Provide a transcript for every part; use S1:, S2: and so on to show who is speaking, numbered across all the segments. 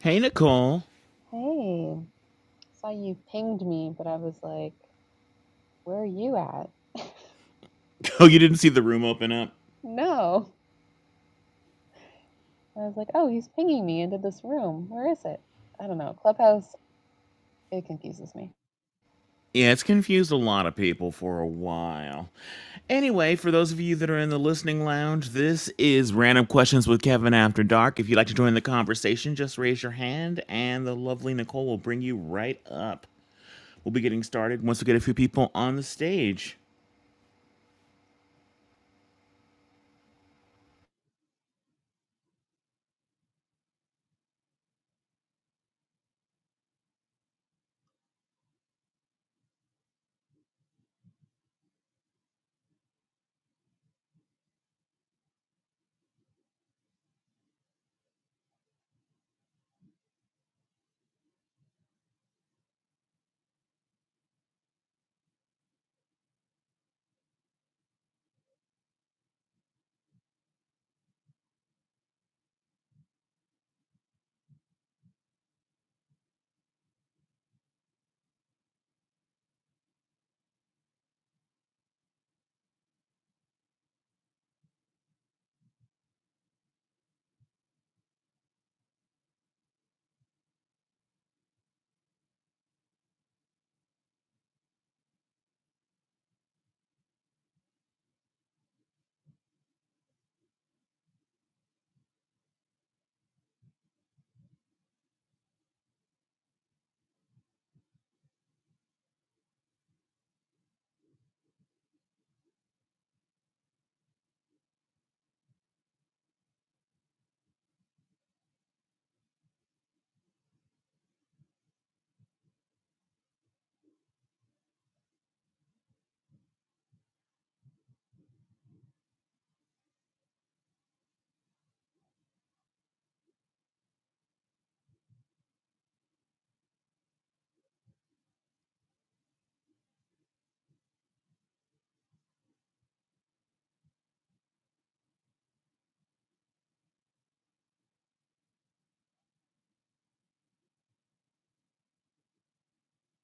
S1: Hey, Nicole.
S2: Hey, saw you pinged me, but I was like, where are you at?
S1: Oh, you didn't see the room open up?
S2: No. And I was like, oh, he's pinging me into this room. Where is it? I don't know. Clubhouse, it confuses me.
S1: Yeah, it's confused a lot of people for a while. Anyway, for those of you that are in the listening lounge, this is Random Questions with Kevin After Dark. If you'd like to join the conversation, just raise your hand and the lovely Nicole will bring you right up. We'll be getting started once we get a few people on the stage.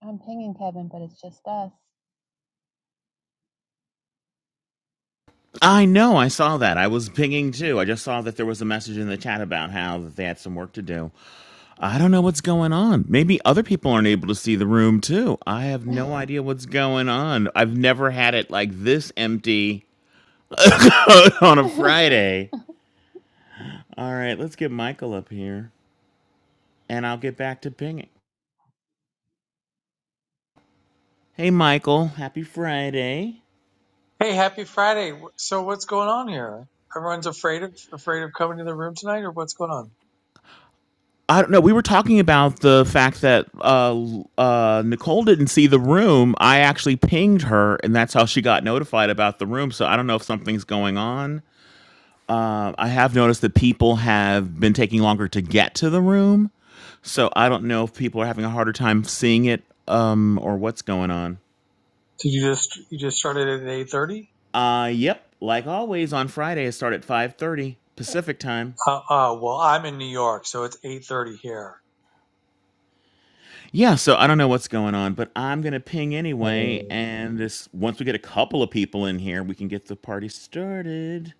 S2: I'm pinging Kevin, but it's just us.
S1: I know, I saw that. I was pinging too. I just saw that there was a message in the chat about how they had some work to do. I don't know what's going on. Maybe other people aren't able to see the room too. I have no idea what's going on. I've never had it like this empty on a Friday. All right, let's get Michael up here and I'll get back to pinging. Hey, Michael, happy Friday.
S3: Hey, happy Friday. So what's going on here? Everyone's afraid of afraid of coming to the room tonight or what's going on?
S1: I don't know. We were talking about the fact that uh, uh, Nicole didn't see the room. I actually pinged her, and that's how she got notified about the room. So I don't know if something's going on. Um, I have noticed that people have been taking longer to get to the room, so I don't know if people are having a harder time seeing it um, or what's going on.
S3: Did you just you just started at 8:30?
S1: Uh, yep, like always on Friday, I start at five thirty Pacific time.
S3: Uh uh well, I'm in New York, so it's 8:30 here.
S1: Yeah, so I don't know what's going on, but I'm gonna ping anyway,
S3: Oh,
S1: and this once we get a couple of people in here, we can get the party started.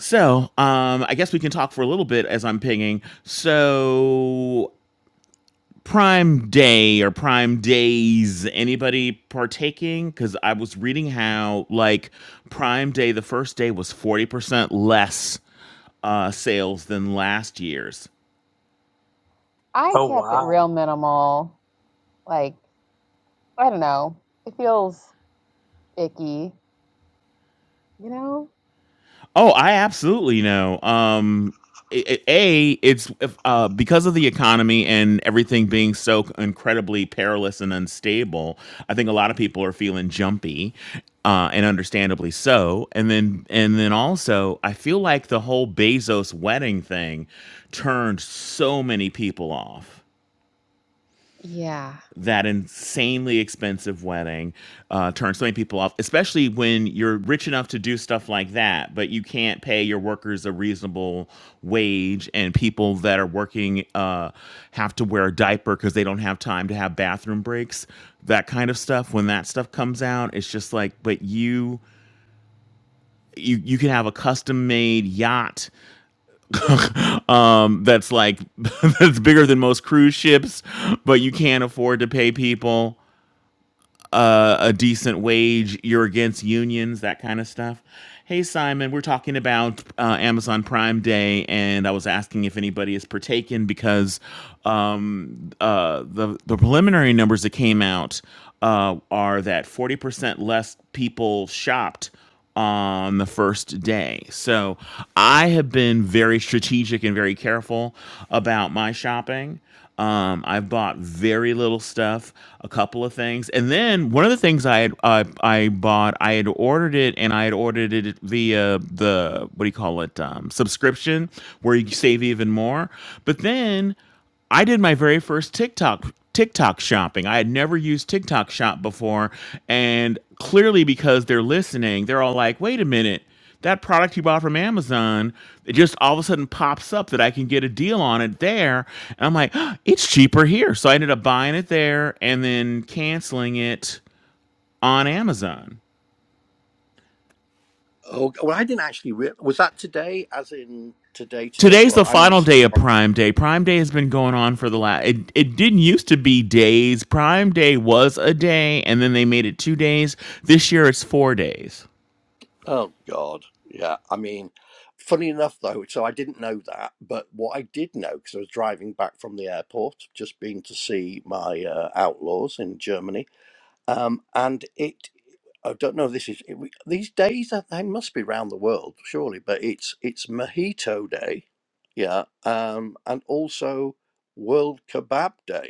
S1: So, um, I guess we can talk for a little bit as I'm pinging. So, Prime Day or Prime Days, anybody partaking? Because I was reading how, like, Prime Day, the first day was 40% less uh, sales than last year's.
S2: I
S3: Oh,
S2: kept it real
S3: wow.
S2: minimal. Like, I don't know. It feels icky, you know?
S1: Oh, I absolutely know. Um, i- i- a it's if, uh, because of the economy and everything being so incredibly perilous and unstable. I think a lot of people are feeling jumpy, uh, and understandably so. And then and then also, I feel like the whole Bezos wedding thing turned so many people off
S2: Yeah.
S1: that insanely expensive wedding uh, turns so many people off, especially when you're rich enough to do stuff like that, but you can't pay your workers a reasonable wage, and people that are working uh, have to wear a diaper because they don't have time to have bathroom breaks. That kind of stuff. When that stuff comes out, it's just like, but you. You, you can have a custom made yacht um, that's like that's bigger than most cruise ships, but you can't afford to pay people uh, a decent wage. You're against unions, that kind of stuff. Hey, Simon, we're talking about uh, Amazon Prime Day, and I was asking if anybody is partaking because um, uh, the, the preliminary numbers that came out uh, are that 40% less people shopped on the first day. So I have been very strategic and very careful about my shopping. Um, I've bought very little stuff, a couple of things, and then one of the things I had uh, I bought, I had ordered it, and I had ordered it via the what do you call it um, subscription, where you save even more. But then I did my very first TikTok TikTok shopping. I had never used TikTok shop before and clearly because they're listening, they're all like, "Wait a minute. That product you bought from Amazon, it just all of a sudden pops up that I can get a deal on it there." And I'm like, "Oh, "It's cheaper here." So I ended up buying it there and then canceling it on Amazon.
S4: Oh, well, I didn't actually. Re- was that today? As in today, today?
S1: today's
S4: Well,
S1: the
S4: I'm
S1: final
S4: into
S1: day of
S4: tomorrow.
S1: Prime Day. Prime Day has been going on for the last. It, it didn't used to be days. Prime Day was a day, and then they made it two days. This year it's four days.
S4: Oh God, yeah. I mean, funny enough though, so I didn't know that, but what I did know because I was driving back from the airport, just been to see my uh, outlaws in Germany, um, and it. I don't know. If this is it, we- these days. uh, They must be round the world, surely. But it's it's Mojito Day, yeah, um, and also World Kebab Day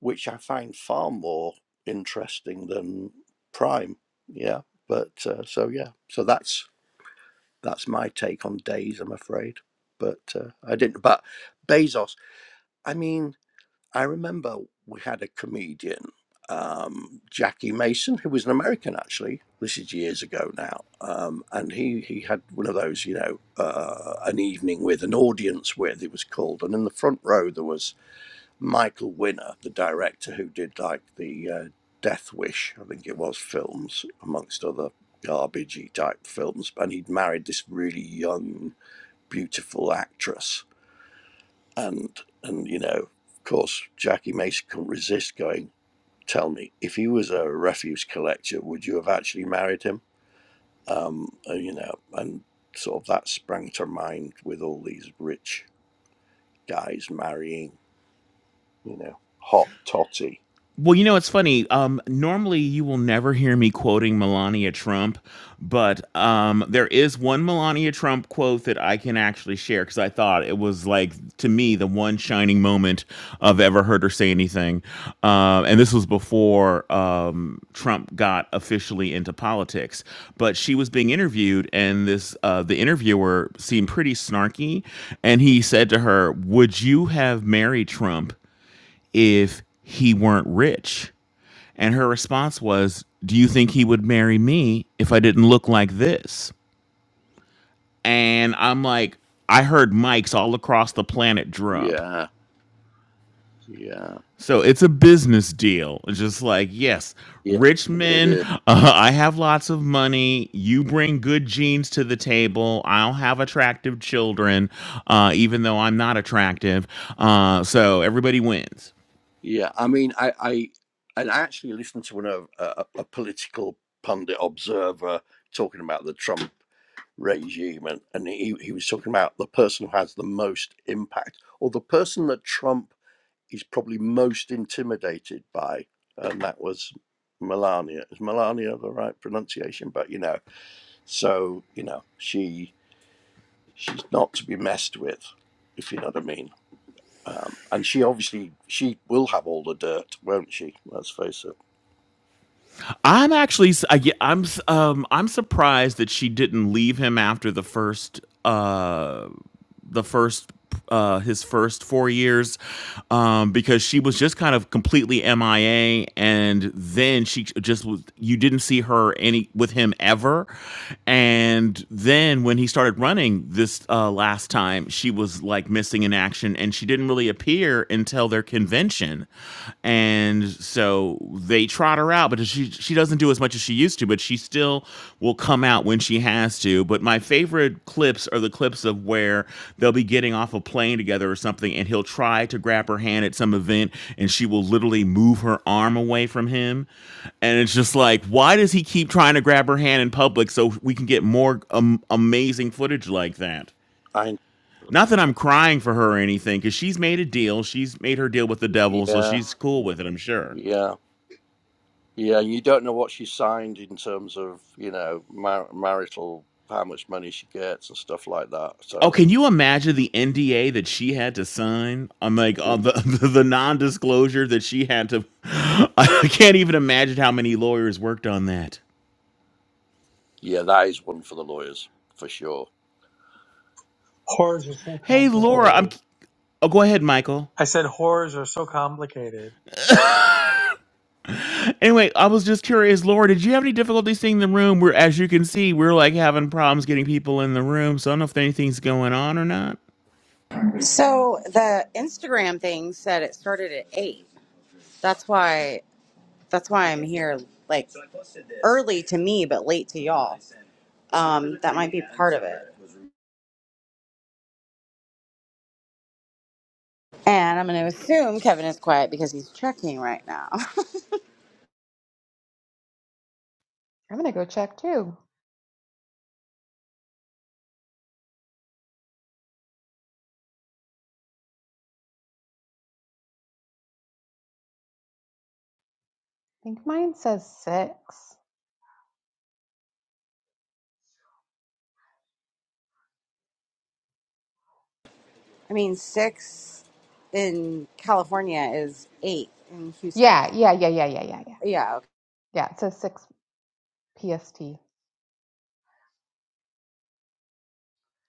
S4: which I find far more interesting than Prime. Yeah, but uh, so yeah, so that's that's my take on Days. I'm afraid, but uh, I didn't. But Bezos. I mean, I remember we had a comedian, um, Jackie Mason, who was an American actually. This is years ago now, um, and he he had one of those, you know, uh, an evening with an audience with. It was called, and in the front row there was Michael Winner, the director who did like the uh, Death Wish, I think it was films, amongst other garbagey type films, and he'd married this really young, beautiful actress, and and you know, of course, Jackie Mason couldn't resist going. Tell me, if he was a refuse collector, would you have actually married him? Um, and, you know, and sort of that sprang to mind with all these rich guys marrying, you know, hot totty.
S1: Well, you know, it's funny. Um, normally, you will never hear me quoting Melania Trump, but um, there is one Melania Trump quote that I can actually share because I thought it was like, to me, the one shining moment I've ever heard her say anything. Uh, and this was before um, Trump got officially into politics. But she was being interviewed, and this uh, the interviewer seemed pretty snarky, and he said to her, "Would you have married Trump?" if he weren't rich. And her response was, Do you think he would marry me if I didn't look like this? And I'm like, I heard mics all across the planet drop.
S4: Yeah, Yeah,
S1: So it's a business deal. It's just like, yes,
S4: yeah,
S1: rich
S4: it
S1: men,
S4: is.
S1: uh, I have lots of money. You bring good genes to the table. I'll have attractive children, uh, even though I'm not attractive. Uh, so everybody wins.
S4: Yeah, I mean, I, I, and I actually listened to one of a, a political pundit observer talking about the Trump regime, and and he he was talking about the person who has the most impact, or the person that Trump is probably most intimidated by, and that was Melania. Is Melania the right pronunciation? But you know, so you know, she she's not to be messed with, if you know what I mean. Um, and she obviously she will have all the dirt, won't she? Let's face it.
S1: I'm actually s- I, ge- I'm s- um I'm surprised that she didn't leave him after the first uh the first uh his first 4 years um because she was just kind of completely MIA and then she just was you didn't see her any with him ever and then when he started running this uh last time she was like missing in action and she didn't really appear until their convention and so they trot her out, but she she doesn't do as much as she used to, but she still will come out when she has to. But my favorite clips are the clips of where they'll be getting off a plane together or something, and he'll try to grab her hand at some event, and she will literally move her arm away from him, and it's just like, why does he keep trying to grab her hand in public so we can get more um, amazing footage like that?
S4: I
S1: Not that I'm crying for her or anything, because she's made a deal. She's made her deal with the devil, so
S4: yeah
S1: she's cool with it, I'm sure.
S4: yeah yeah. You don't know what she signed in terms of you know mar- marital how much money she gets and stuff like that.
S1: Oh,
S4: So
S1: can you imagine the NDA that she had to sign? I'm like uh, the, the the non-disclosure that she had to. I can't even imagine how many lawyers worked on that.
S4: yeah, that is one for the lawyers for sure.
S3: Horrors are so
S1: Hey, Oh, Laura, I'm.
S3: complicated.
S1: Oh, go ahead, Michael.
S3: I said horrors are so complicated.
S1: Anyway, I was just curious, Laura, did you have any difficulty seeing the room? Where, as you can see, we're like having problems getting people in the room. So I don't know if anything's going on or not.
S5: So the Instagram thing said it started at eight. That's why that's why I'm here like early to me but late to y'all. Um, that might be part of it. And I'm gonna assume Kevin is quiet because he's checking right now.
S2: I'm gonna go check too. I think mine says six.
S5: I mean six in California is eight in Houston.
S2: Yeah, yeah, yeah, yeah, yeah, yeah, yeah.
S5: Yeah,
S2: Yeah, it says six PST.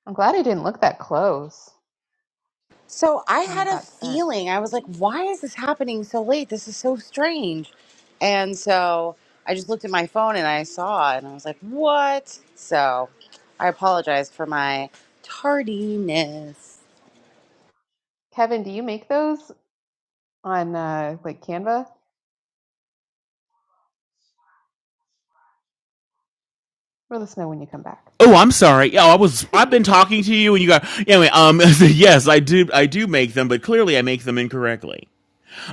S2: I'm glad I didn't look that close.
S5: So I
S2: when they
S5: had a
S2: got sent.
S5: feeling. I was like, why is this happening so late? This is so strange. And so I just looked at my phone and I saw it and I was like, what? So I apologized for my tardiness.
S2: Kevin, do you make those on uh, like Canva? Let us know when you come back.
S1: Oh, I'm sorry. Yeah, I was. I've been talking to you, and you got. Anyway, um, yes, I do. I do make them, but clearly I make them incorrectly.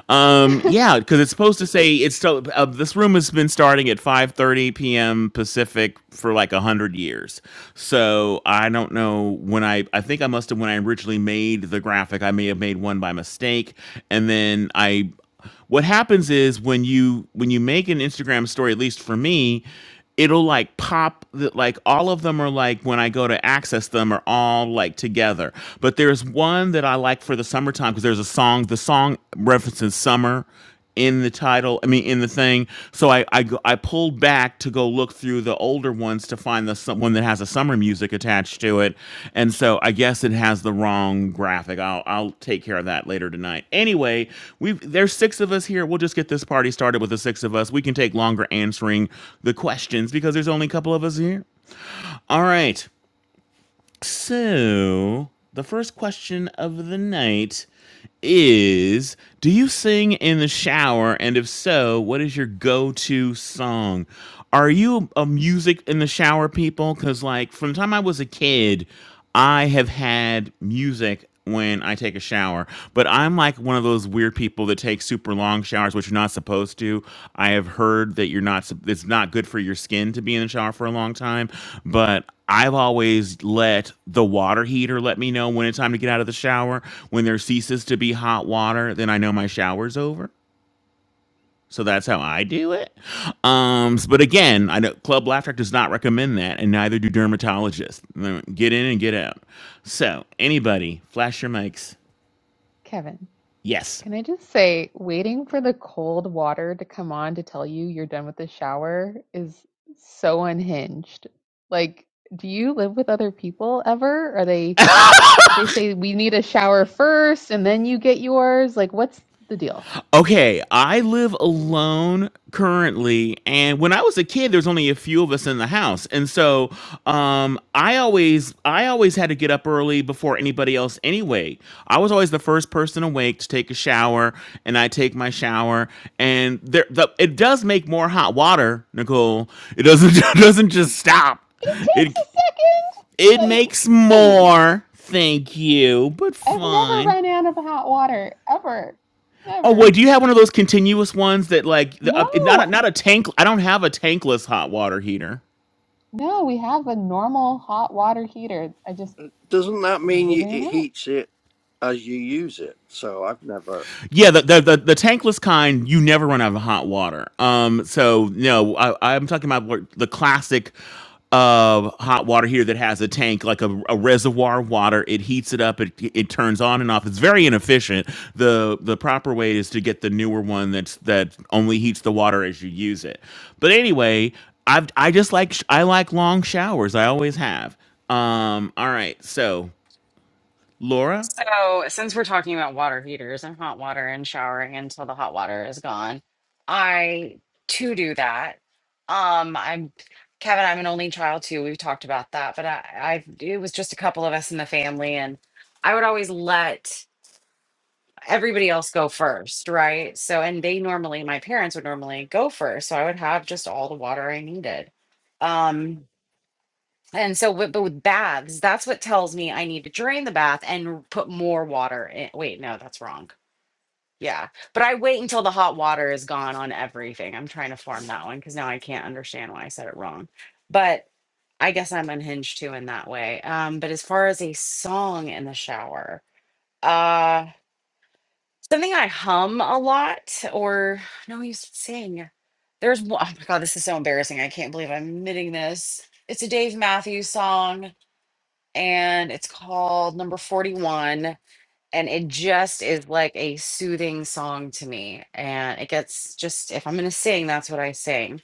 S1: Um, yeah, because it's supposed to say it's so. Uh, this room has been starting at 5:30 p.m. Pacific for like a hundred years. So I don't know when I. I think I must have when I originally made the graphic. I may have made one by mistake, and then I what happens is when you when you make an Instagram story, at least for me, it'll like pop the, like all of them are like when I go to access them are all like together. But there's one that I like for the summertime because there's a song. The song references summer in the title i mean in the thing so i i, go- I pulled back to go look through the older ones to find the some- one that has a summer music attached to it and so i guess it has the wrong graphic i'll i'll take care of that later tonight anyway we've there's six of us here we'll just get this party started with the six of us we can take longer answering the questions because there's only a couple of us here all right so, the first question of the night is Do you sing in the shower? And if so, what is your go to song? Are you a music in the shower people? Because, like, from the time I was a kid, I have had music when I take a shower, but I'm like one of those weird people that take super long showers, which you're not supposed to. I have heard that you're not, sup- it's not good for your skin to be in the shower for a long time, but I've always let the water heater let me know when it's time to get out of the shower. When there ceases to be hot water, then I know my shower's over. So that's how I do it. Um, s- but again, I know Club Laugh Track does not recommend that, and neither do dermatologists. Mm, Get in and get out. So anybody, flash your mics.
S2: Kevin,
S1: Yes.
S2: can I just say, waiting for the cold water to come on to tell you you're done with the shower is so unhinged. Like, do you live with other people ever? Are they, do they say we need a shower first and then you get yours? Like, what's the deal?
S1: Okay, I live alone currently, and when I was a kid, there's only a few of us in the house, and so um, I always I always had to get up early before anybody else. Anyway, I was always the first person awake to take a shower, and I take my shower, and there the, it does make more hot water, Nicole. It doesn't it doesn't just stop.
S2: It takes
S1: It
S2: a
S1: it
S2: second.
S1: makes
S2: Like,
S1: more. Thank you, but
S2: I've never
S1: fine.
S2: run out of hot water ever.
S1: Oh wait,
S2: Never.
S1: do you have one of those continuous ones that like the, uh,
S2: No,
S1: not a, not a tank? I don't have a tankless hot water heater.
S2: no, we have a normal hot water heater. I just
S4: Doesn't that
S2: I
S4: mean
S2: never
S4: you,
S2: ran
S4: it
S2: out.
S4: heats it as you use it? So I've never.
S1: Yeah, the, the the the tankless kind, you never run out of hot water. Um, so no, I, I'm talking about what- the classic uh hot water here that has a tank like a, a reservoir of water it heats it up it it turns on and off it's very inefficient the the proper way is to get the newer one that's that only heats the water as you use it but anyway i i just like sh- i like long showers i always have um all right so laura
S5: So, since we're talking about water heaters and hot water and showering until the hot water is gone, I too do that. Um, I'm Kevin, I'm an only child too. We've talked about that, but I, I it was just a couple of us in the family, and I would always let everybody else go first, right? So, and they normally, my parents would normally go first. So I would have just all the water I needed. Um, and so, with, but with baths, that's what tells me I need to drain the bath and put more water in. Wait, no, that's wrong. Yeah. But I wait until the hot water is gone on everything. I'm trying to farm that one because now I can't understand why I said it wrong. But I guess I'm unhinged too in that way. Um, but as far as a song in the shower, uh, Something I hum a lot, or no, I used to sing. There's one, oh my God, this is so embarrassing. I can't believe I'm admitting this. It's a Dave Matthews song, and it's called Number 41. And it just is like a soothing song to me. And it gets just, if I'm going to sing, that's what I sing.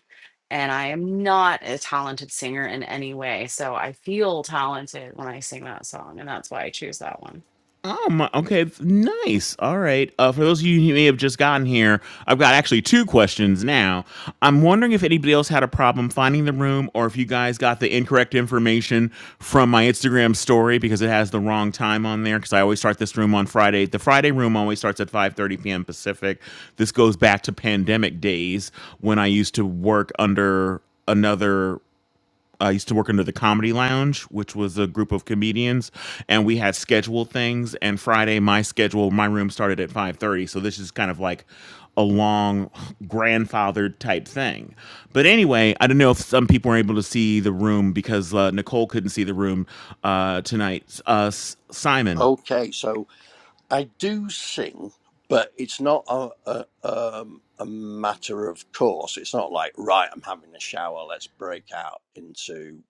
S5: And I am not a talented singer in any way. So I feel talented when I sing that song. And that's why I choose that one.
S1: Oh my, okay, it's nice. All right. Uh, for those of you who may have just gotten here, I've got actually two questions now. I'm wondering if anybody else had a problem finding the room, or if you guys got the incorrect information from my Instagram story because it has the wrong time on there. Because I always start this room on Friday. The Friday room always starts at 5:30 p.m. Pacific. This goes back to pandemic days when I used to work under another I used to work under the Comedy Lounge, which was a group of comedians, and we had scheduled things. And Friday, my schedule, my room started at five thirty, so this is kind of like a long grandfathered type thing. But anyway, I don't know if some people were able to see the room because uh, Nicole couldn't see the room uh, tonight. Uh, S- Simon,
S4: Okay, so I do sing, but it's not a, a, um, a matter of course. It's not like, right, I'm having a shower, let's break out into,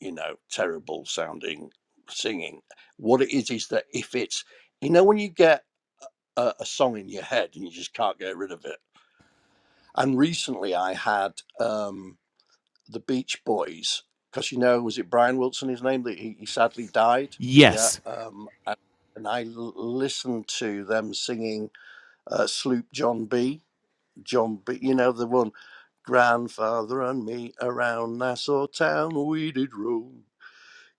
S4: you know, terrible sounding singing. What it is is that if it's, you know, when you get a, a song in your head and you just can't get rid of it. And recently I had um, the Beach Boys, because, you know, was it Brian Wilson, his name? that He, he sadly died. Yeah.
S1: yes.
S4: Um, and, and I l- listened to them singing uh, Sloop John B. John B. You know the one. Grandfather and me around Nassau town, we did roam,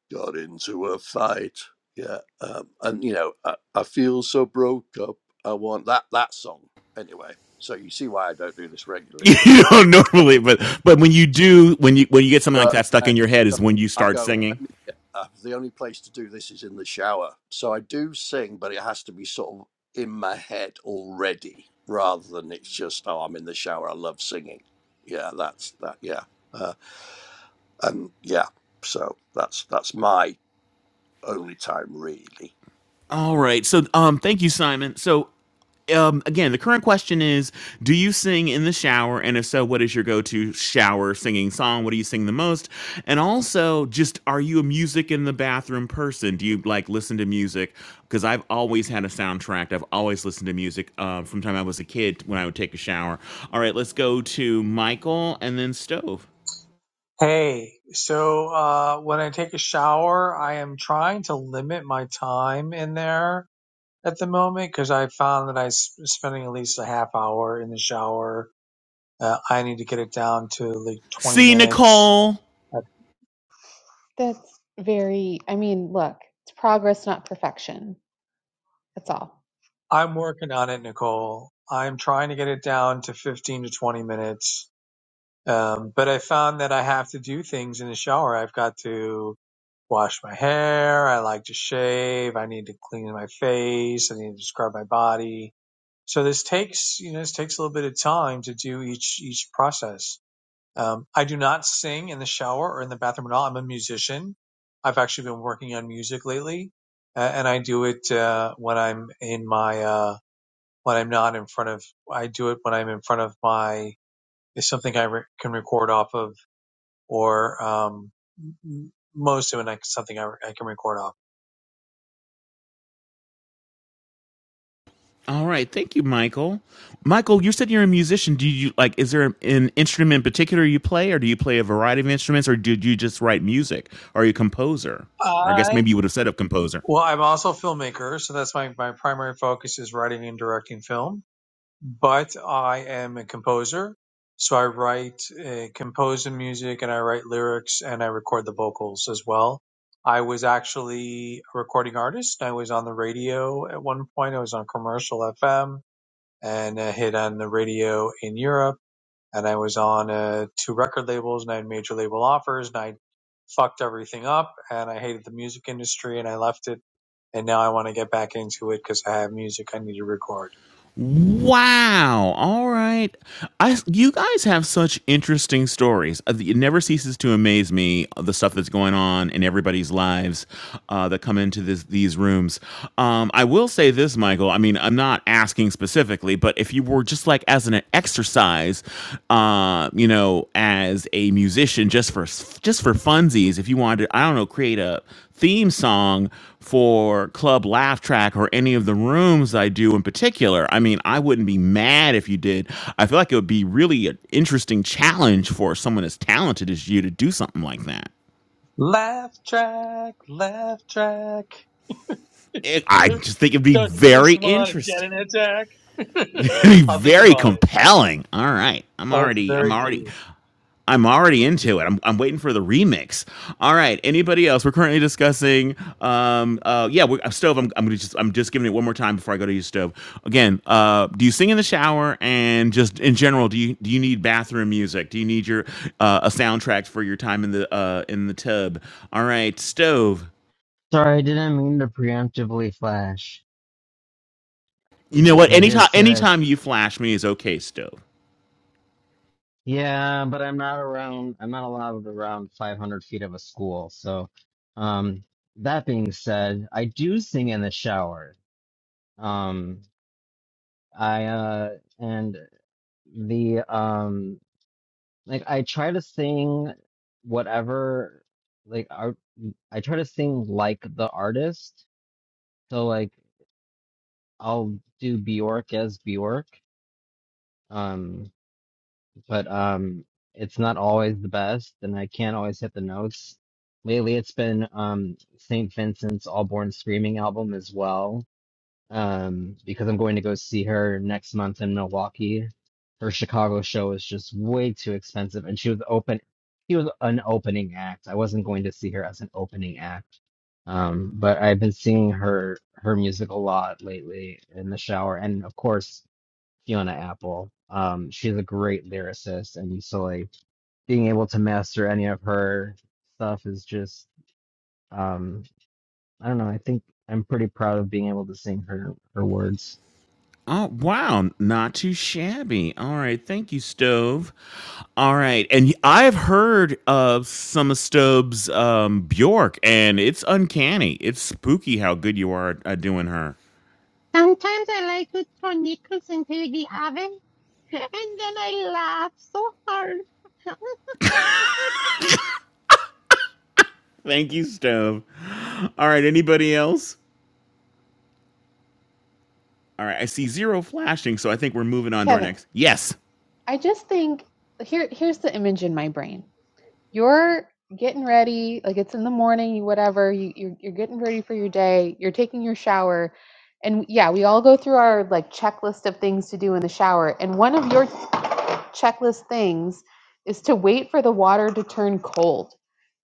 S4: got into a fight. Yeah, um, and you know, I, I feel so broke up. I want that that song anyway. So you see why I don't do this regularly.
S1: you don't normally, but but when you do, when you when you get something like
S4: But
S1: that stuck
S4: then,
S1: in your head,
S4: so
S1: is when you
S4: I
S1: start
S4: go,
S1: singing
S4: let me get up. The only place to do this is in the shower. So I do sing, but it has to be sort of in my head already rather than it's just, oh, I'm in the shower. I love singing. Yeah, that's that. Yeah. Uh, and yeah, so that's that's my only time really.
S1: All right. So, um, thank you, Simon. So, um, again, the current question is: Do you sing in the shower? And if so, what is your go-to shower singing song? What do you sing the most? And also, just are you a music in the bathroom person? Do you like listen to music? Because I've always had a soundtrack. I've always listened to music uh, from the time I was a kid when I would take a shower. All right, let's go to Michael and then Stove.
S3: Hey, so uh when I take a shower, I am trying to limit my time in there at the moment because I found that I s- spending at least a half hour in the shower Uh, I need to get it down to like 20
S1: See
S3: minutes.
S1: Nicole.
S3: I-
S2: That's very, I mean, look, it's progress, not perfection. That's all.
S3: I'm working on it, Nicole. I'm trying to get it down to 15 to 20 minutes. Um, but I found that I have to do things in the shower. I've got to wash my hair. I like to shave. I need to clean my face. I need to scrub my body. So this takes, you know, this takes a little bit of time to do each, each process Um, I do not sing in the shower or in the bathroom at all. I'm a musician. I've actually been working on music lately, uh, and I do it uh, when I'm in my uh, when I'm not in front of. I do it when I'm in front of my is something I re- can record off of, or um, m- most of it like something I, re- I can record off.
S1: All right, thank you, Michael. Michael, you said you're a musician. Do you like? Is there an instrument in particular you play, or do you play a variety of instruments, or did you just write music? Are you a composer? Or I guess
S3: I
S1: maybe you would have said a composer.
S3: well, I'm also a filmmaker, so that's my my primary focus is writing and directing film but I am a composer. So I write, uh, compose the music and I write lyrics and I record the vocals as well. I was actually a recording artist. I was on the radio at one point. I was on commercial FM and a hit on the radio in Europe. And I was on uh, two record labels and I had major label offers and I fucked everything up and I hated the music industry and I left it. And now I want to get back into it because I have music I need to record.
S1: Wow. All right. I you guys have such interesting stories. Uh, It never ceases to amaze me uh, the stuff that's going on in everybody's lives uh, that come into this, these rooms. Um, I will say this, Michael. I mean, I'm not asking specifically, but if you were just like as an exercise, uh, you know, as a musician, just for s- just for funsies, if you wanted, to, I don't know, create a theme song for Club Laugh Track or any of the rooms I do in particular. I mean, I wouldn't be mad if you did. I feel like it would be really an interesting challenge for someone as talented as you to do something like that.
S3: Laugh track, laugh track.
S1: It, I just think it'd be
S3: Don't you just
S1: very
S3: want to get
S1: interesting.
S3: an attack?
S1: It'd be
S3: I'll think
S1: very
S3: about it.
S1: compelling. All right. I'm
S3: Oh, it's
S1: already I'm
S3: very
S1: already
S3: deep.
S1: I'm already into it. I'm, I'm waiting for the remix. All right. Anybody else? We're currently discussing. Um. Uh. Yeah. We're, uh, stove. I'm. I'm gonna just. I'm just giving it one more time before I go to you, stove. Again. Uh. Do you sing in the shower? And just in general, do you do you need bathroom music? Do you need your uh, a soundtrack for your time in the uh in the tub? All right, stove.
S6: Sorry, I didn't mean to preemptively flash.
S1: You know what?
S6: And I did
S1: Anytime
S6: say that,
S1: anytime you flash me is okay, stove.
S6: yeah, but I'm not around, I'm not allowed around 500 feet of a school. So, um, that being said, I do sing in the shower. Um, I, uh, and the, um, like I try to sing whatever, like, art, I try to sing like the artist. So, like, I'll do Bjork as Bjork. Um. but um, it's not always the best, and I can't always hit the notes. Lately, it's been um, St. Vincent's All Born Screaming album as well, um, because I'm going to go see her next month in Milwaukee. Her Chicago show is just way too expensive, and she was open. She was an opening act. I wasn't going to see her as an opening act, um, but I've been seeing her her music a lot lately in the shower, and of course. Fiona Apple. Um, she's a great lyricist, and so like being able to master any of her stuff is just um, I don't know. I think I'm pretty proud of being able to sing her her words.
S1: Oh, wow. Not too shabby. All right. Thank you, Stove. All right. And y- I've heard of some of Stove's um, Bjork, and it's uncanny. It's spooky how good you are at doing her.
S6: Sometimes I like to throw nickels into the oven, and then I laugh so hard.
S1: Thank you, Stove. All right. Anybody else? All right. I see zero flashing, so I think we're moving on to our
S2: Kevin,
S1: next. Yes.
S2: I just think here here's the image in my brain. You're getting ready, like it's in the morning, you whatever, you you're, you're getting ready for your day, you're taking your shower. And yeah, we all go through our like checklist of things to do in the shower. And one of your checklist things is to wait for the water to turn cold.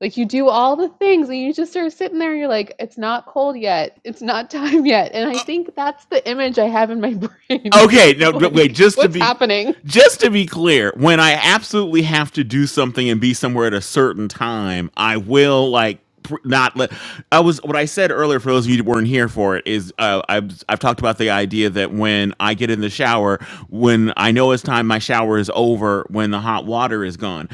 S2: Like you do all the things and you just sort of sitting there and you're like, it's not cold yet. It's not time yet. And I think that's the image I have in my brain
S1: Okay,
S2: of
S1: no, wait.
S2: like,
S1: Just to
S2: what's
S1: be,
S2: happening?
S1: just to be clear, when I absolutely have to do something and be somewhere at a certain time, I will like not let. I was what I said earlier. For those of you who weren't here for it, is uh, I've I've talked about the idea that when I get in the shower, when I know it's time, my shower is over. When the hot water is gone,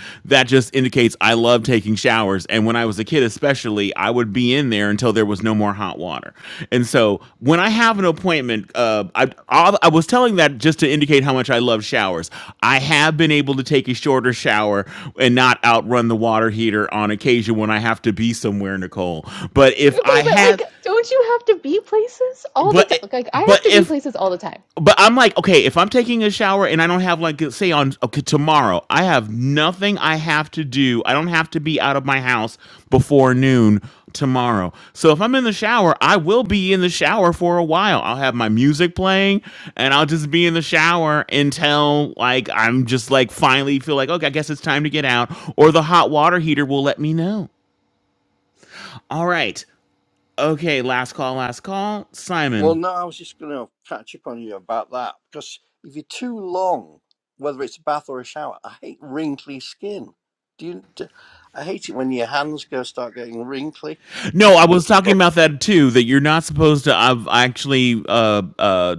S1: just indicates I love taking showers. And when I was a kid, especially, I would be in there until there was no more hot water. And so when I have an appointment, uh, I, I, I was telling that just to indicate how much I love showers. I have been able to take a shorter shower and not outrun the water heater on occasion when I have to be somewhere, Nicole. But if
S2: Okay,
S1: I
S2: but
S1: had,
S2: like, don't you have to be places all the
S1: but.
S2: time? Like, I
S1: But
S2: have to be
S1: if
S2: places all the time.
S1: but I'm like, okay, if I'm taking a shower and I don't have like say on okay tomorrow, I have nothing I have to do. I don't have to be out of my house before noon tomorrow. So if I'm in the shower, I will be in the shower for a while. I'll have my music playing and I'll just be in the shower until like I'm just like finally feel like, okay, I guess it's time to get out or the hot water heater will let me know. All right. Okay, last call, last call. Simon.
S4: Well, no, I was just going to catch up on you about that because if you're too long, whether it's a bath or a shower, I hate wrinkly skin. Do you? Do, I I hate it when your hands go start getting wrinkly.
S1: No, I was
S4: Well,
S1: talking about that too. That you're not supposed to. I've I actually uh, uh,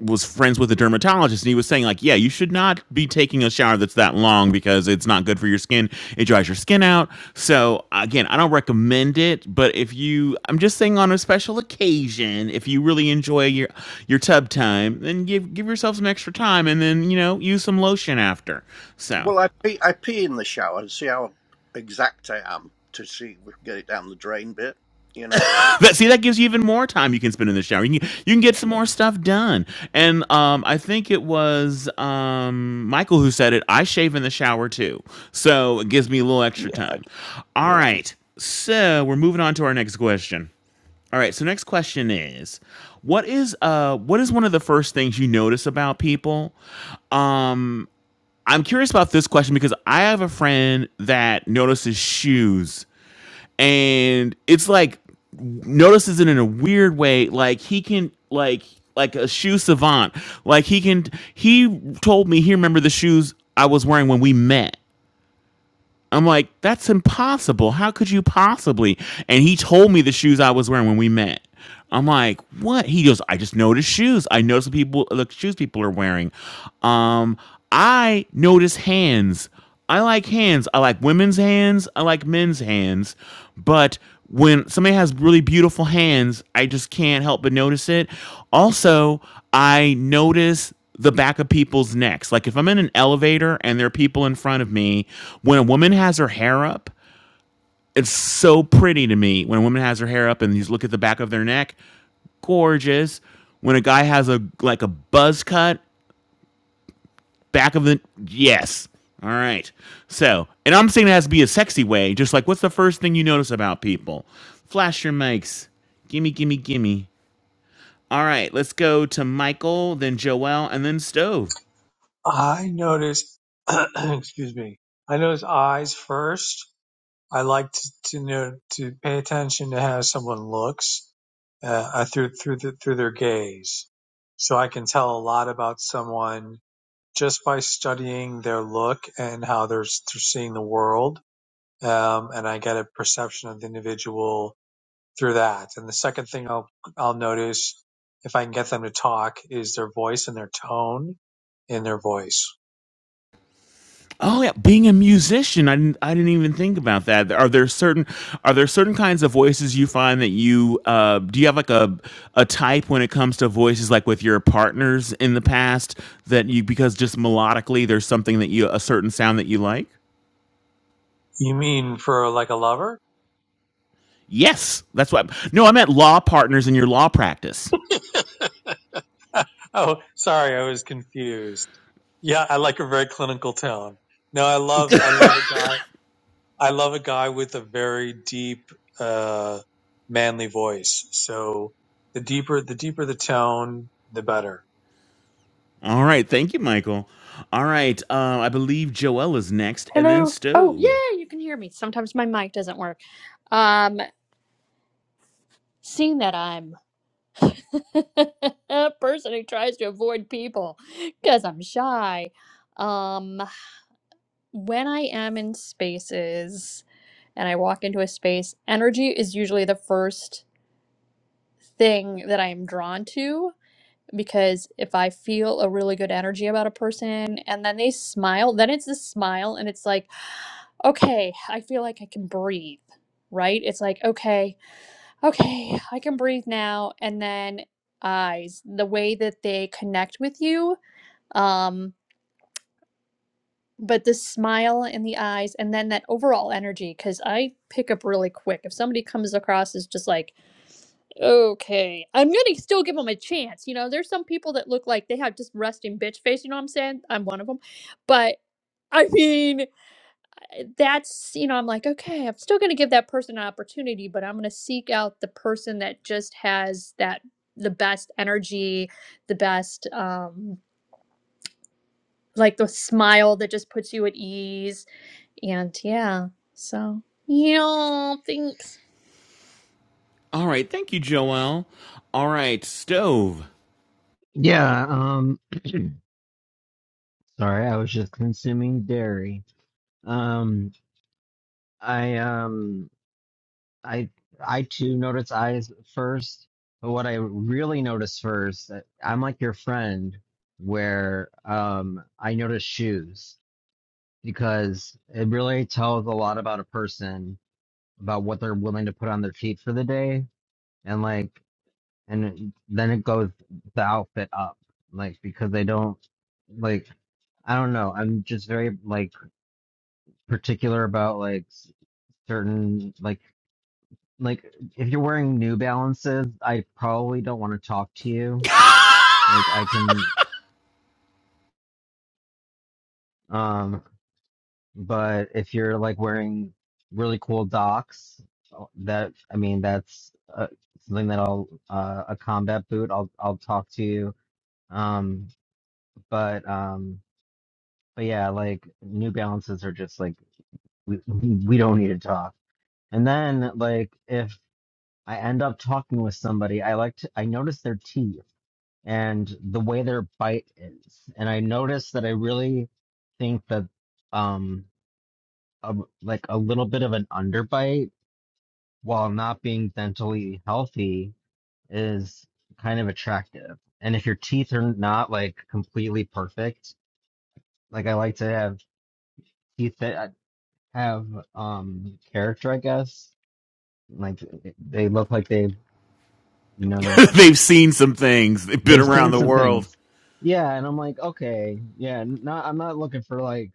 S1: was friends with a dermatologist, and he was saying like, yeah, you should not be taking a shower that's that long because it's not good for your skin. It dries your skin out. So again, I don't recommend it. But if you, I'm just saying on a special occasion, if you really enjoy your your tub time, then give give yourself some extra time, and then you know use some lotion after. So
S4: well, I pee, I pee in the shower and see how exact I am to see if we can get it down the drain bit. You know.
S1: That see that gives you even more time you can spend in the shower. You can, you can get
S4: Yeah.
S1: some more stuff done. And um, I think it was um, Michael who said it. I shave in the shower too, so it gives me a little extra
S4: Yeah. I,
S1: time.
S4: d
S1: All right, so we're moving on to our next question. All right, so next question is, what is uh what is one of the first things you notice about people? I'm curious about this question because I have a friend that notices shoes and it's like notices it in a weird way. Like he can like like a shoe savant. Like he can he told me he remembered the shoes I was wearing when we met. I'm like, that's impossible. How could you possibly? And he told me the shoes I was wearing when we met. I'm like, what? He goes, I just noticed shoes. I noticed the people the shoes people are wearing. Um, I notice hands. I like hands. I like women's hands. I like men's hands. But when somebody has really beautiful hands, I just can't help but notice it. Also, I notice the back of people's necks. Like if I'm in an elevator and there are people in front of me, when a woman has her hair up, it's so pretty to me. When a woman has her hair up and you just look at the back of their neck, gorgeous. When a guy has a like a buzz cut, back of the yes. All right. So, and I'm saying it has to be a sexy way. Just like what's the first thing you notice about people? Flash your mics. Gimme, gimme, gimme. All right, let's go to Michael, then Joelle, and then Stove.
S3: I noticed, excuse me, I noticed eyes first. I like to, to know, to pay attention to how someone looks, uh, uh, through, through, the, through their gaze. So I can tell a lot about someone just by studying their look and how they're, they're seeing the world um, and I get a perception of the individual through that. And the second thing I'll I'll notice if I can get them to talk is their voice and their tone in their voice.
S1: Oh yeah, being a musician, I didn't, I didn't even think about that. Are there certain are there certain kinds of voices you find that you uh, do you have like a a type when it comes to voices like with your partners in the past that you because just melodically there's something that you a certain sound that you like?
S3: You mean for like a lover?
S1: Yes, that's what. No, I meant law partners in your law practice.
S3: oh, sorry, I was confused. Yeah, I like a very clinical tone. No, I love I love a guy I love a guy with a very deep uh manly voice. So the deeper the deeper the tone, the better
S1: All right, thank you, Michael. All right, uh, I believe Joelle is next, and then
S7: Hello. Oh,
S1: Stove.
S7: yeah, you can hear me. Sometimes my mic doesn't work. Um, seeing that I'm a person who tries to avoid people because I'm shy. Um, when I am in spaces and I walk into a space, energy is usually the first thing that I am drawn to because if I feel a really good energy about a person and then they smile, then it's a smile and it's like, okay, I feel like I can breathe, right? It's like, okay, okay, I can breathe now. And then eyes, the way that they connect with you, um, but the smile in the eyes, and then that overall energy, because I pick up really quick. If somebody comes across as just like, okay, I'm gonna still give them a chance. You know, there's some people that look like they have just resting bitch face. You know what I'm saying? I'm one of them, but. I mean, that's you know i'm like okay i'm still going to give that person an opportunity but i'm going to seek out the person that just has that the best energy the best um like the smile that just puts you at ease and yeah so yeah thanks
S1: All right, thank you, Joelle. All right, Stove.
S6: Yeah. Um. Sorry, I was just consuming dairy. Um. I um. I I too notice eyes first, but what I really notice first, I'm like your friend, where um I notice shoes because it really tells a lot about a person about what they're willing to put on their feet for the day, and like and then it goes the outfit up, like because they don't like I don't know. I'm just very like particular about like s- certain like Like, if you're wearing New Balances, I probably don't want to talk to you. Like, I can, um, but if you're like wearing really cool docs, uh, that, I mean, that's uh, something that I'll, uh, a combat boot, I'll, I'll talk to you. Um, but, um, but yeah, like, New Balances are just like, we, we don't need to talk. And then, like, if I end up talking with somebody, I like to, I notice their teeth. and the way their bite is. And I noticed that I really think that um a, like a little bit of an underbite while not being dentally healthy is kind of attractive. And if your teeth are not like completely perfect, like I like to have teeth that uh, have um character, I guess. Like they look like they you know
S1: They've seen some things. They've been
S6: They've
S1: around
S6: seen
S1: the
S6: some
S1: world.
S6: things. Yeah, and I'm like, okay, yeah, n- not I'm not looking for like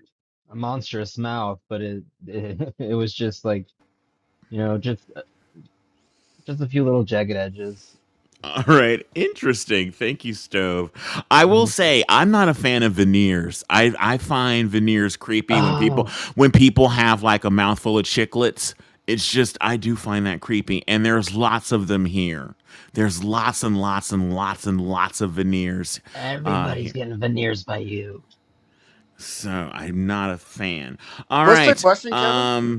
S6: a monstrous mouth, but it it, it was just like, you know, just uh, just a few little jagged edges.
S1: All right, interesting. Thank you, Stove. I will
S6: hmm
S1: say I'm not a fan of veneers. I I find veneers creepy when people
S6: Oh,
S1: when people have like a mouthful of chiclets. It's just I do find that creepy, and there's lots of them here. There's lots and lots and lots and lots of veneers uh,
S6: everybody's
S1: here.
S6: getting veneers by you.
S1: So I'm not a fan. All
S8: What's the
S1: right.
S8: question, Kevin?
S1: Um,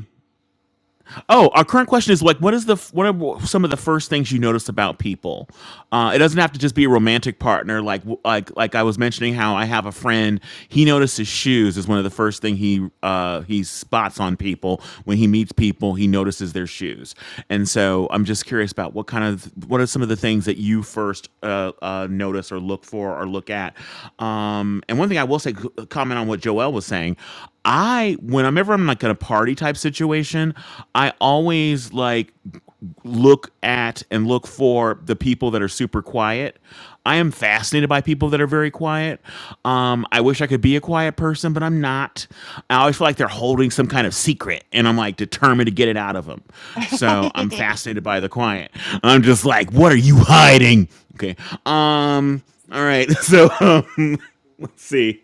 S1: Oh, our current question is like, what is the what are some of the first things you notice about people? Uh, it doesn't have to just be a romantic partner. Like like like I was mentioning how I have a friend. He notices shoes is one of the first thing he uh, he spots on people when he meets people. He notices their shoes, and so I'm just curious about what kind of what are some of the things that you first uh, uh, notice or look for or look at. Um, and one thing I will say, c- comment on what Joel was saying. I whenever I'm like in like, a party type situation, I always like look at and look for the people that are super quiet. I am fascinated by people that are very quiet. Um, I wish I could be a quiet person, but I'm not. I always feel like they're holding some kind of secret, and I'm like determined to get it out of them. So I'm fascinated by the quiet. I'm just like, what are you hiding? Okay. Um. All right. So. Um, Let's see.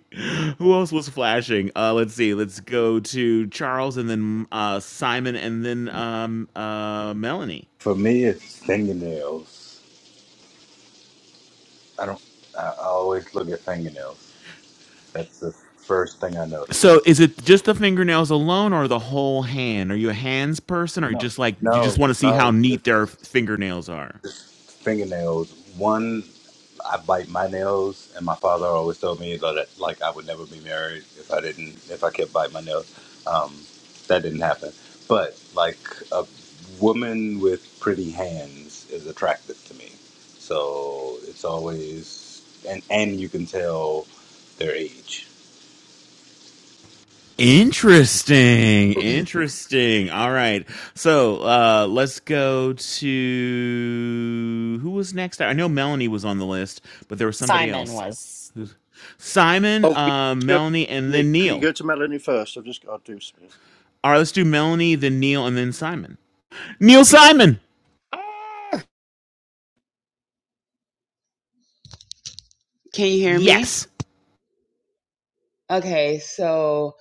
S1: Who else was flashing? Uh, let's see. Let's go to Charles and then uh, Simon and then um, uh, Melanie.
S9: For me, it's fingernails. I don't. I I always look at fingernails. That's the first thing I notice.
S1: So is it just the fingernails alone or the whole hand? Are you a hands person or
S9: No,
S1: just like you
S9: no,
S1: just want to see how
S9: no. Just,
S1: neat their fingernails are?
S9: just fingernails. One, I bite my nails, and my father always told me that like I would never be married if I didn't if I kept biting my nails. Um, that didn't happen. But like a woman with pretty hands is attractive to me. So it's always and and you can tell their age.
S1: Interesting. Interesting. All right. So uh, let's go to who was next? I know Melanie was on the list, but there was somebody
S5: Simon
S1: else.
S5: was.
S1: Who's Simon,
S4: oh, could
S1: uh,
S4: you, just go,
S1: Melanie, and then
S4: Nick, could you
S1: Neil.
S4: go to Melanie first? I've just got to do something.
S1: All right, let's do Melanie, then Neil, and then Simon. Neil Simon.
S10: Can you hear me?
S1: Yes.
S10: Okay, so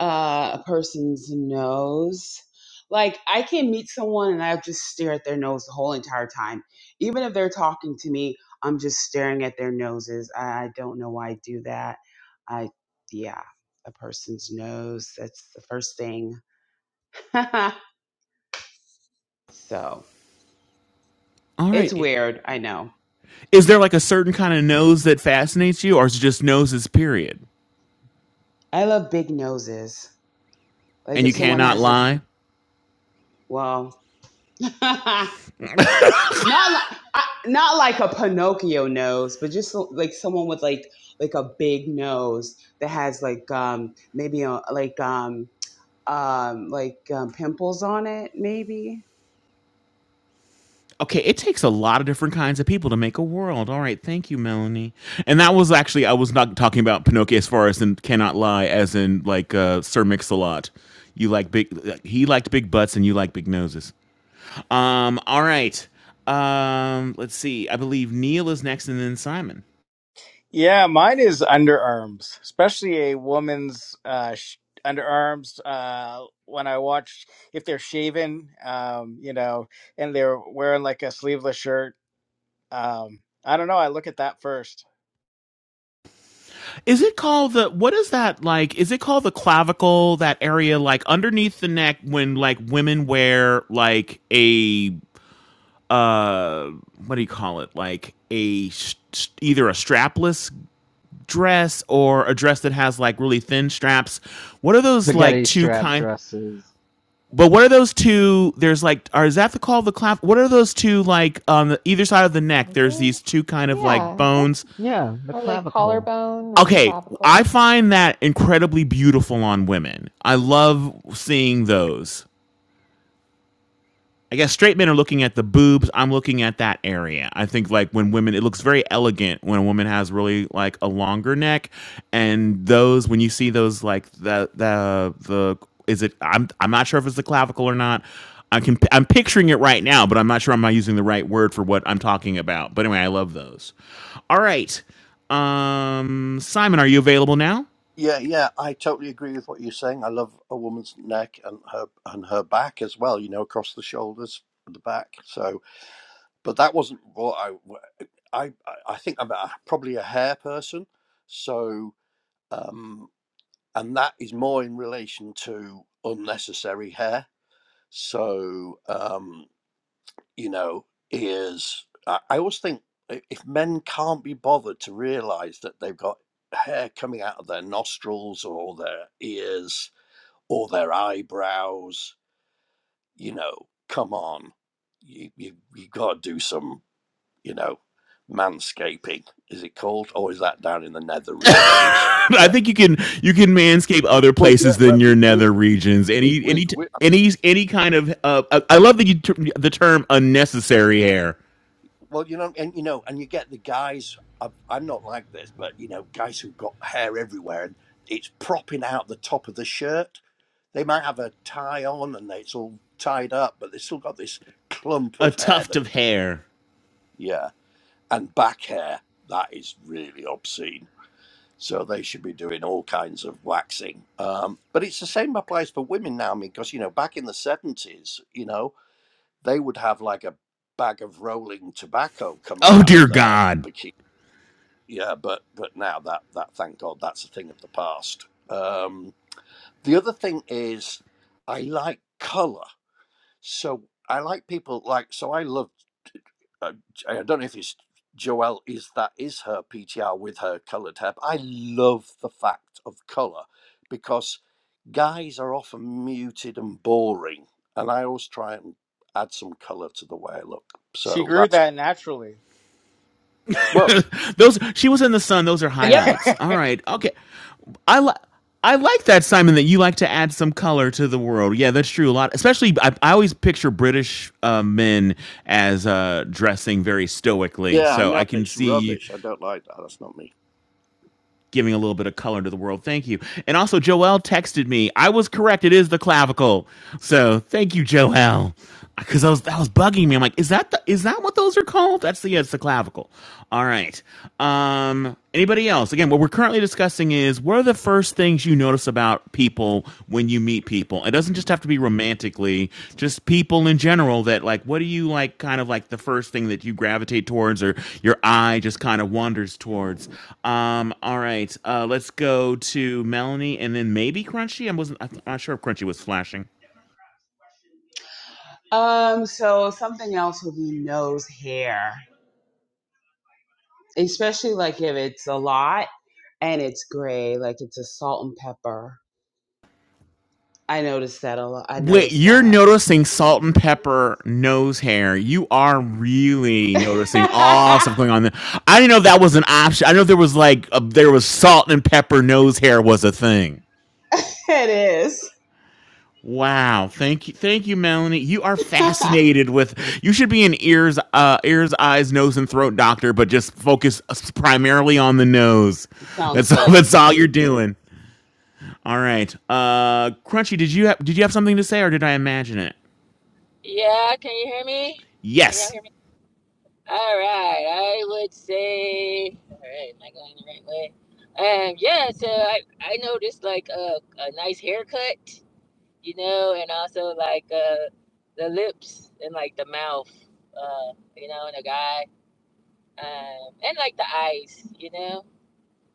S10: uh, a person's nose. Like, I can meet someone and I just stare at their nose the whole entire time. Even if they're talking to me, I'm just staring at their noses. I don't know why I do that. I, yeah, a person's nose. That's the first thing. so
S1: All right.
S10: it's weird. I know.
S1: Is there like a certain kind of nose that fascinates you, or is it just noses, period?
S10: I love big noses. Like,
S1: And
S10: if
S1: you
S10: someone
S1: cannot
S10: has, like,
S1: lie?
S10: well, Not like I, not like a Pinocchio nose, but just so- like someone with like like a big nose that has like um maybe a, like um um like um, pimples on it maybe.
S1: Okay, it takes a lot of different kinds of people to make a world. All right, thank you, Melanie. And that was actually I was not talking about Pinocchio as far as in cannot lie, as in like uh, Sir Mix-a-Lot. You like big, he liked big butts, and you like big noses. Um, all right. Um, let's see. I believe Neil is next, and then Simon.
S8: Yeah, mine is underarms, especially a woman's uh, sh- underarms. Uh, when I watch, if they're shaven, um, you know, and they're wearing like a sleeveless shirt, um, I don't know. I look at that first.
S1: Is it called the what is that like? Is it called the clavicle? That area like underneath the neck when like women wear like a uh what do you call it like a either a strapless dress or a dress that has like really thin straps what are those like
S6: Spaghetti
S1: two
S6: strap
S1: kind
S6: dresses.
S1: but what are those two there's like are is that the call of the clap what are those two like on the, either side of the neck there's
S2: Okay.
S1: these two kind of like
S2: Yeah, that's
S1: bones
S6: Yeah, the
S2: or like
S6: clavicle.
S2: collarbone or
S1: okay i
S2: clavicle.
S1: find that incredibly beautiful on women i love seeing those I guess straight men are looking at the boobs. I'm looking at that area. I think like when women, it looks very elegant when a woman has really like a longer neck, and those when you see those like the the the is it? I'm I'm not sure if it's the clavicle or not. I can I'm picturing it right now, but I'm not sure I'm not using the right word for what I'm talking about. But anyway, I love those. All right, um, Simon, are you available now?
S4: Yeah, yeah, I totally agree with what you're saying. I love a woman's neck and her and her back as well. You know, across the shoulders, the back. So, but that wasn't what I. I I think I'm a, probably a hair person. So, um, and that is more in relation to unnecessary hair. So, um, you know, ears. I, I always think i- if men can't be bothered to realise that they've got hair coming out of their nostrils or their ears or their eyebrows. You know, come on, you you, you got to do some, you know, manscaping. Is it called, or is that down in the nether regions?
S1: I
S4: Yeah.
S1: think you can you can manscape other
S4: Well, yeah,
S1: places than
S4: but
S1: your
S4: with
S1: nether
S4: women,
S1: regions. Any
S4: with
S1: any
S4: wi-
S1: any any kind of uh, I love that you ter- the term unnecessary hair,
S4: well, you know, and you know, and you get the guys. I, I'm not like this, but you know, guys who've got hair everywhere and it's propping out the top of the shirt. They might have a tie on and it's all tied up, but they've still got this clump
S1: a
S4: of hair
S1: tuft
S4: that.
S1: of hair.
S4: Yeah. and back hair that is really obscene so they should be doing all kinds of waxing um, but it's the same applies for women now i mean because you know back in the 70s you know they would have like a bag of rolling tobacco coming
S1: Oh
S4: out
S1: dear
S4: of their
S1: God,
S4: bikini yeah but but now that that thank god that's a thing of the past um, the other thing is i like color so I like people like so. I love. Uh, I don't know if it's Joelle. Is that is her PTR with her coloured hair? But I love the fact of colour because guys are often muted and boring, and I always try and add some colour to the way I look.
S8: She
S4: So
S8: grew
S4: that's
S8: that naturally.
S4: well,
S1: those she was in the sun. Those are
S7: Yep.
S1: highlights. All right, okay. I li- I like that Simon that you like to add some color to the world. Yeah, that's true. A lot, especially I, I always picture British uh, men as uh, dressing very stoically.
S4: yeah. I
S1: So
S4: know
S1: I can
S4: it's
S1: see you.
S4: rubbish. I don't like that. That's not me.
S1: giving a little bit of color to the world. Thank you. And also, Joelle texted me. I was correct. It is the clavicle. So thank you, Joelle, Because I was that was bugging me. I'm like, is that the, is that what those are called? That's the yeah, it's the clavicle. All right. Um. Anybody else? Again, what we're currently discussing is what are the first things you notice about about people when you meet people. It doesn't just have to be romantically, just people in general that like what do you like kind of like the first thing that you gravitate towards or your eye just kind of wanders towards. Um all right. Uh let's go to Melanie and then maybe Crunchy. I wasn't I'm not sure if Crunchy was flashing.
S10: Um so something else would be nose hair. Especially like if it's a lot and it's gray, like it's a salt and pepper. I noticed that a lot. I
S1: Wait,
S10: noticed
S1: you're
S10: that.
S1: noticing salt and pepper nose hair. You are really noticing all stuff going on there. I didn't know that was an option. I didn't know there was like a, there was salt and pepper nose hair was a thing.
S10: it is.
S1: Wow. Thank you. Thank you, Melanie. You are fascinated with you should be an ears, uh, ears, eyes, nose, and throat doctor, but just focus uh, s- primarily on the nose.
S10: Sounds
S1: That's all
S10: good.
S1: that's all you're doing. All right. Uh Crunchy, did you have did you have something to say or did I imagine it?
S11: Yeah, can you hear me? Can y'all
S1: Yes.
S11: hear me? All right, I would say, all right, am I going the right way? Um, yeah, so I I noticed like a a nice haircut, you know, and also like uh the lips and like the mouth, uh, you know, and a guy, um, and like the eyes, you know.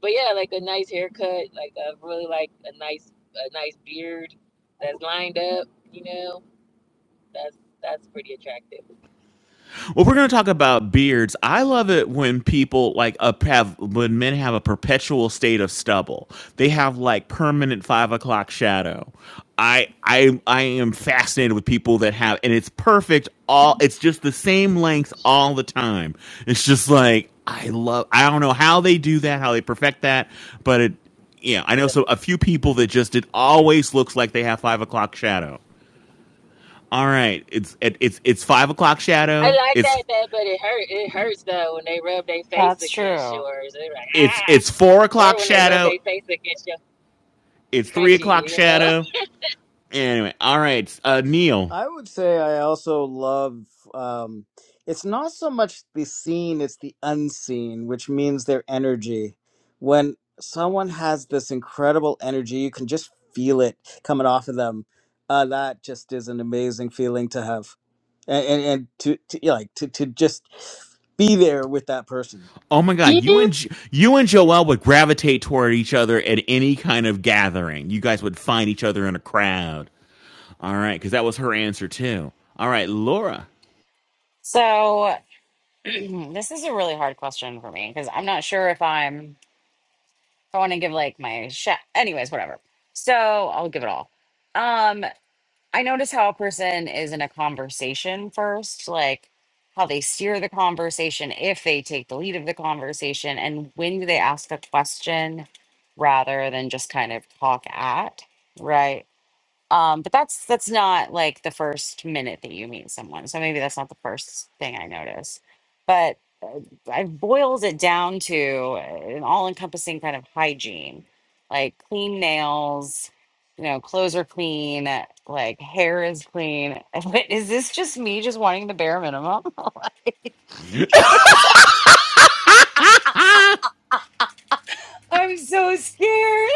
S11: But yeah, like a nice haircut, like I really like a nice a nice beard that's lined up, you know. That's that's pretty attractive.
S1: Well, we're going to talk about beards. I love it when people like a have when men have a perpetual state of stubble. They have like permanent five o'clock shadow. I I I am fascinated with people that have, and it's perfect. All it's just the same length all the time. It's just like I love. I don't know how they do that, how they perfect that, but it. Yeah, I know. So a few people that just it always looks like they have five o'clock shadow. All right, it's it, it's it's five o'clock
S11: I
S1: shadow.
S11: like
S1: It's
S11: that, that, but it hurt. It hurts though when they rub their face
S5: That's
S11: against
S5: true.
S11: yours. They're like
S1: It's it's four
S11: ah, or
S1: o'clock
S11: when they rub
S1: shadow.
S11: their face against your
S1: It's three
S11: crunchy.
S1: o'clock
S11: You know,
S1: shadow. Anyway, all right, uh, Neil.
S8: I would say I also love um it's not so much the seen, it's the unseen, which means their energy. When someone has this incredible energy, you can just feel it coming off of them. Uh, that just is an amazing feeling to have. And and, and to, to you know, like to, to just be there with that person.
S1: Oh my God, you
S7: Yep.
S1: and you and Joelle would gravitate toward each other at any kind of gathering. You guys would find each other in a crowd. All right, because that was her answer too. All right, Laura.
S5: So this is a really hard question for me because I'm not sure if I'm if I want to give like my chef. Anyways, whatever. So I'll give it all. Um, I notice how a person is in a conversation first, like how they steer the conversation, if they take the lead of the conversation, and when do they ask a question rather than just kind of talk at, right? Um, but that's that's not like the first minute that you meet someone. So maybe that's not the first thing I notice. But uh, I boiled it down to uh, an all-encompassing kind of hygiene, like clean nails, you know, clothes are clean, uh, like hair is clean. But is this just me just wanting the bare minimum? Like, it's- I'm so scared.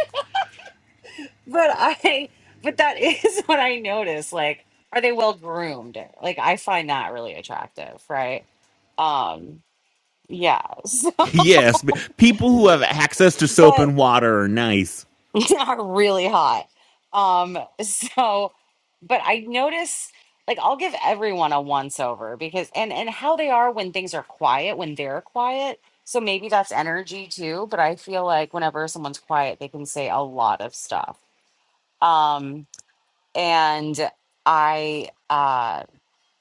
S5: But I, but that is what I notice. Like, are they well groomed? Like, I find that really attractive, right? Um, yeah. So,
S1: Yes, people who have access to soap
S5: but
S1: and water are nice.
S5: are really hot. Um, so, but I notice, like, I'll give everyone a once over because, and and how they are when things are quiet, when they're quiet. So maybe that's energy too. But I feel like whenever someone's quiet, they can say a lot of stuff. Um, and I, uh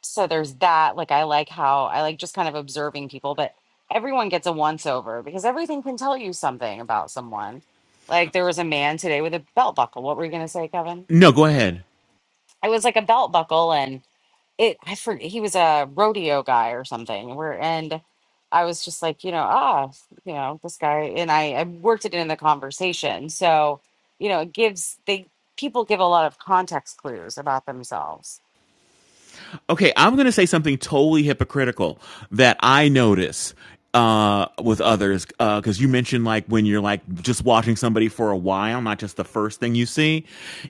S5: so there's that like i like how i like just kind of observing people but everyone gets a once over because everything can tell you something about someone like there was a man today with a belt buckle what were you going to say kevin
S1: No, go ahead.
S5: it was like a belt buckle and it i forget he was a rodeo guy or something where and i was just like you know ah you know this guy and i, I worked it in the conversation so you know it gives they people give a lot of context clues about themselves
S1: Okay, I'm going to say something totally hypocritical that I notice uh, with others because uh, you mentioned like when you're like just watching somebody for a while, not just the first thing you see.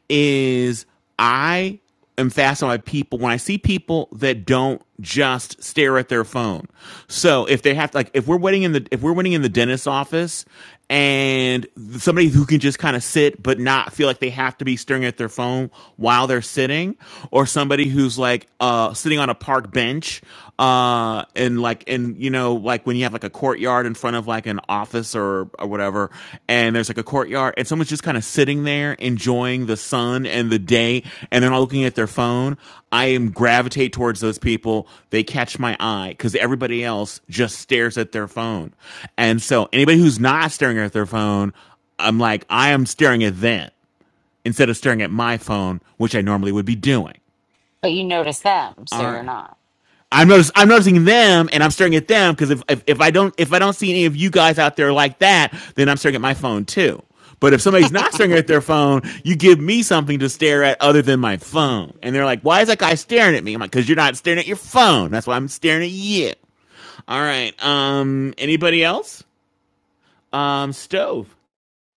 S1: Is I am fascinated by people when I see people that don't just stare at their phone. So if they have to, like, if we're waiting in the, if we're waiting in the dentist's office and somebody who can just kind of sit but not feel like they have to be staring at their phone while they're sitting or somebody who's like, uh, sitting on a park bench, uh, and like, and you know, like when you have like a courtyard in front of like, like an office or, or whatever and there's like a courtyard and someone's just kind of sitting there enjoying the sun and the day and they're not looking at their phone i am gravitate towards those people they catch my eye because everybody else just stares at their phone and so anybody who's not staring at their phone i'm like i am staring at them instead of staring at my phone which i normally would be doing
S5: but you notice them so
S1: all right
S5: you're not
S1: I'm notice, I'm noticing them and I'm staring at them because if, if if I don't if I don't see any of you guys out there like that, then I'm staring at my phone too. But if somebody's not staring at their phone, you give me something to stare at other than my phone. And they're like, "Why is that guy staring at me?" I'm like, "Cause you're not staring at your phone. That's why I'm staring at you." All right. Um. Anybody else? Um. Stove.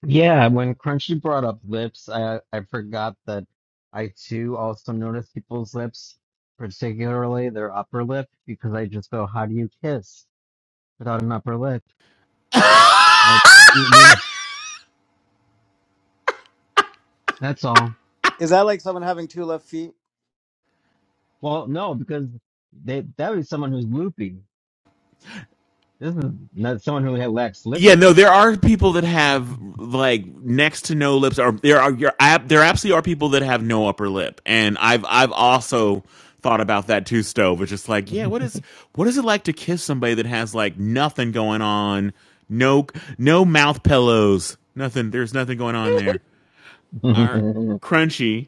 S6: Yeah, when Crunchy brought up lips, I I forgot that I too also notice people's lips, particularly their upper lip, because I just go, how do you kiss? without an upper lip. Like you- we were- that's all.
S8: Is that like someone having two left feet?
S6: Well, no, because they that would be someone who's loopy. This is not someone who had lacks
S1: Yeah,
S6: lippy.
S1: no, there are people that have like next to no lips, or there are your there absolutely are people that have no upper lip, and I've I've also thought about that too, Stove. It's just like, yeah, what is what is it like to kiss somebody that has like nothing going on, no no mouth pillows, nothing. There's nothing going on there. Are crunchy.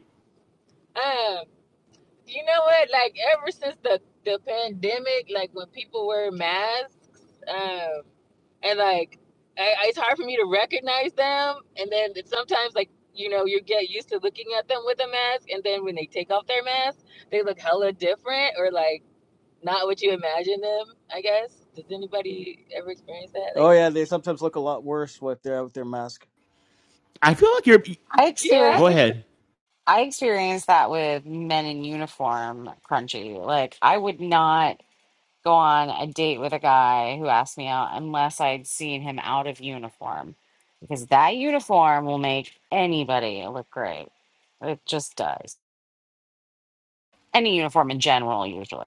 S11: um, you know what? Like ever since the the pandemic, like when people wear masks, um, and like I, it's hard for me to recognize them, and then it's sometimes like you know you get used to looking at them with a mask, and then when they take off their mask, they look hella different, or like. not what you imagine them, I guess. Does anybody ever experience that?
S8: Oh
S11: Like,
S8: yeah, they sometimes look a lot worse with their with their mask.
S1: I feel like you're.
S5: I
S11: yeah.
S5: experience.
S1: Go ahead.
S5: I experienced that with men in uniform crunchy. Like, I would not go on a date with a guy who asked me out unless I'd seen him out of uniform because that uniform will make anybody look great. It just does. Any uniform in general, usually.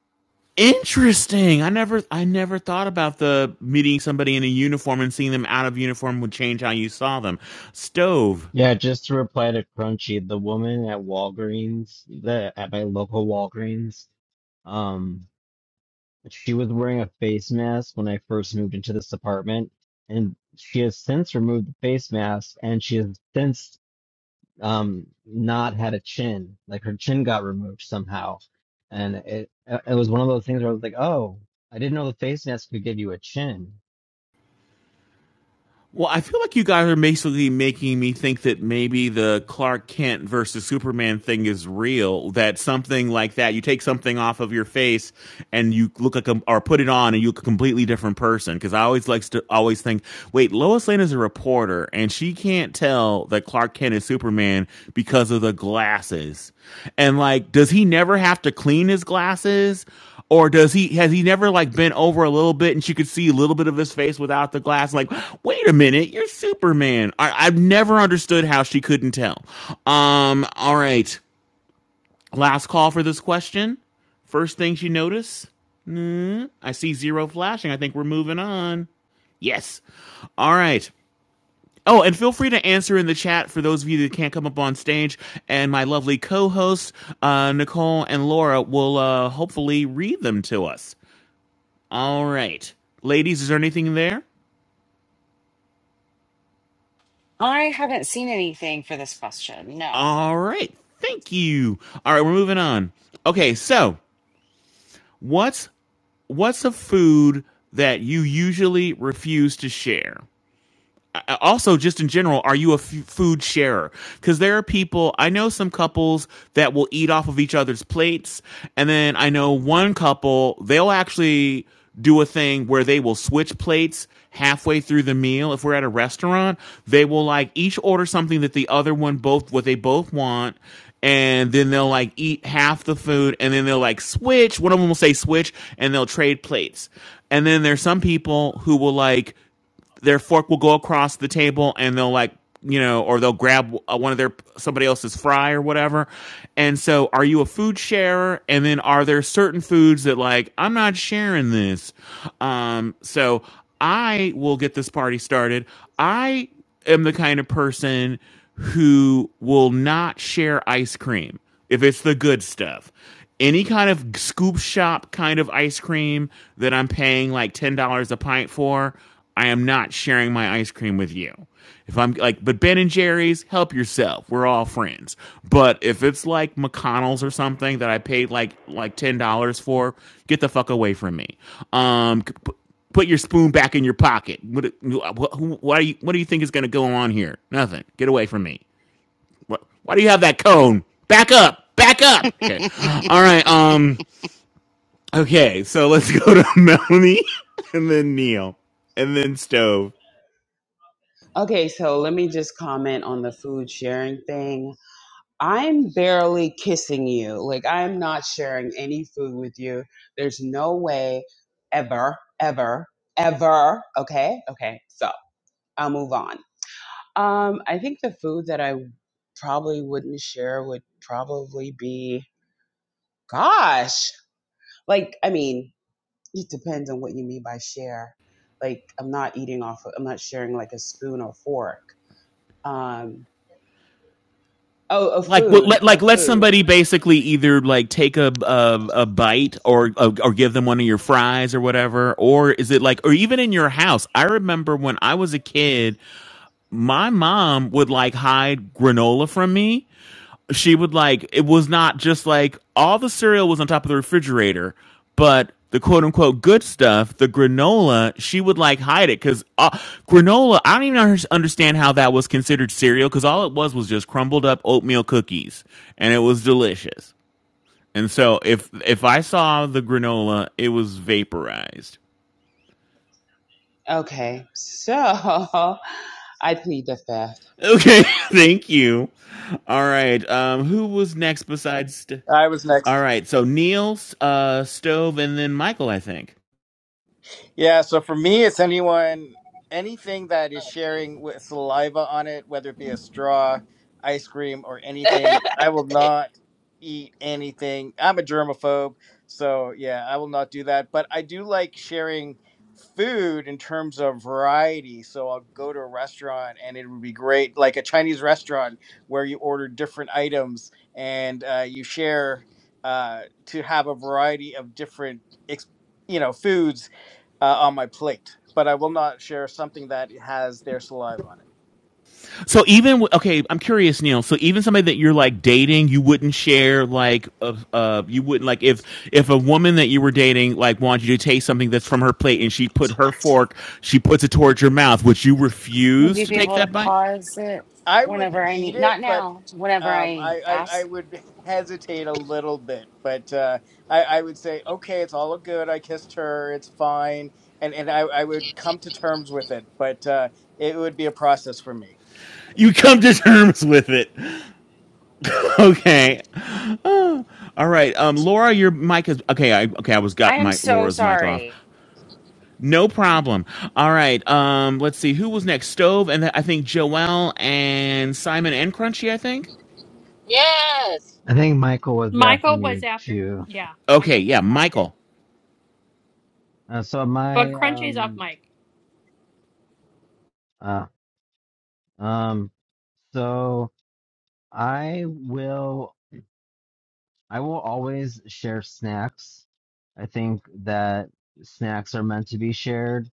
S1: Interesting. I never I never thought about the meeting somebody in a uniform and seeing them out of uniform would change how you saw them. Stove.
S6: yeah, just to reply to Crunchy, the woman at Walgreens, the at my local Walgreens, um, she was wearing a face mask when I first moved into this apartment, and she has since removed the face mask, and she has since um not had a chin like her chin got removed somehow and it it was one of those things where I was like oh I didn't know the face mask could give you a chin
S1: Well, I feel like you guys are basically making me think that maybe the Clark Kent versus Superman thing is real. That something like that, you take something off of your face and you look like a, or put it on and you look a completely different person. Because I always likes to always think, wait, Lois Lane is a reporter and she can't tell that Clark Kent is Superman because of the glasses. And like, does he never have to clean his glasses? Or does he has he never like bent over a little bit and she could see a little bit of his face without the glass? Like, wait a minute, you're Superman. I, I've never understood how she couldn't tell. Um, all right. Last call for this question. First things you notice. I see zero flashing. I think we're moving on. Yes. All right. Oh, and feel free to answer in the chat for those of you that can't come up on stage. And my lovely co hosts, uh, Nicole and Laura, will uh, hopefully read them to us. All right. Ladies, is there anything there?
S5: I haven't seen anything for this question. No.
S1: All right. Thank you. All right, we're moving on. Okay, so what's what's a food that you usually refuse to share? Uh, also just in general are you a f- food sharer because there are people i know some couples that will eat off of each other's plates and then i know one couple they'll actually do a thing where they will switch plates halfway through the meal if we're at a restaurant they will like each order something that the other one both what they both want and then they'll like eat half the food and then they'll like switch one of them will say switch and they'll trade plates and then there's some people who will like their fork will go across the table and they'll like you know or they'll grab uh, one of their somebody else's fry or whatever and so are you a food sharer and then are there certain foods that like i'm not sharing this um so i will get this party started i am the kind of person who will not share ice cream if it's the good stuff. Any kind of scoop shop kind of ice cream that I'm paying like $10 a pint for, I am not sharing my ice cream with you. If I'm like, but Ben and Jerry's, help yourself. We're all friends. But if it's like McConnell's or something that I paid like like ten dollars for, get the fuck away from me. Um, put your spoon back in your pocket. What, what, who- do you, what do you think is going to go on here? Nothing. Get away from me. What, why do you have that cone? Back up. Back up. Okay. All right. Um. Okay. So let's go to Melanie, and then Neil, and then Stove.
S10: Okay, so let me just comment on the food sharing thing. I'm barely kissing you. Like, I'm not sharing any food with you. There's no way ever, ever, ever. Okay, okay, so I'll move on. Um, I think the food that I probably wouldn't share would probably be, gosh, like, I mean, it depends on what you mean by share. Like, I'm not eating off, of, I'm not sharing like a spoon or fork. Um, Oh, a
S1: Like, what, let
S10: food, a
S1: like let
S10: food.
S1: somebody basically either like take a a, a bite or a, or give them one of your fries or whatever, or is it like or even in your house? I remember when I was a kid, my mom would like hide granola from me. She would like it was not just like all the cereal was on top of the refrigerator, but the quote unquote good stuff, the granola, she would like hide it because uh, granola. I don't even understand how that was considered cereal because all it was was just crumbled up oatmeal cookies, and it was delicious. And so if if I saw the granola, it was vaporized.
S10: Okay, so I plead the fifth.
S1: Okay, thank you. All right, um, who was next besides? St-
S8: I was next.
S1: All right. So Neil's uh, stove, and then Michael, I think.
S8: Yeah, so for me, it's anyone, anything that is
S11: Oh shit.
S8: sharing with saliva on it, whether it be a straw, ice cream, or anything. I will not eat anything. I'm a germaphobe, so yeah, I will not do that. But I do like sharing food in terms of variety. So I'll go to a restaurant and it would be great, like a Chinese restaurant where you order different items and uh, you share uh, to have a variety of different, ex- you know, foods uh, on my plate, but I will not share something that has their saliva on it.
S1: So even okay, I'm curious, Neil. So even somebody that you're like dating, you wouldn't share like uh, uh you wouldn't like if if a woman that you were dating like wanted you to taste something that's from her plate and she put her fork, she puts it towards your mouth, would you
S5: Would
S1: refuse
S5: you
S1: to
S5: be
S1: take
S5: able to
S1: that bite?
S5: pause it
S8: I would
S5: whenever I
S8: eat
S5: need?
S8: it,
S5: Not
S8: but
S5: now, whenever
S8: um,
S5: I
S8: I, I I
S5: ask.
S8: would hesitate a little bit. But uh, I I would say, okay, it's all good. I kissed her. It's fine, and and I I would come to terms with it. But uh, it would be a process for me.
S1: You come to terms with it. Okay. Oh, all right. Um Laura, your mic is okay, I okay, I was
S5: I
S1: got
S5: am
S1: my
S5: so
S1: Laura's mic off.
S5: sorry.
S1: No problem. All right. Um, let's see who was next. Stove, and then I think Joel and Simon and Crunchy. I think.
S11: Yes.
S6: I think Michael was after
S7: Michael was
S6: me
S7: after.
S6: too
S7: Yeah,
S1: Okay.
S7: Michael was
S1: Yeah,
S7: after.
S1: Michael.
S6: uh, so
S7: But
S6: my
S7: Crunchy's off
S6: um
S7: mic.
S6: uh um so I will I will always share snacks. I think that snacks are meant to be shared.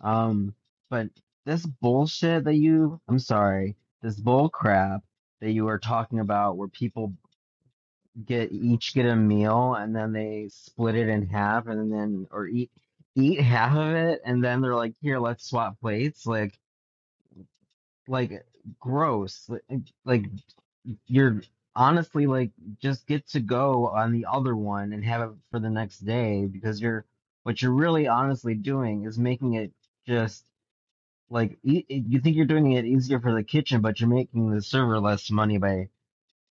S6: Um, but this bullshit that you, I'm sorry, this bull crap that you were talking about where people get each get a meal and then they split it in half and then or eat eat half of it and then they're like, here, let's swap plates. Like like gross. Like, like you're honestly like just get to go on the other one and have it for the next day because you're what you're really honestly doing is making it just like e- you think you're doing it easier for the kitchen, but you're making the server less money by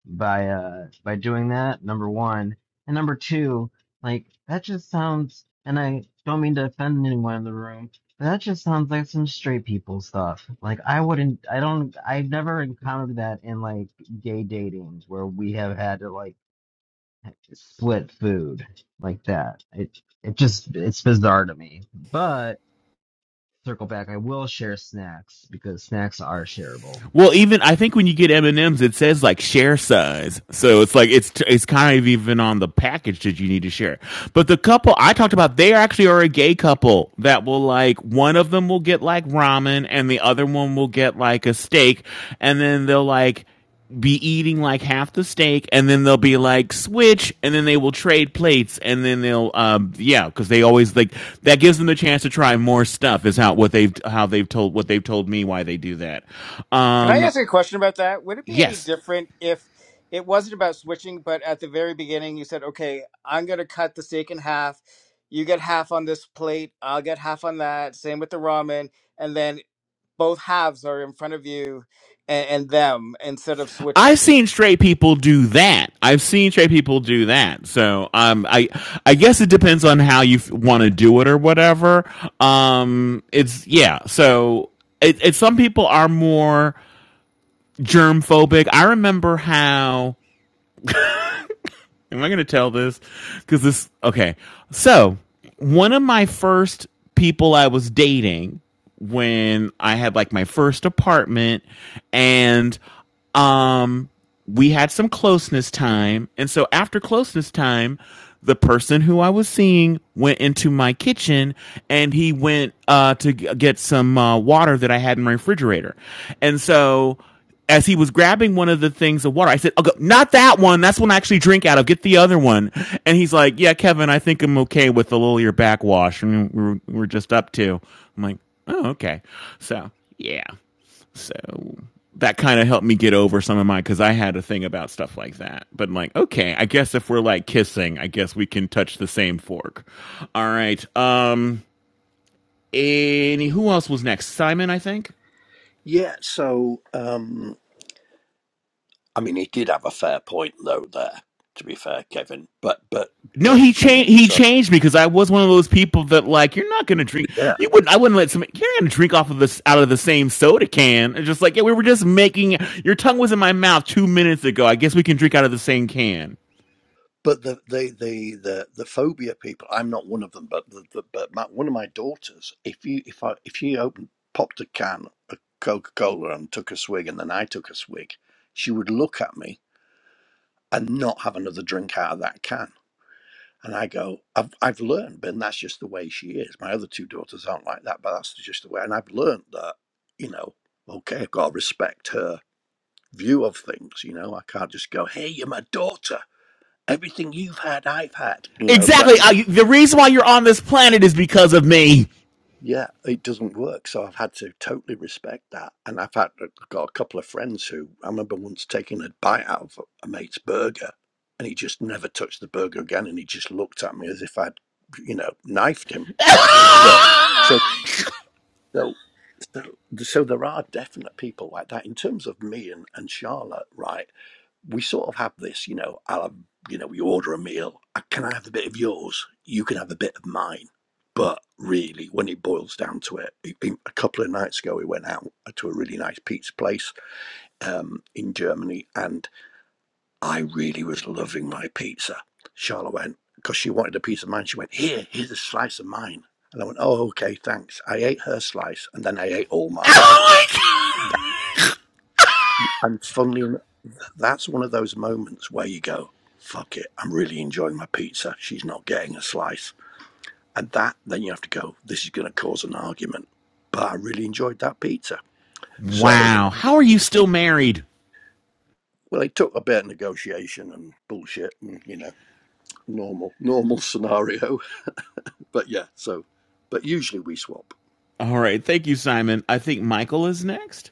S6: by uh by doing that number one and number two like that just sounds and i don't mean to offend anyone in the room but that just sounds like some straight people stuff like i wouldn't i don't i've never encountered that in like gay datings where we have had to like split food like that it it just it's bizarre to me but circle back i will share snacks because snacks are shareable
S1: Well, even I think when you get M and M's, it says like share size, so it's like it's it's kind of even on the package that you need to share. But the couple I talked about, they actually are a gay couple that will like one of them will get like ramen and the other one will get like a steak, and then they'll like be eating like half the steak and then they'll be like switch and then they will trade plates and then they'll um yeah because they always like that gives them the chance to try more stuff is how what they've how they've told what they've told me why they do that
S8: Can I
S1: um
S8: ask you a question about that? Would it be any
S1: yes
S8: different if it wasn't about switching, but at the very beginning you said, okay, I'm going to cut the steak in half. You get half on this plate, I'll get half on that. Same with the ramen. And then both halves are in front of you and, and them instead of switching.
S1: i've seen straight people do that i've seen straight people do that so um i i guess it depends on how you f- want to do it or whatever um it's yeah so it, it some people are more germ phobic. I remember how. Am I going to tell this? Because this. Okay. So, one of my first people I was dating when I had like my first apartment, and um we had some closeness time and so after closeness time the person who i was seeing went into my kitchen and he went uh to g- get some uh, water that i had in my refrigerator and so as he was grabbing one of the things of water, I said, oh, go, not that one. That's one I actually drink out of. Get the other one. And he's like, yeah, Kevin, I think I'm okay with a little of your backwash. And we we're, are we are just up to. I'm like, oh, okay. So, yeah. So that kind of helped me get over some of my because I had a thing about stuff like that. But I'm like, okay, I guess if we're like kissing, I guess we can touch the same fork. All right. Um. Any who else was next? Simon, I think.
S4: Yeah. So um, I mean, he did have a fair point though. There, to be fair, Kevin. But but
S1: No,
S4: but
S1: he changed.
S4: and
S1: He
S4: so
S1: changed me, because I was one of those people that like you're not gonna drink.
S4: yeah.
S1: You wouldn't. I wouldn't let somebody. You're gonna drink off of this out of the same soda can. And just like yeah, we were just making. Your tongue was in my mouth two minutes ago. I guess we can drink out of the same can.
S4: But the the the the, the phobia people. I'm not one of them, but the, the, but my, one of my daughters. If you if I if she opened popped a can of Coca Cola and took a swig, and then I took a swig, she would look at me and not have another drink out of that can. And I go, I've I've learned, Ben. That's just the way she is. My other two daughters aren't like that, but that's just the way. And I've learned that, you know, okay, I've got to respect her view of things. You know, I can't just go, hey, you're my daughter everything you've had, I've had. You know, that
S1: Exactly. Uh, the reason why you're on this planet is because of me.
S4: yeah, it doesn't work. So I've had to totally respect that. And I've had uh, got a couple of friends who I remember once taking a bite out of a mate's burger, and he just never touched the burger again, and he just looked at me as if I'd, you know, knifed him. But so
S1: oh
S4: so so, so there are definite people like that in terms of me and and Charlotte, right? we sort of have this, you know, I'll have, you know, we order a meal. uh, Can I have a bit of yours? You can have a bit of mine. But really, when it boils down to it, it- a couple of nights ago, we went out to a really nice pizza place um, in Germany, and I really was loving my pizza. Charlotte went, because she wanted a piece of mine, she went, Here, here's a slice of mine. And I went, Oh, okay, thanks. I ate her slice, and then I ate all mine.
S1: my
S4: That,
S1: god.
S4: and funnily, That's one of those moments where you go, fuck it, I'm really enjoying my pizza. She's not getting a slice. And that, then you have to go, this is going to cause an argument. But I really enjoyed that pizza. So,
S1: Wow. How are you still married?
S4: well, it took a bit of negotiation and bullshit and, you know, normal, normal scenario. But yeah, so, but usually we swap.
S1: All right. Thank you, Simon. I think Michael is next.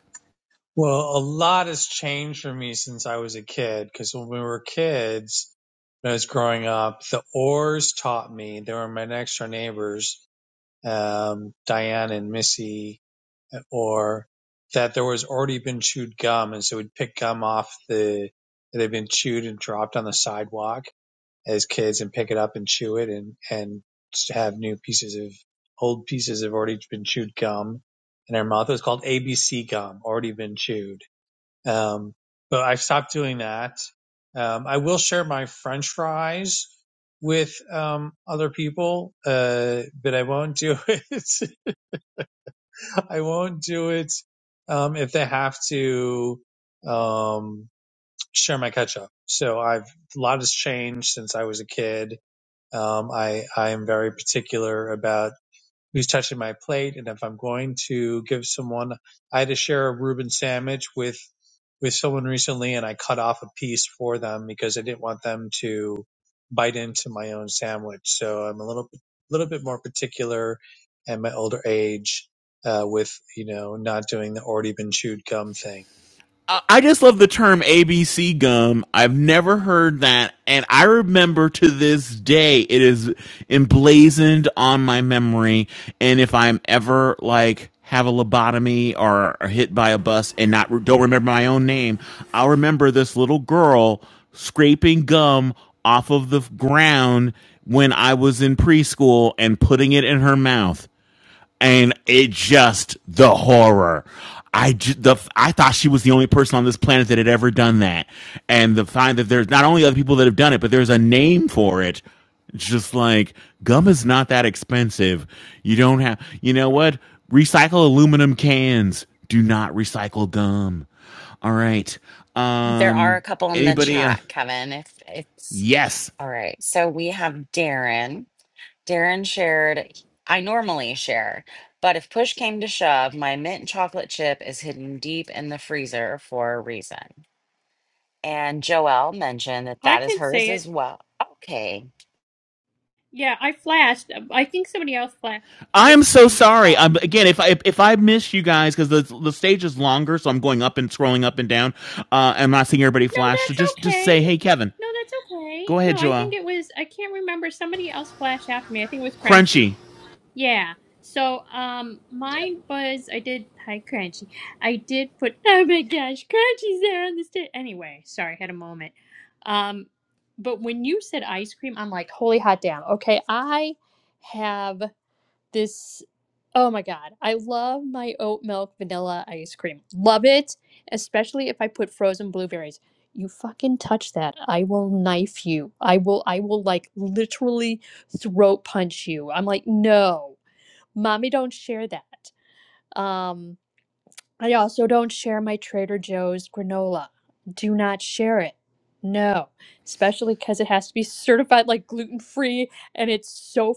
S3: Well, a lot has changed for me since I was a kid because when we were kids, when I was growing up, the Orrs taught me. They were my next door neighbors, um, Diane and Missy Orr, that there was already been chewed gum. And so we'd pick gum off the, that had been chewed and dropped on the sidewalk as kids and pick it up and chew it and, and have new pieces of, old pieces of already been chewed gum in our mouth. It was called ABC gum, already been chewed um, but I've stopped doing that. Um, I will share my French fries with um, other people, uh, but I won't do it. I won't do it um, if they have to um, share my ketchup. So I've a lot has changed since I was a kid. Um, I I am very particular about who's touching my plate. And if I'm going to give someone, I had to share a Reuben sandwich with, with someone recently and I cut off a piece for them because I didn't want them to bite into my own sandwich. So I'm a little, little bit more particular at my older age, uh, with, you know, not doing the already been chewed gum thing.
S1: I just love the term ABC gum. I've never heard that, and I remember to this day it is emblazoned on my memory. And if I'm ever like have a lobotomy or, or hit by a bus and not don't remember my own name, I'll remember this little girl scraping gum off of the ground when I was in preschool and putting it in her mouth and it just the horror. I the I thought she was the only person on this planet that had ever done that, and the find that there's not only other people that have done it, but there's a name for it. It's just like gum is not that expensive. You don't have, you know what? Recycle aluminum cans. Do not recycle gum. All right.
S5: There are a
S1: Um.
S5: couple in the
S1: Anybody?
S5: chat,
S1: Else?
S5: Kevin, if it's
S1: Yes.
S5: all right. So we have Darren. Darren shared, I normally share, but if push came to shove, my mint chocolate chip is hidden deep in the freezer for a reason. And Joelle mentioned that that is hers as well. Okay.
S7: Yeah, I flashed.
S1: I'm so
S7: I,
S1: sorry. I'm again if I if, if I miss you guys because the the stage is longer, so I'm going up and scrolling up and down. Uh, I'm not seeing everybody
S7: No,
S1: flash. So
S7: that's
S1: just just
S7: okay.
S1: say, hey, Kevin,
S7: No, that's okay.
S1: go ahead,
S7: No, I think
S1: Joel.
S7: it was I can't remember somebody else flashed after me. I think it was Crunchy.
S1: Crunchy.
S7: Yeah. So, um mine was I did hi Crunchy. I did put oh my gosh, Crunchy's there on the stage. Anyway, sorry, had a moment. Um but when you said ice cream, I'm like, holy hot damn. Okay, I have this oh my god i love my oat milk vanilla ice cream love it especially if i put frozen blueberries you fucking touch that i will knife you i will i will like literally throat punch you i'm like no mommy don't share that um I also don't share my Trader Joe's granola. Do not share it. No, especially because it has to be certified like gluten free and it's so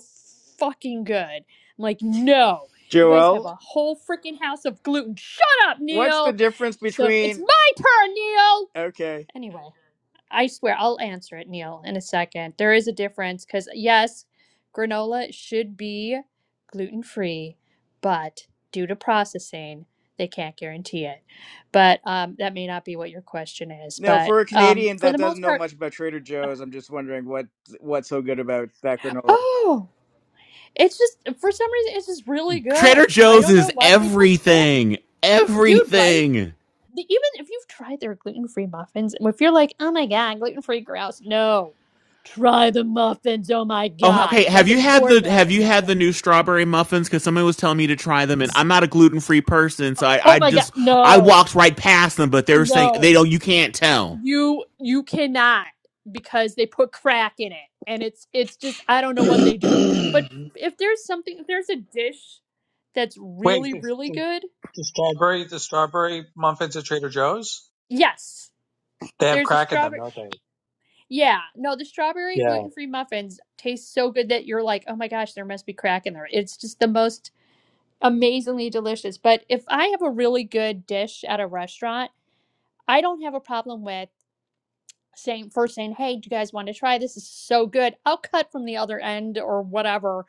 S7: fucking good. I'm like, no, you guys have
S8: Joel,
S7: a whole freaking house of gluten. Shut up,
S8: what's the
S7: Neil.
S8: difference
S7: So it's
S8: between.
S7: my turn, Neil.
S8: Okay.
S7: Anyway. I swear I'll answer it, Neil, in a second. There is a difference because, yes, granola should be gluten free, but due to processing, they can't guarantee it. But um, that may not be what your question is.
S8: No,
S7: But
S8: for a
S7: um,
S8: Canadian
S7: for
S8: that
S7: the
S8: doesn't
S7: most
S8: know
S7: part,
S8: much about Trader Joe's, I'm just wondering what what's so good about that granola.
S7: oh, it's just for some reason, it's just really good.
S1: Trader
S7: I
S1: Joe's
S7: don't know
S1: is
S7: what they put crap,
S1: everything.
S7: dude, right?
S1: Everything.
S7: the- even if you've tried their gluten-free muffins and if you're like oh my god gluten-free grouse no try the muffins oh my
S1: Oh,
S7: god
S1: okay.
S7: it's
S1: Have
S7: like an
S1: you had the Have
S7: orgasm
S1: you had
S7: muffin
S1: the new strawberry muffins? Because somebody was telling me to try them, and I'm not a gluten free person, so I,
S7: oh
S1: I
S7: my god
S1: just I
S7: no
S1: walked right past them. But they were saying
S7: no
S1: they don't. You can't tell.
S7: you you cannot because they put crack in it and it's it's just i don't know what they do but if there's something if there's a dish that's
S3: Wait,
S7: really
S3: the,
S7: really
S3: the,
S7: good
S3: the strawberry, the strawberry muffins at Trader Joe's?
S7: yes
S3: They have
S7: there's a
S3: crack in
S7: strawberry
S3: them, don't they?
S7: Yeah, no, the strawberry
S3: Yeah.
S7: gluten-free muffins taste so good that you're like, "Oh my gosh, there must be crack in there." It's just the most amazingly delicious. But if I have a really good dish at a restaurant, I don't have a problem with saying first saying, "Hey, do you guys want to try this? This is so good." I'll cut from the other end or whatever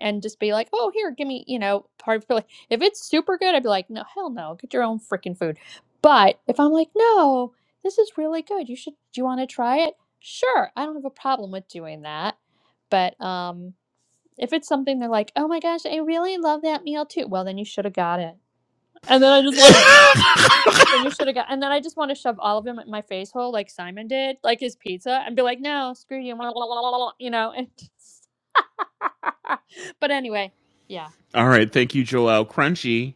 S7: and just be like, oh, here, give me, you know, part for like, if it's super good, I'd be like, no, hell no, get your own freaking food. But if I'm like, no, this is really good, you should, do you want to try it? Sure, I don't have a problem with doing that. But um, if it's something they're like, oh my gosh, I really love that meal too, well, then you should have got it. And then I just want to, then you should have got, and then I just want to shove all of them at my face hole like Simon did, like his pizza, and be like, no, screw you, you know. and but anyway, yeah.
S1: All right. Thank you, Joel. Crunchy.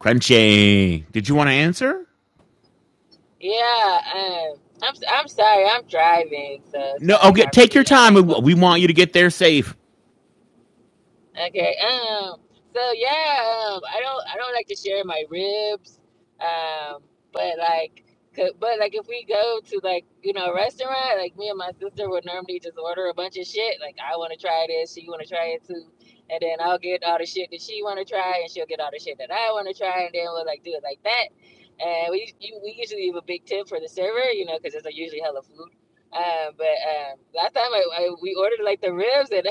S1: Crunchy. Did you want to answer?
S11: Yeah. Um, I'm I'm sorry. I'm driving, so it's
S1: No.
S11: like
S1: Okay.
S11: hard for
S1: Take your
S11: me. I know
S1: time.
S11: you're
S1: We-
S11: supposed to be
S1: want you to get there safe.
S11: Okay. Um. So yeah. Um. I don't. I don't like to share my ribs. Um. But like. c- But like, if we go to like you know a restaurant, like me and my sister would normally just order a bunch of shit. Like I want to try this, she want to try it too, and then I'll get all the shit that she want to try, and she'll get all the shit that I want to try, and then we'll like do it like that. And we you, we usually leave a big tip for the server, you know, because it's like usually hella food. Um, but um, last time I, I we ordered like the ribs and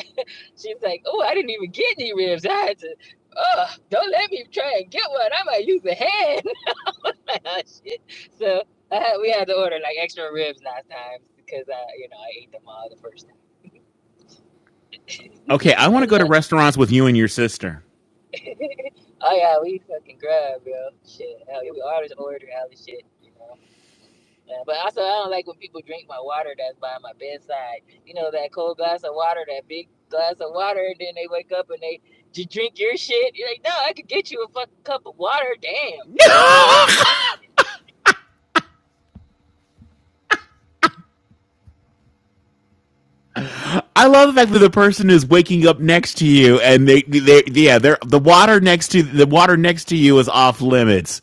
S11: She's like, oh, I didn't even get any ribs. I had to, oh, don't let me try and get one. I might use a hand. Shit. So I had, we had to order like extra ribs last time because I, you know, I ate them all the first time.
S1: Okay. I want to
S11: And
S1: go to
S11: uh,
S1: restaurants with you and your sister.
S11: oh yeah, we fucking grub, yo. Shit, hell yeah, we always order all this shit. You know, Yeah, but also, I don't like when people drink my water that's by my bedside. You know, that cold glass of water, that big glass of water, and then they wake up and they "Did you drink your shit. You're like, no, I could get you a fucking cup of water. Damn. You know, hate that shit.
S1: I love the fact that the person is waking up next to you, and they, they, yeah, they're the water next to the water next to you is off limits.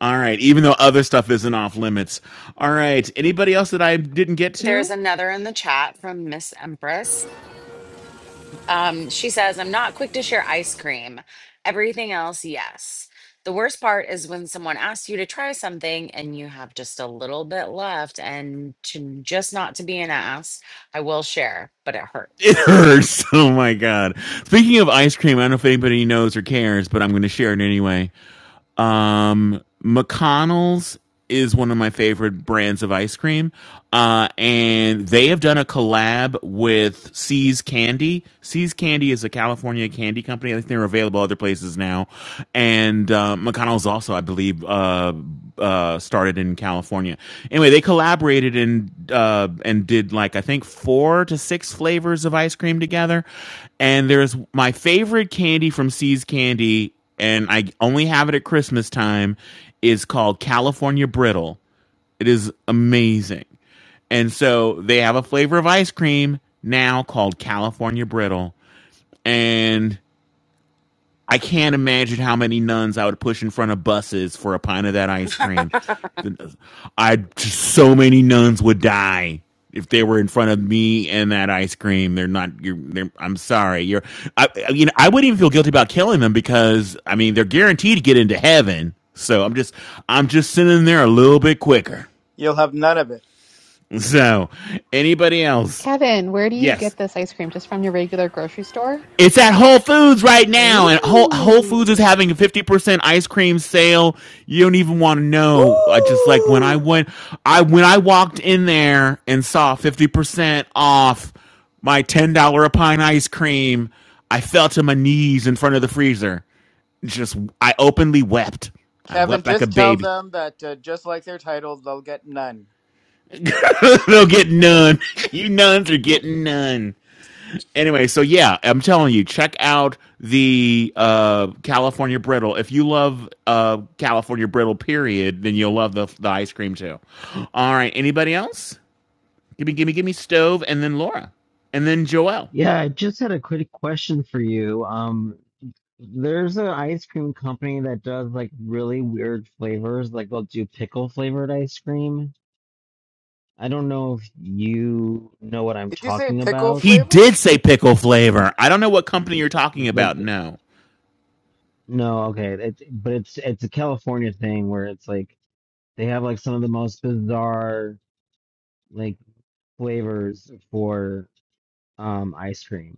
S1: All right, even though other stuff isn't off limits. All right, anybody else that I didn't get
S5: There's
S1: to?
S5: another in the chat from Miss Empress. Um, she says, I'm not quick to share ice cream. Everything else, yes. The worst part is when someone asks you to try something and you have just a little bit left, and to just not to be an ass, I will share, but it
S1: It
S5: hurts.
S1: hurts. Oh my god. Speaking of ice cream, I don't know if anybody knows or cares, but I'm going to share it anyway. Um, McConnell's is one of my favorite brands of ice cream, uh, and they have done a collab with C's Candy. C's Candy is a California candy company. I think they're available other places now and uh, McConnell's also, I believe, uh, uh, started in California. Anyway, they collaborated and uh, and did like I think four to six flavors of ice cream together. And there's my favorite candy from C's Candy, and I only have it at Christmas time. Is called California Brittle. It is amazing. And so they have a flavor of ice cream now called California Brittle. And I can't imagine how many nuns I would push in front of buses for a pint of that ice cream. I just so many nuns would die if they were in front of me and that ice cream. They're not. You're. They're, I'm sorry. You're. I, I- you know. I wouldn't even feel guilty about killing them because I mean they're guaranteed to get into heaven. So I'm just. I'm just sending them there a little bit quicker.
S8: You'll have none of it.
S1: So anybody else?
S2: Kevin, where do you
S1: Yes.
S2: get this ice cream? Just from your regular grocery store?
S1: It's at Whole Foods right now, and Whole, Whole
S2: Ooh.
S1: Foods is having a fifty percent ice cream sale. You don't even want to know. I just like when I
S7: I
S1: went, I when I walked in there and saw fifty percent off my ten dollar a pint ice cream, I fell to my knees in front of the freezer. Just I openly wept. I
S8: Kevin,
S1: wept like a
S8: just tell
S1: baby.
S8: them that uh, just like their title, they'll get none.
S1: They'll get none. you nuns are getting none. Anyway, so yeah, I'm telling you, check out the uh, California Brittle. If you love uh, California Brittle, period, then you'll love the, the ice cream too. All right, anybody else? Give me, give me, give me stove, and then Laura, and then Joelle.
S6: Yeah, I just had a quick question for you. Um, there's an ice cream company that does like really weird flavors, like they'll do pickle flavored ice cream. I don't know if you know what I'm
S8: Did you say
S6: talking
S8: pickle
S6: about.
S1: He
S8: flavor?
S1: did say pickle flavor. I don't know what company you're talking
S6: Like,
S1: about. No,
S6: no, okay, it, but it's it's a California thing where it's like they have like some of the most bizarre like flavors for um ice cream.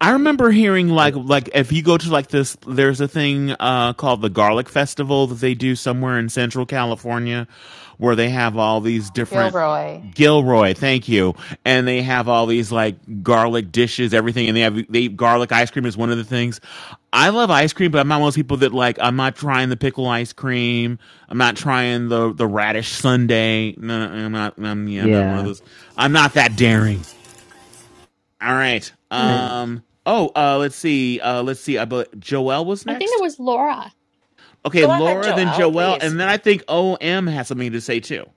S1: I remember hearing
S6: I,
S1: like like if you go to like this, there's a thing uh, called the Garlic Festival that they do somewhere in Central California, where they have all these different
S2: Gilroy.
S1: Gilroy, thank you. And they have all these like garlic dishes, everything, and they have they eat garlic ice cream is one of the things. I love ice cream, but I'm not one of those people that like I'm not trying the pickle ice cream. I'm not trying the the radish sundae. No, no, I'm not. I'm, yeah, I'm not one of
S6: yeah,
S1: those. I'm not that daring. All right.
S6: all right.
S1: Um. Oh. Uh. Let's see. Uh. Let's see. I but Joelle was
S7: think it
S1: next.
S7: was Laura.
S1: Okay.
S5: Go ahead,
S1: Laura, then
S5: Joelle,
S1: Joelle,
S5: please.
S1: and then I think OM has something to say too.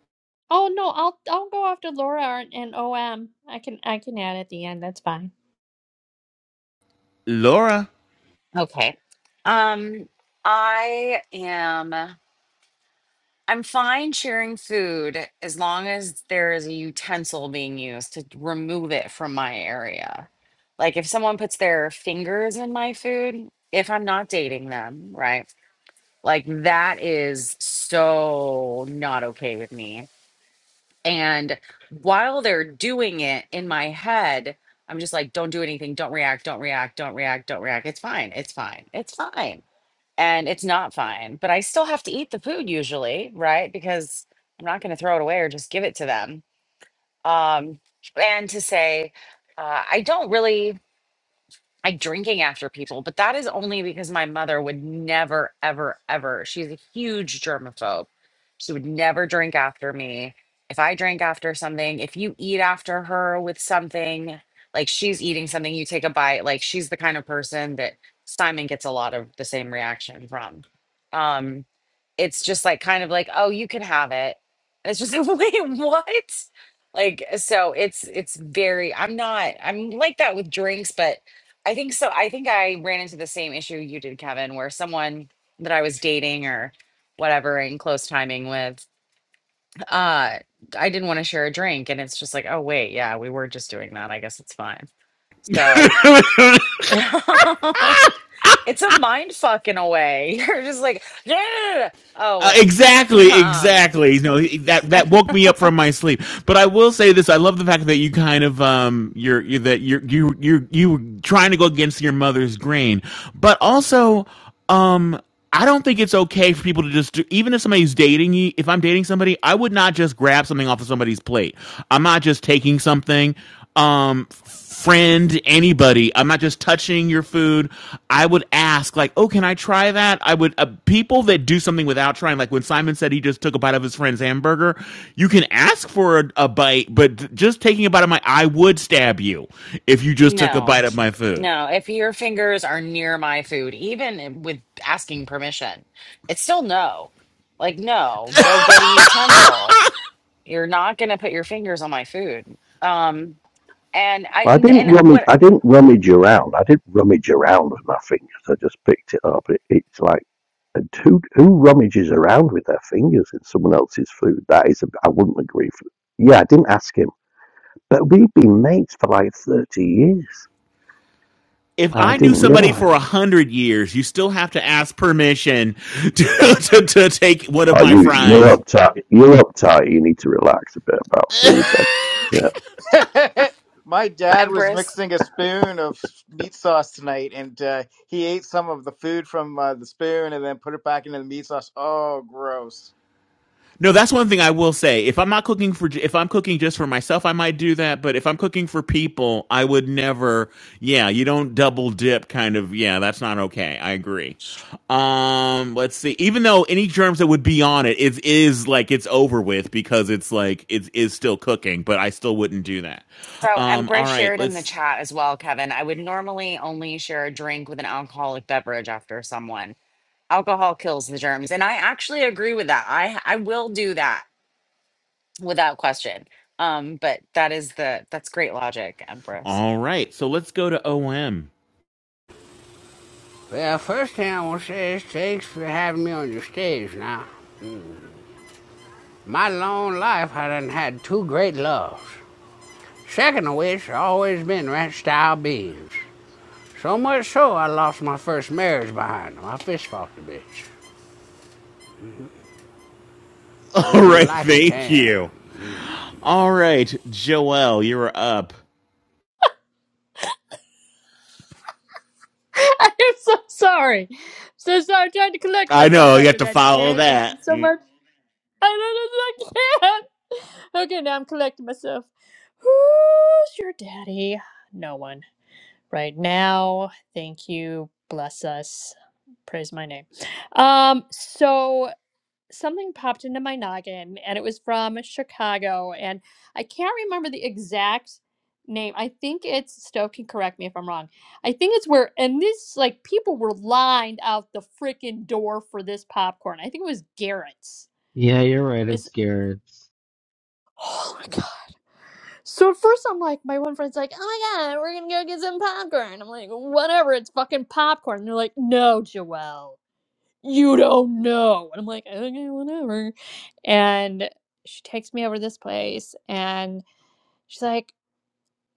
S7: Oh no, I'll I'll go after Laura and, and OM. I can I can add at the end. That's fine.
S1: Laura.
S5: Okay. Um, I am. I'm fine sharing food as long as there is a utensil being used to remove it from my area. Like if someone puts their fingers in my food, if I'm not dating them, right? Like that is so not okay with me. And while they're doing it in my head, I'm just like, don't do anything, don't react, don't react, don't react, don't react. It's fine, it's fine, it's fine and it's not fine, but I still have to eat the food usually, right? Because I'm not going to throw it away or just give it to them. Um, and to say, uh, I don't really like drinking after people, but that is only because my mother would never, ever, ever. She's a huge germaphobe. She would never drink after me. If I drink after something, if you eat after her with something, like she's eating something, you take a bite, like she's the kind of person that Simon gets a lot of the same reaction from. Um, it's just like kind of like, oh, you can have it. And it's just like, wait, what? Like, so it's it's very, I'm not, I'm like that with drinks, but I think so. I think I ran into the same issue you did, Kevin, where someone that I was dating or whatever in close timing with, uh, I didn't want to share a drink. And it's just like, oh, wait, yeah, we were just doing that. I guess it's fine. So
S8: Like,
S5: it's a mind fuck in a way. You're just like, yeah. Oh,
S1: Uh,
S5: wait.
S1: exactly,
S5: um,
S1: exactly. You know that that woke me up from my sleep. But I will say this: I love the fact that you kind of um, you're, you that you're you you you were trying to go against your mother's grain, but also um. I don't think it's okay for people to just do, even if somebody's dating you, if I'm dating somebody, I would not just grab something off of somebody's plate. I'm not just taking something um friend anybody i'm not just touching your food i would ask like oh can i try that i would uh, people that do something without trying like when simon said he just took a bite of his friend's hamburger you can ask for a, a bite but just taking a bite of my i would stab you if you just took a
S5: no.
S1: bite of my food
S5: No, if your fingers are near my food, even with asking permission, it's still no. Like, no, go get a utensil. You're not gonna put your fingers on my food. Um, and I
S4: I
S5: and,
S4: didn't
S5: and
S4: rummage.
S5: what
S4: I didn't rummage around. I didn't rummage around with my fingers. I just picked it up. It, it's like, and who who rummages around with their fingers in someone else's food? That is, a, I wouldn't agree for. Yeah, I didn't ask him, but we've been mates for like thirty years.
S1: if
S4: I
S1: I
S4: didn't
S1: knew somebody
S4: realise.
S1: for a hundred years, you still have to ask permission to, to, to take one of
S4: Oh,
S1: my
S4: you you're
S1: fries.
S4: uptight. You're uptight. You need to relax a bit about food then. Yeah.
S8: my dad was
S5: Empress.
S8: mixing a spoon of meat sauce tonight, and uh, he ate some of the food from uh, the spoon and then put it back into the meat sauce. Oh, gross!
S1: No, that's one thing I will say. If I'm not cooking for, if I'm cooking just for myself, I might do that. But if I'm cooking for people, I would never. Yeah, you don't double dip, kind of. Yeah, that's not okay. I agree. Um, let's see. Even though any germs that would be on it, it is like it's over with because it's like it is still cooking. But I still wouldn't do that.
S5: So
S1: Um, all
S5: Empress
S1: right,
S5: shared in the
S1: let's.
S5: chat as well, Kevin. I would normally only share a drink with an alcoholic beverage after someone. Alcohol kills the germs, and I actually agree with that. I I will do that without question. Um, but that is the that's great logic, Empress.
S1: All right, so let's go to OM.
S12: Well, first thing I want to say is thanks for having me on your stage now. My long life, I done had two great loves. Second of which, I always been ranch style beans. So much so, I lost my first marriage behind them. I fist fucked a bitch. Ain't
S1: All
S12: nothing
S1: right,
S12: like a
S1: thank
S12: can.
S1: you. All right, Joelle, you're up.
S7: I'm so sorry. so sorry. I'm trying to collect
S1: I
S7: myself
S1: know you have
S7: after
S1: to
S7: that
S1: follow
S7: share. Thank you
S1: that.
S7: so much. I don't know. if I can't. Okay, now I'm collecting myself. Who's your daddy? No one right now. Thank you. Bless us. Praise my name. Um. So. something popped into my noggin and it was from Chicago and I can't remember the exact name. I think it's Stove can correct me if I'm wrong. I think it's where and this like people were lined out the freaking door for this popcorn. I think it was Garrett's.
S6: Yeah, you're right.
S7: Is
S6: It's Garrett's.
S7: oh my god. So at first I'm like my one friend's like, oh my god, we're gonna go get some popcorn. I'm like, whatever, it's fucking popcorn. And they're like, no, Joelle. you don't know. And I'm like, okay, whatever. And she takes me over to this place and she's like,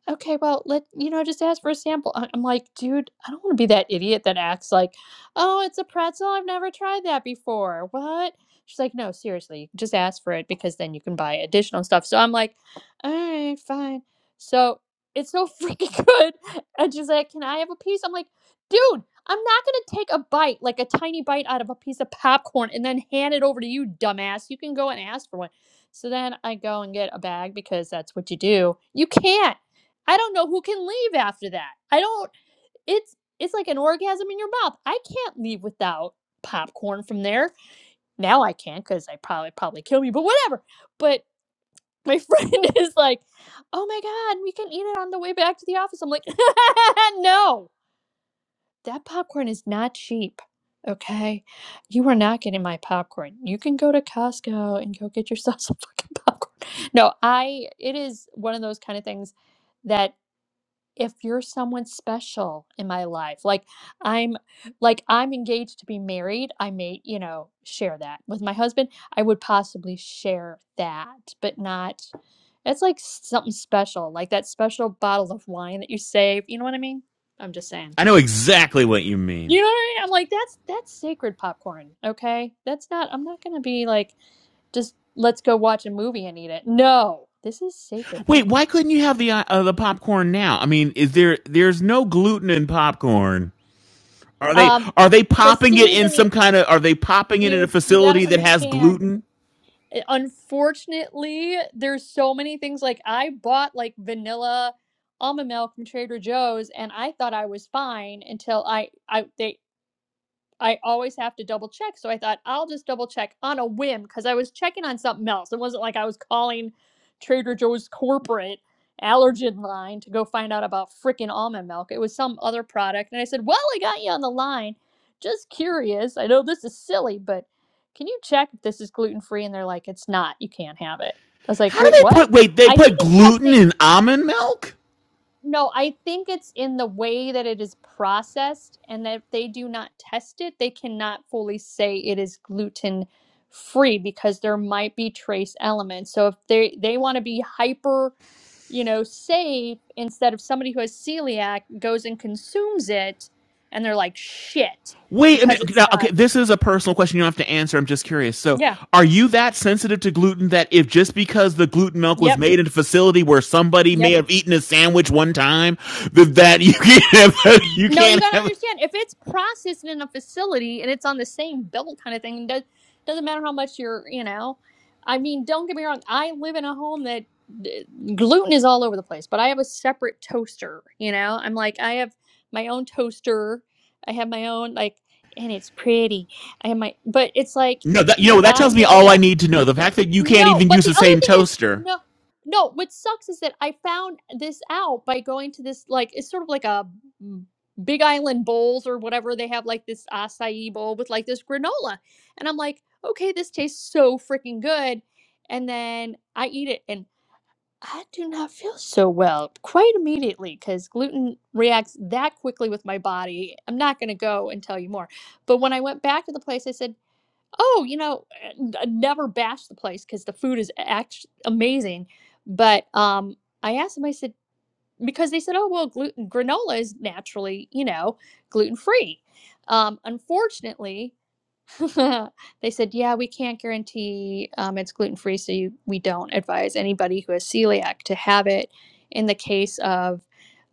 S7: Okay, well, let you know, just ask for a sample. I- I'm like, dude, I don't want to be that idiot that acts like, oh, it's a pretzel. I've never tried that before. What? She's like, no, seriously, just ask for it because then you can buy additional stuff. So I'm like, all right, fine. So it's so freaking good. And she's like, can I have a piece? I'm like, dude, I'm not going to take a bite, like a tiny bite out of a piece of popcorn and then hand it over to you, dumbass. You can go and ask for one. So then I go and get a bag because that's what you do. You can't. I don't know who can leave after that. I don't it's it's like an orgasm in your mouth. I can't leave without popcorn from there. Now I can not cuz I probably probably kill me, but whatever. But my friend is like, "Oh my god, we can eat it on the way back to the office." I'm like, "No. That popcorn is not cheap." Okay, you are not getting my popcorn. You can go to Costco and go get yourself some fucking popcorn. No, I it is one of those kind of things that if you're someone special in my life like i'm like i'm engaged to be married i may you know share that with my husband i would possibly share that but not it's like something special like that special bottle of wine that you save you know what i mean i'm just saying
S1: I know exactly what you mean.
S7: you know what i mean i'm like that's that's sacred popcorn okay that's not i'm not gonna be like just let's go watch a movie and eat it no this is sacred
S1: Wait,
S7: popcorn
S1: why couldn't you
S7: So-
S1: have the uh, uh, the popcorn now? I mean, is there there's no gluten in popcorn? Are they
S7: um
S1: are they
S7: the
S1: popping it in
S7: seasoning
S1: some kind of are they popping it in a
S7: Dude, you gotta
S1: facility that has
S7: understand.
S1: gluten?
S7: uh, Unfortunately, there's so many things. Like I bought like vanilla almond milk from Trader Joe's, and I thought I was fine until I I they I always have to double check. So I thought I'll just double check on a whim because I was checking on something else. It wasn't like I was calling Trader Joe's corporate allergen line to go find out about freaking almond milk. It was some other product. And I said, Well, I got you on the line. Just curious. I know this is silly, but can you check if this is gluten free? And they're like, It's not. You can't have it. I was like,
S1: How do
S7: Wait,
S1: they
S7: what?
S1: put wait, they
S7: I think
S1: put
S7: it's because
S1: gluten
S7: they
S1: in almond milk?
S7: no, I think it's in the way that it is processed, and that if they do not test it, they cannot fully say it is gluten free because there might be trace elements. So if they they want to be hyper, you know, safe instead of somebody who has celiac goes and consumes it and they're like shit
S1: Wait, I mean,
S7: because
S1: okay,
S7: it's
S1: okay,
S7: not.
S1: this is a personal question you don't have to answer. I'm just curious. So,
S7: Yeah.
S1: are you that sensitive to gluten that if just because the gluten milk was
S7: Yep.
S1: made in a facility where somebody
S7: yep.
S1: may have eaten a sandwich one time, that, that you can't have, you
S7: No, you
S1: can't
S7: gotta
S1: have,
S7: understand. If it's processed in a facility and it's on the same bill kind of thing, it does doesn't matter how much you're, you know. I mean, don't get me wrong. I live in a home that th- gluten is all over the place, but I have a separate toaster. You know, I'm like I have my own toaster. I have my own like, and it's pretty. I have my, but it's like.
S1: no, that, you know, that
S7: I
S1: tells me
S7: know
S1: all
S7: that.
S1: I need to know. The fact that you can't
S7: No,
S1: even
S7: but
S1: use
S7: the
S1: the
S7: other
S1: same
S7: thing is
S1: toaster.
S7: no, no. What sucks is that I found this out by going to this like it's sort of like a mm, Big Island bowls or whatever they have like this acai bowl with like this granola, and I'm like, okay, this tastes so freaking good, and then I eat it and I do not feel so well quite immediately because gluten reacts that quickly with my body. I'm not gonna go and tell you more, but when I went back to the place, I said. Oh, you know, eh, n- never bash the place because the food is act- amazing. But um, I asked them, I said, because they said, oh, well, gluten granola is naturally, you know, gluten free. Um, unfortunately, They said, yeah, we can't guarantee um, it's gluten free, so you, we don't advise anybody who has celiac to have it. In the case of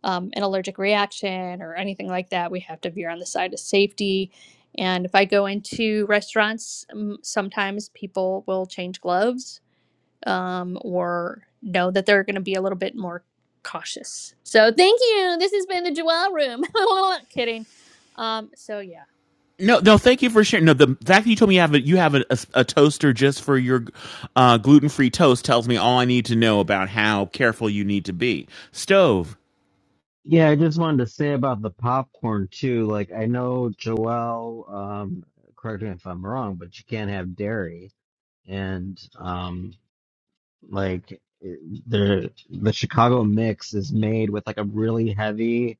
S7: um, an allergic reaction or anything like that, we have to veer on the side of safety. And if I go into restaurants, um, sometimes people will change gloves um, or know that they're going to be a little bit more cautious. So thank you. This has been the Joelle Room. Kidding. Um, so yeah.
S1: No, no, thank you for sharing. No, the fact that you told me you have a, you have a, a, a toaster just for your uh, gluten free toast tells me all I need to know about how careful you need to be. Stove.
S6: Yeah, I just wanted to say about the popcorn too. Like, I know Joelle, um, correct me if I'm wrong, but you can't have dairy. And, um, like, it- the the Chicago mix is made with like a really heavy,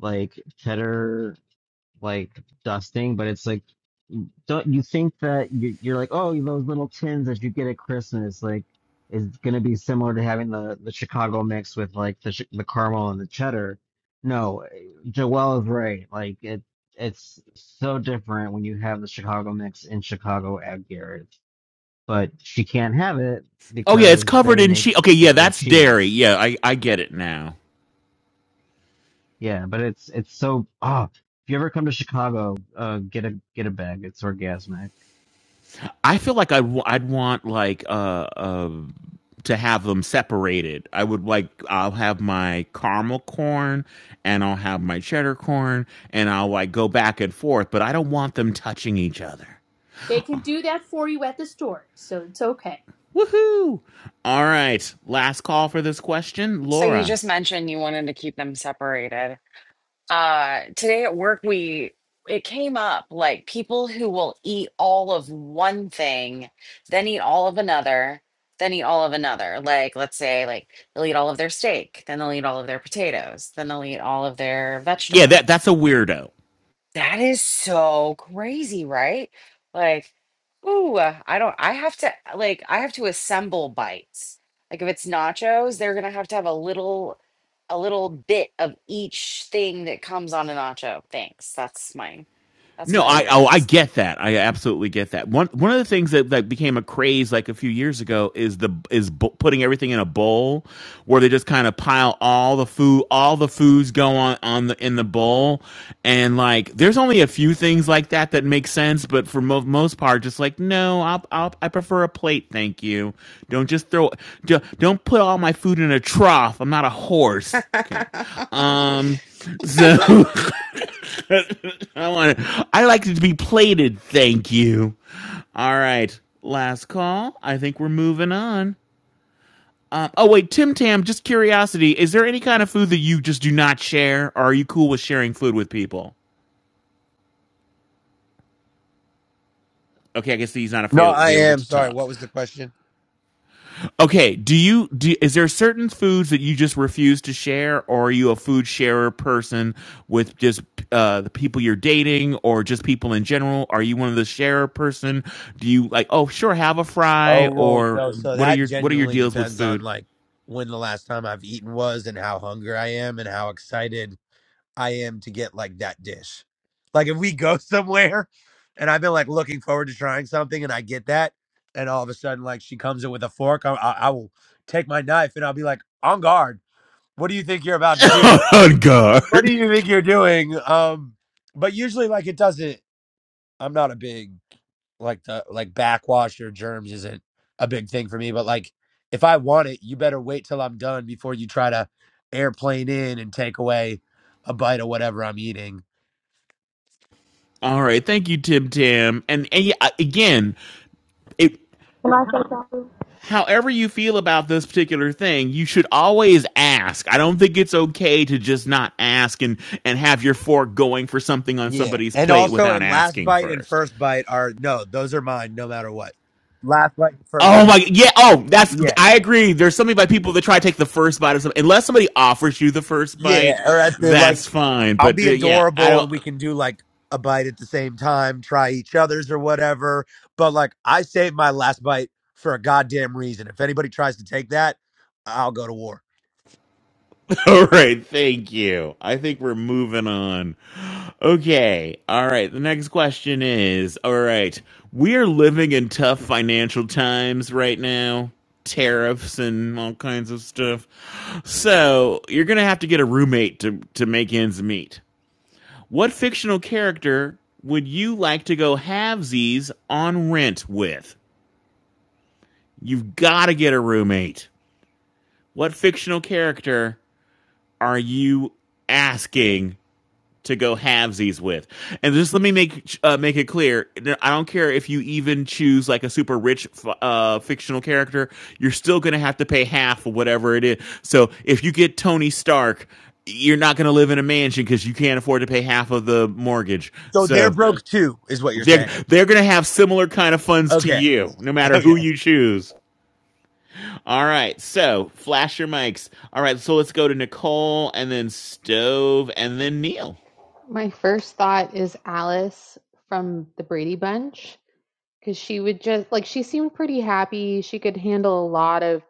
S6: like cheddar like dusting, but it's like don't you think that you- you're like oh those little tins that you get at Christmas like is gonna be similar to having the the Chicago mix with like the chi- the caramel and the cheddar? No, Joelle is right. Like it it's so different when you have the Chicago mix in Chicago at Garrett, but she can't have it
S1: Oh yeah, it's
S6: because
S1: covered
S6: they
S1: in
S6: make
S1: cheese. Okay, yeah,
S6: it with
S1: that's dairy.
S6: cheese.
S1: Yeah, I, I get it now.
S6: Yeah, but it's it's so oh if you ever come to Chicago, uh, get a get a bag. It's orgasmic.
S1: I feel like I'd w- I'd want like uh uh to have them separated. I would like I'll have my caramel corn and I'll have my cheddar corn and I'll like go back and forth, but I don't want them touching each other.
S7: They can do that for you at the store, so it's okay.
S1: Woohoo! All right, last call for this question,
S5: So you
S1: Laura.
S5: just mentioned you wanted to keep them separated. Uh, today at work, we it came up like people who will eat all of one thing, then eat all of another, then eat all of another. Like let's say like they'll eat all of their steak, then they'll eat all of their potatoes, then they'll eat all of their
S1: Yeah, that
S5: vegetable.
S1: that's a weirdo.
S5: That is so crazy, right? Like, ooh, uh, I don't, I have to, like, I have to assemble bites. Like, if it's nachos, they're gonna have to have a little, a little bit of each thing that comes on a nacho. Thanks. That's my, that's
S1: No,
S5: my
S1: I oh I
S5: weirdness.
S1: get that. I absolutely get that. One one of the things that, that became a craze like a few years ago is the is bu- putting everything in a bowl where they just kind of pile all the food all the foods go on on the in the bowl and like there's only a few things like that that make sense, but for mo- most part just like no, I'll, I'll I prefer a plate, thank you. Don't just throw don't don't put all my food in a trough. I'm not a horse. Okay. Um so I want it. I like it to be plated. Thank you. All right. Last call. I think we're moving on. Um, oh wait, Tim Tam. Just curiosity. Is there any kind of food that you just do not share, or are you cool with sharing food with people? Okay, I guess he's not
S13: No,
S1: avail-
S13: I
S1: available
S13: am
S1: to
S13: sorry.
S1: talk.
S13: What was the question?
S1: Okay, do you do is there certain foods that you just refuse to share or are you a food sharer person with just uh the people you're dating or just people in general? Are you one of the sharer person? Do you like, "Oh, sure, have a
S13: Oh
S1: fry"
S13: well,
S1: or
S13: no. So
S1: what are
S13: that
S1: your what are your
S13: genuinely
S1: deals with
S13: depends on
S1: food?
S13: like when the last time I've eaten was, and how hungry I am, and how excited I am to get like that dish. Like if we go somewhere, and I've been like looking forward to trying something, and I get that, and all of a sudden like she comes in with a fork, I, I, I will take my knife and I'll be like, "On guard! What do you think you're about to do?
S1: On
S13: What do
S1: guard.
S13: you think you're doing?" Um, but usually like it doesn't. I'm not a big like the like backwash or germs isn't a big thing for me but like if i want it you better wait till i'm done before you try to airplane in and take away a bite of whatever i'm eating
S1: All right, thank you Tim Tam. And and yeah, again, it
S14: Can I say something?
S1: however you feel about this particular thing, you should always ask. I don't think it's okay to just not ask and and have your fork going for something on
S13: Yeah.
S1: somebody's
S13: And
S1: plate
S13: also,
S1: without
S13: and last
S1: asking
S13: bite and
S1: first.
S13: first bite are no, those are mine no matter what. last bite and first
S1: Oh my
S13: bite
S1: yeah, oh, that's
S13: yeah
S1: I agree. There's something about people that try to take the first bite of something. Unless somebody offers you the first
S13: Yeah.
S1: bite,
S13: Or at the like
S1: that's fine.
S13: I'll
S1: But
S13: be
S1: uh, yeah, I
S13: adorable.
S1: don't
S13: We can do like a bite at the same time, try each other's or whatever. But like, I save my last bite for a goddamn reason. If anybody tries to take that, I'll go to war.
S1: All right, thank you. I think we're moving on. Okay, all right. The next question is All right, we are living in tough financial times right now, tariffs and all kinds of stuff. So, you're going to have to get a roommate to, to make ends meet. What fictional character would you like to go halvesies on rent with? You've got to get a roommate. What fictional character are you asking to go halvesies with. And just let me make uh, make it clear: I don't care if you even choose like a super rich uh, fictional character, you're still going to have to pay half of whatever it is. So if you get Tony Stark, you're not going to live in a mansion because you can't afford to pay half of the mortgage.
S13: So they're Yeah.
S1: So
S13: broke too, is what you're
S1: they're
S13: saying.
S1: they're going to have similar kind of funds to
S13: Okay.
S1: you, no matter who
S13: Okay.
S1: you choose. All right, so flash your mics. All right, so let's go to Nicole and then Stove and then Neil.
S2: My first thought is Alice from the Brady Bunch because she would just like she seemed pretty happy. She could handle a lot of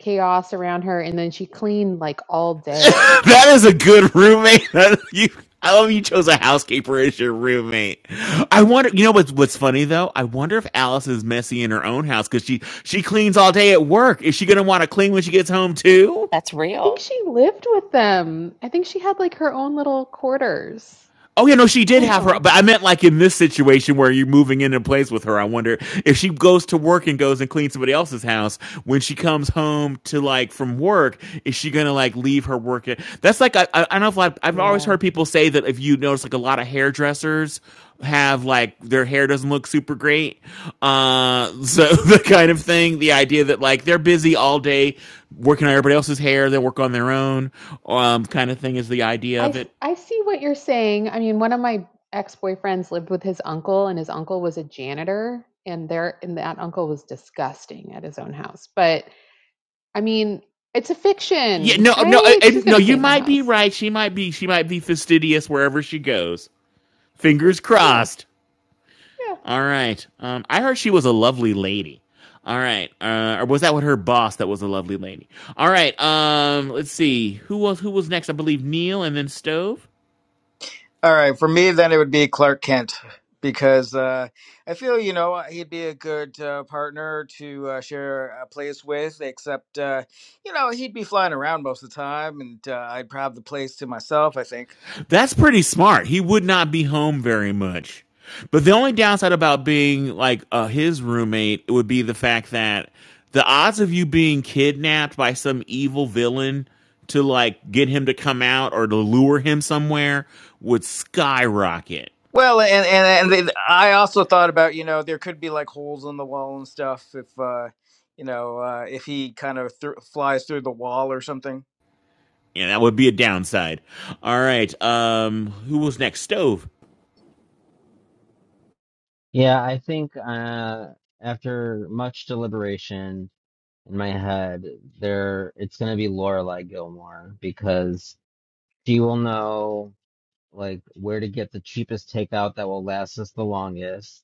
S2: chaos around her and then she cleaned like all day.
S1: that is a good roommate. you, I love you chose a housekeeper as your roommate. I wonder, you know what's what's funny though? I wonder if Alice is messy in her own house because she she cleans all day at work. Is she gonna want to clean when she gets home too?
S5: That's
S2: I think
S5: real.
S2: she lived with them. I think she had like her own little quarters.
S1: Oh yeah, no, she
S2: I
S1: did
S2: don't
S1: have her,
S2: know.
S1: but I meant like in this situation where you're moving in and plays with her. I wonder if she goes to work and goes and cleans somebody else's house when she comes home to like from work. Is she gonna like leave her work? At, that's like I, I don't know if like, I've always
S2: Yeah.
S1: heard people say that if you notice like a lot of hairdressers have like their hair doesn't look super great, uh, so the kind of thing. The idea that like they're busy all day working on everybody else's hair, they work on their own, um, kind of thing is the idea
S2: I
S1: of
S2: s-
S1: it.
S2: I see what you're saying. I mean, one of my ex-boyfriends lived with his uncle and his uncle was a janitor and there and that uncle was disgusting at his own house. But I mean, it's a
S1: Yeah,
S2: fiction,
S1: no, no, uh,
S2: right?
S1: uh,
S2: She's going
S1: no.
S2: to
S1: You
S2: clean the
S1: might be
S2: house.
S1: right. She might be. She might be fastidious wherever she goes. Fingers
S2: Yeah.
S1: crossed.
S2: Yeah.
S1: All right. Um, I heard she was a lovely lady. All right. Uh, or was that what her boss that was a lovely lady? All right. Um, let's see. Who was who was next? I believe Neil and then Stove.
S8: All right, for me, then it would be Clark Kent because uh, I feel you know uh, he'd be a good uh, partner to uh, share a place with. Except uh, you know he'd be flying around most of the time, and uh, I'd have the place to myself. I think.
S1: That's pretty smart. He would not be home very much. But the only downside about being like uh, his roommate would be the fact that the odds of you being kidnapped by some evil villain to like get him to come out or to lure him somewhere would skyrocket.
S8: Well, and and and they, I also thought about you know there could be like holes in the wall and stuff if uh, you know uh, if he kind of thr flies through the wall or something.
S1: Yeah, that would be a downside. All right. Um, who was next? Stove.
S6: Yeah, I think uh, after much deliberation in my head, there it's going to be Lorelai Gilmore because she will know like where to get the cheapest takeout that will last us the longest.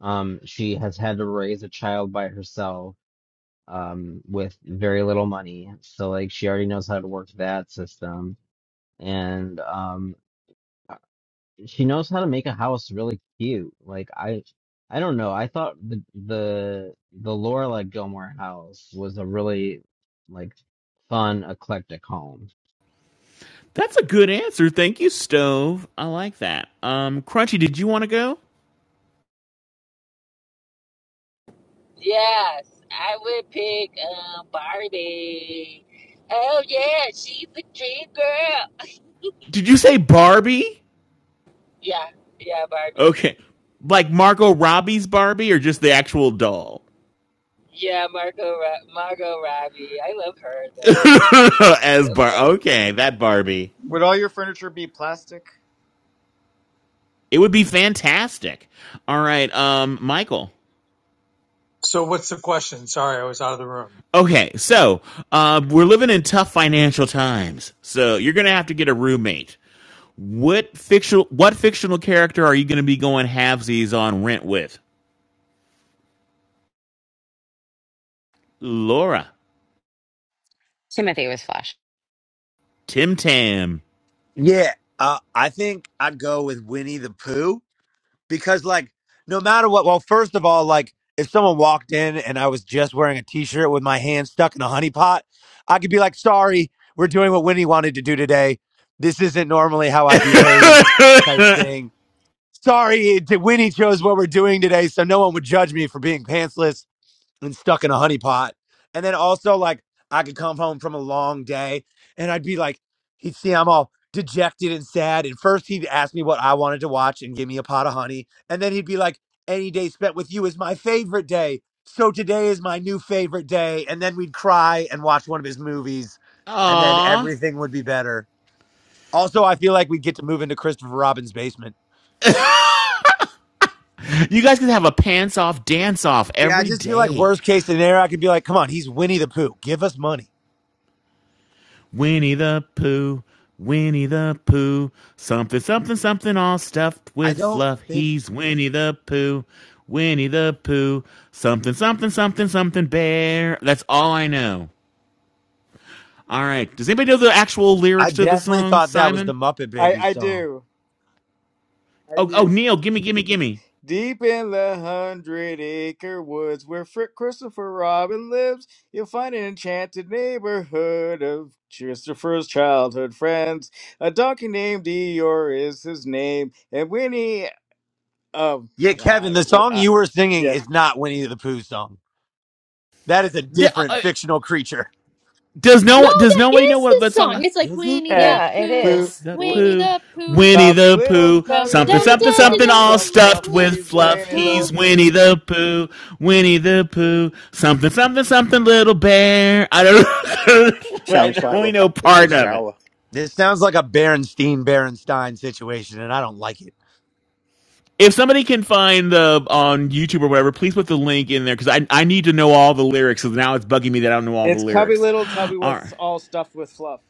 S6: Um, she has had to raise a child by herself um, with very little money, so like she already knows how to work that system. And um, she knows how to make a house really cute. Like I I don't know. I thought the the the Laura Gilmore house was a really like fun eclectic home.
S1: That's a good answer. Thank you, Stove. I like that. Um, Crunchy, did you want to go?
S11: Yes, I would pick um, Barbie. Oh, yeah, she's a dream girl.
S1: Did you say Barbie?
S11: Yeah, yeah, Barbie.
S1: Okay. Like Margot Robbie's Barbie or just the actual doll?
S11: Yeah, Margot, Margot Robbie. I love her, though. It's
S1: As
S11: so
S1: Bar
S11: funny.
S1: Okay, that Barbie.
S8: Would all your furniture be plastic?
S1: It would be fantastic. All right, um Michael.
S3: So what's the question? Sorry, I was out of the room.
S1: Okay, so uh we're living in tough financial times. So you're going to have to get a roommate. What fictional what fictional character are you going to be going halvesies on rent with? Laura,
S5: Timothy was flash.
S1: Tim Tam.
S13: Yeah. Uh, I think I'd go with Winnie the Pooh. because like no matter what well first of all like if someone walked in and i was just wearing a t-shirt with my hand stuck in a honey pot i could be like sorry we're doing what winnie wanted to do today this isn't normally how i behave type thing sorry it- winnie chose what we're doing today so no one would judge me for being pantsless and stuck in a honey pot. And then also like I could come home from a long day and I'd be like, he'd see I'm all dejected and sad. And first he'd ask me what I wanted to watch and give me a pot of honey. And then he'd be like, any day spent with you is my favorite day. So today is my new favorite day. And then we'd cry and watch one of his movies and then
S1: Aw.
S13: everything would be better. Also, I feel like we'd get to move into Christopher Robin's basement.
S1: You guys can have a pants off dance off
S13: Yeah, I
S1: every
S13: just feel like
S1: day.
S13: worst case scenario, I could be like, come on, he's Winnie the Pooh. Give us money.
S1: Winnie the Pooh, Winnie the Pooh, something, something, something, all stuffed
S13: I
S1: with
S13: don't
S1: fluff.
S13: think
S1: He's Winnie the Pooh, Winnie the Pooh, something, something, something, something, bear. That's all I know. All right. Does anybody know the actual
S13: I
S1: lyrics to the
S13: definitely
S1: song,
S13: thought that was the
S1: Simon?
S13: Muppet
S8: I
S13: Babies
S8: I
S13: song.
S8: do. I
S1: Oh, oh,
S8: do.
S1: Neil, gimme, gimme, gimme.
S8: Deep in the hundred acre woods where Fr- Christopher Robin lives, you'll find an enchanted neighborhood of Christopher's childhood friends. A donkey named Eeyore is his name, and Winnie, um,
S13: Yeah,
S8: uh,
S13: Kevin, the song
S8: uh,
S13: you were singing
S8: yeah,
S13: is not Winnie the Pooh song. That is a
S1: uh,
S13: different
S1: uh,
S13: fictional creature.
S1: Does
S7: No,
S1: no does
S7: that
S1: nobody know
S7: is
S1: what
S7: the
S1: that
S7: song.
S1: song?
S7: It's like
S13: Is it?
S7: Winnie
S8: yeah,
S7: the
S5: Yeah, it
S7: Pooh,
S8: who,
S5: is.
S1: the
S8: wh-
S7: Winnie
S1: Pooh,
S7: the Pooh,
S1: Winnie
S8: Tommy
S1: the
S8: Little,
S1: Pooh,
S7: dum
S8: Tommy
S1: something,
S7: dum ba,
S8: with
S1: something,
S7: dum da,
S8: stuff,
S1: something,
S7: dum da,
S1: all
S8: stuff,
S7: dum
S1: stuffed
S8: fluff,
S7: with
S1: with
S8: he's
S1: fluff.
S8: Winnie the
S1: He's
S7: goo.
S1: Winnie
S8: Pooh.
S1: the Pooh, Winnie the Pooh, something, something, something, little bear. I don't, know.
S4: Sounds
S1: I
S4: like we're
S1: only know
S4: back in the
S1: part of it.
S4: shower.
S13: This sounds like a Berenstein Berenstein situation, and I don't like it.
S1: If somebody can find the on YouTube or whatever, please put the link in there because I I need to know all the lyrics. Because now it's bugging me that I don't know all the
S8: It's Cubby
S1: lyrics.
S8: Little, Tubby
S1: All right.
S8: with all stuffed with fluff.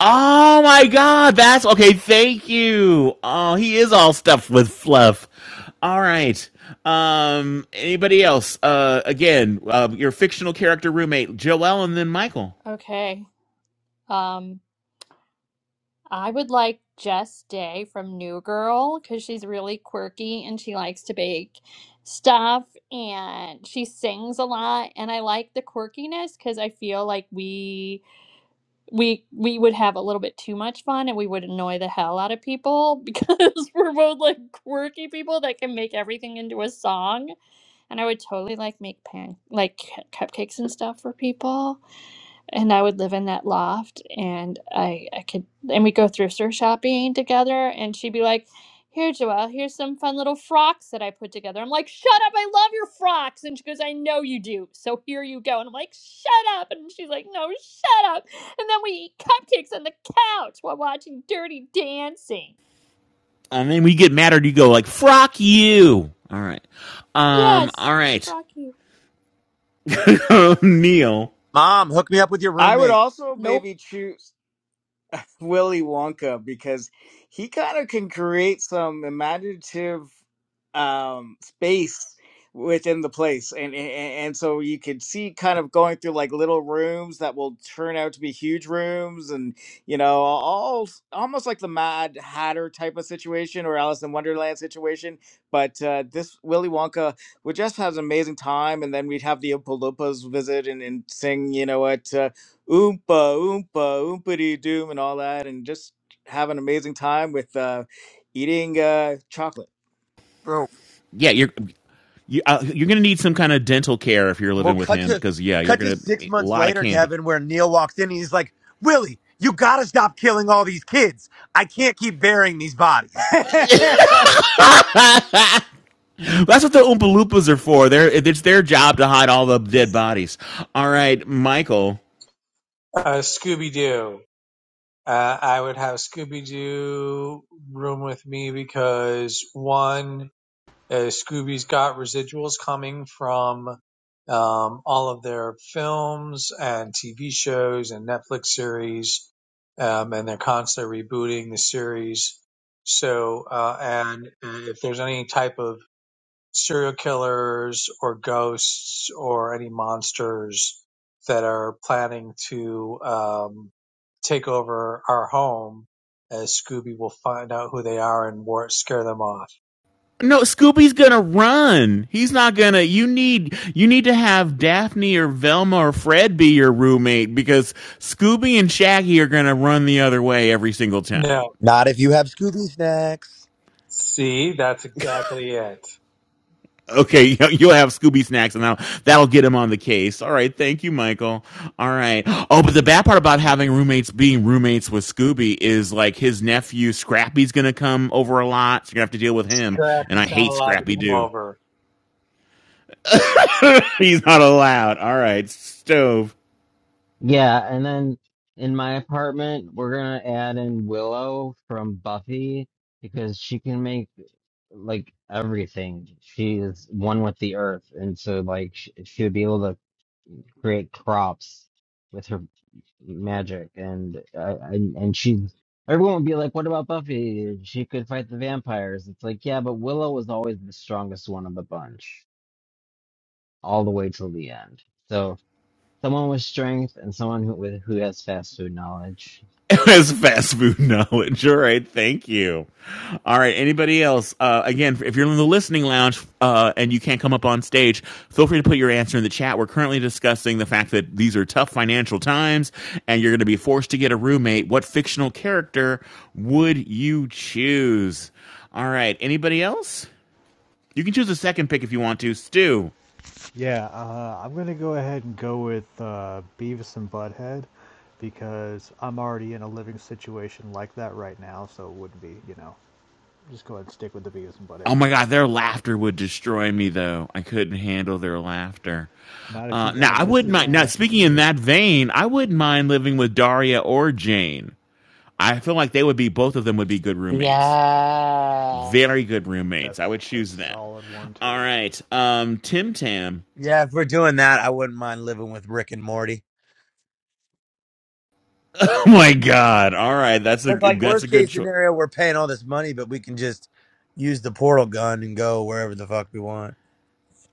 S1: Oh my god, that's okay, thank you. Oh, he is all stuffed with fluff. All right. Um anybody else? Uh again, uh, your fictional character roommate, Joelle, and then Michael.
S7: Okay. Um, I would like Jess Day from New Girl because she's really quirky and she likes to bake stuff and she sings a lot. And I like the quirkiness because I feel like we we we would have a little bit too much fun and we would annoy the hell out of people because we're both like quirky people that can make everything into a song and i would totally like make pan like cu- cupcakes and stuff for people and I would live in that loft and I I could and we go thrift shopping together and she'd be like, Here Joelle, here's some fun little frocks that I put together. I'm like, Shut up, I love your frocks and she goes, I know you do. So here you go and I'm like, Shut up and she's like, No, shut up and then we eat cupcakes on the couch while watching dirty dancing.
S1: And then we get mad or you go like, "Frock you." All right. Um
S7: Yes.
S1: all right.
S7: Frock you.
S1: Neil.
S13: Mom, hook me up with your
S8: I would
S13: roommate,
S8: also
S7: Nope.
S8: maybe choose. Willy Wonka because he kind of can create some imaginative um, space within the place, and, and and so you could see kind of going through like little rooms that will turn out to be huge rooms, and you know, all almost like the Mad Hatter type of situation or Alice in Wonderland situation. But uh, this Willy Wonka would just have an amazing time, and then we'd have the Oompa Loompas visit and, and sing, you know what. Uh, oompa oompa oompity doom and all that and just have an amazing time with uh, eating uh, chocolate
S13: bro.
S1: Yeah, you're you, uh, you're gonna need some kind of dental care if you're
S13: Well,
S1: living with
S13: cut
S1: him,
S13: to
S1: because yeah, you're
S13: cut to
S1: gonna
S13: six
S1: a
S13: months
S1: lot of
S13: later,
S1: candy.
S13: Kevin, where Neil walks in and he's like, "Willie, you gotta stop killing all these kids. I can't keep burying these bodies."
S1: That's what the Oompa Loompas are for. They're, it's their job to hide all the dead bodies. All right, Michael.
S3: Uh, Scooby Doo. Uh, I would have Scooby Doo room with me because one, uh, Scooby's got residuals coming from um, all of their films and TV shows and Netflix series, um, and they're constantly rebooting the series. So, uh, and uh, if there's any type of serial killers or ghosts or any monsters that are planning to um, take over our home, as Scooby will find out who they are and war- scare them off.
S1: No, Scooby's gonna run. He's not gonna. You need you need to have Daphne or Velma or Fred be your roommate because Scooby and Shaggy are gonna run the other way every single time.
S3: No,
S13: Not if you have Scooby snacks.
S3: see, that's exactly it.
S1: Okay, you- will have Scooby snacks, and that'll that'll get him on the case. All right, thank you, Michael. All right. Oh, but the bad part about having roommates being roommates with Scooby is like his nephew Scrappy's gonna come over a lot, so you're gonna have to deal with him. And I
S3: Scrappy's not
S1: hate
S3: allowed to
S1: Scrappy
S3: come
S1: Doo.
S3: over.
S1: He's not allowed. All right, stove.
S6: Yeah, and then in my apartment we're gonna add in Willow from Buffy because she can make like everything. She is one with the earth, and so like sh- she would be able to create crops with her magic, and I, and and she. Everyone would be like, "What about Buffy? She could fight the vampires." It's like, yeah, but Willow was always the strongest one of the bunch, all the way till the end. So someone with strength and someone who with who has fast food knowledge.
S1: It was fast food knowledge. All right, thank you. All right, anybody else? Uh, again, if you're in the listening lounge uh, and you can't come up on stage, feel free to put your answer in the chat. We're currently discussing the fact that these are tough financial times, and you're going to be forced to get a roommate. What fictional character would you choose? All right, anybody else? You can choose a second pick if you want to. Stu.
S15: Yeah, uh, I'm gonna go ahead and go with uh, Beavis and Butthead because I'm already in a living situation like that right now, so it wouldn't be, you know, just go ahead and stick with the Beavis and Butthead.
S1: Oh my god, their laughter would destroy me though. I couldn't handle their laughter.
S15: Not if you
S1: Uh, now
S15: got
S1: I
S15: just
S1: wouldn't
S15: as
S1: mind. Now
S15: high.
S1: speaking in that vein, I wouldn't mind living with Daria or Jane. I feel like they would be both of them would be good roommates.
S5: Yeah.
S1: Very good roommates. I
S15: That's
S1: would
S15: that's
S1: choose them.
S15: solid one
S1: All
S15: too.
S1: right, um, Tim Tam.
S13: Yeah, if we're doing that, I wouldn't mind living with Rick and Morty.
S1: Oh my god! All right, that's a
S13: Look like
S1: that's a
S13: worst
S1: good
S13: case
S1: choice.
S13: scenario, we're paying all this money, but we can just use the portal gun and go wherever the fuck we want.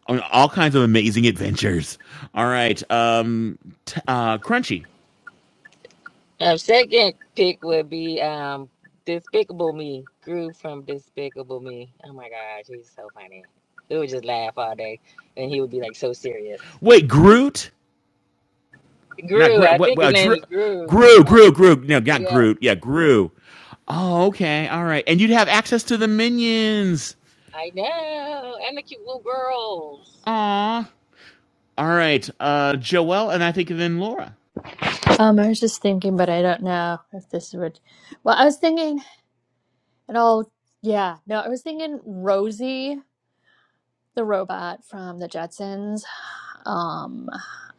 S1: On All kinds of amazing adventures. All right, um, t- uh, Crunchy.
S11: Um, second pick would be um Despicable Me. Gru from Despicable Me. Oh my gosh, he's so funny. We would just laugh all day, and he would be like so serious.
S1: Wait, Groot. Not
S11: Gru,
S1: Groot.
S11: I
S1: What?
S11: think
S1: what
S11: his
S1: uh,
S11: name
S1: Drew,
S11: is Gru.
S1: Gru,
S11: Uh,
S1: Gru, Gru. No, not
S11: yeah,
S1: Groot. Yeah, Gru. Oh, okay. All right. And you'd have access to the minions.
S11: I know. And the cute little girls.
S1: Aw. All right. Uh, Joelle and I think then Laura.
S7: Um, I was just thinking, but I don't know if this would well, I was thinking it all yeah, no, I was thinking Rosie the robot from the Jetsons. Um,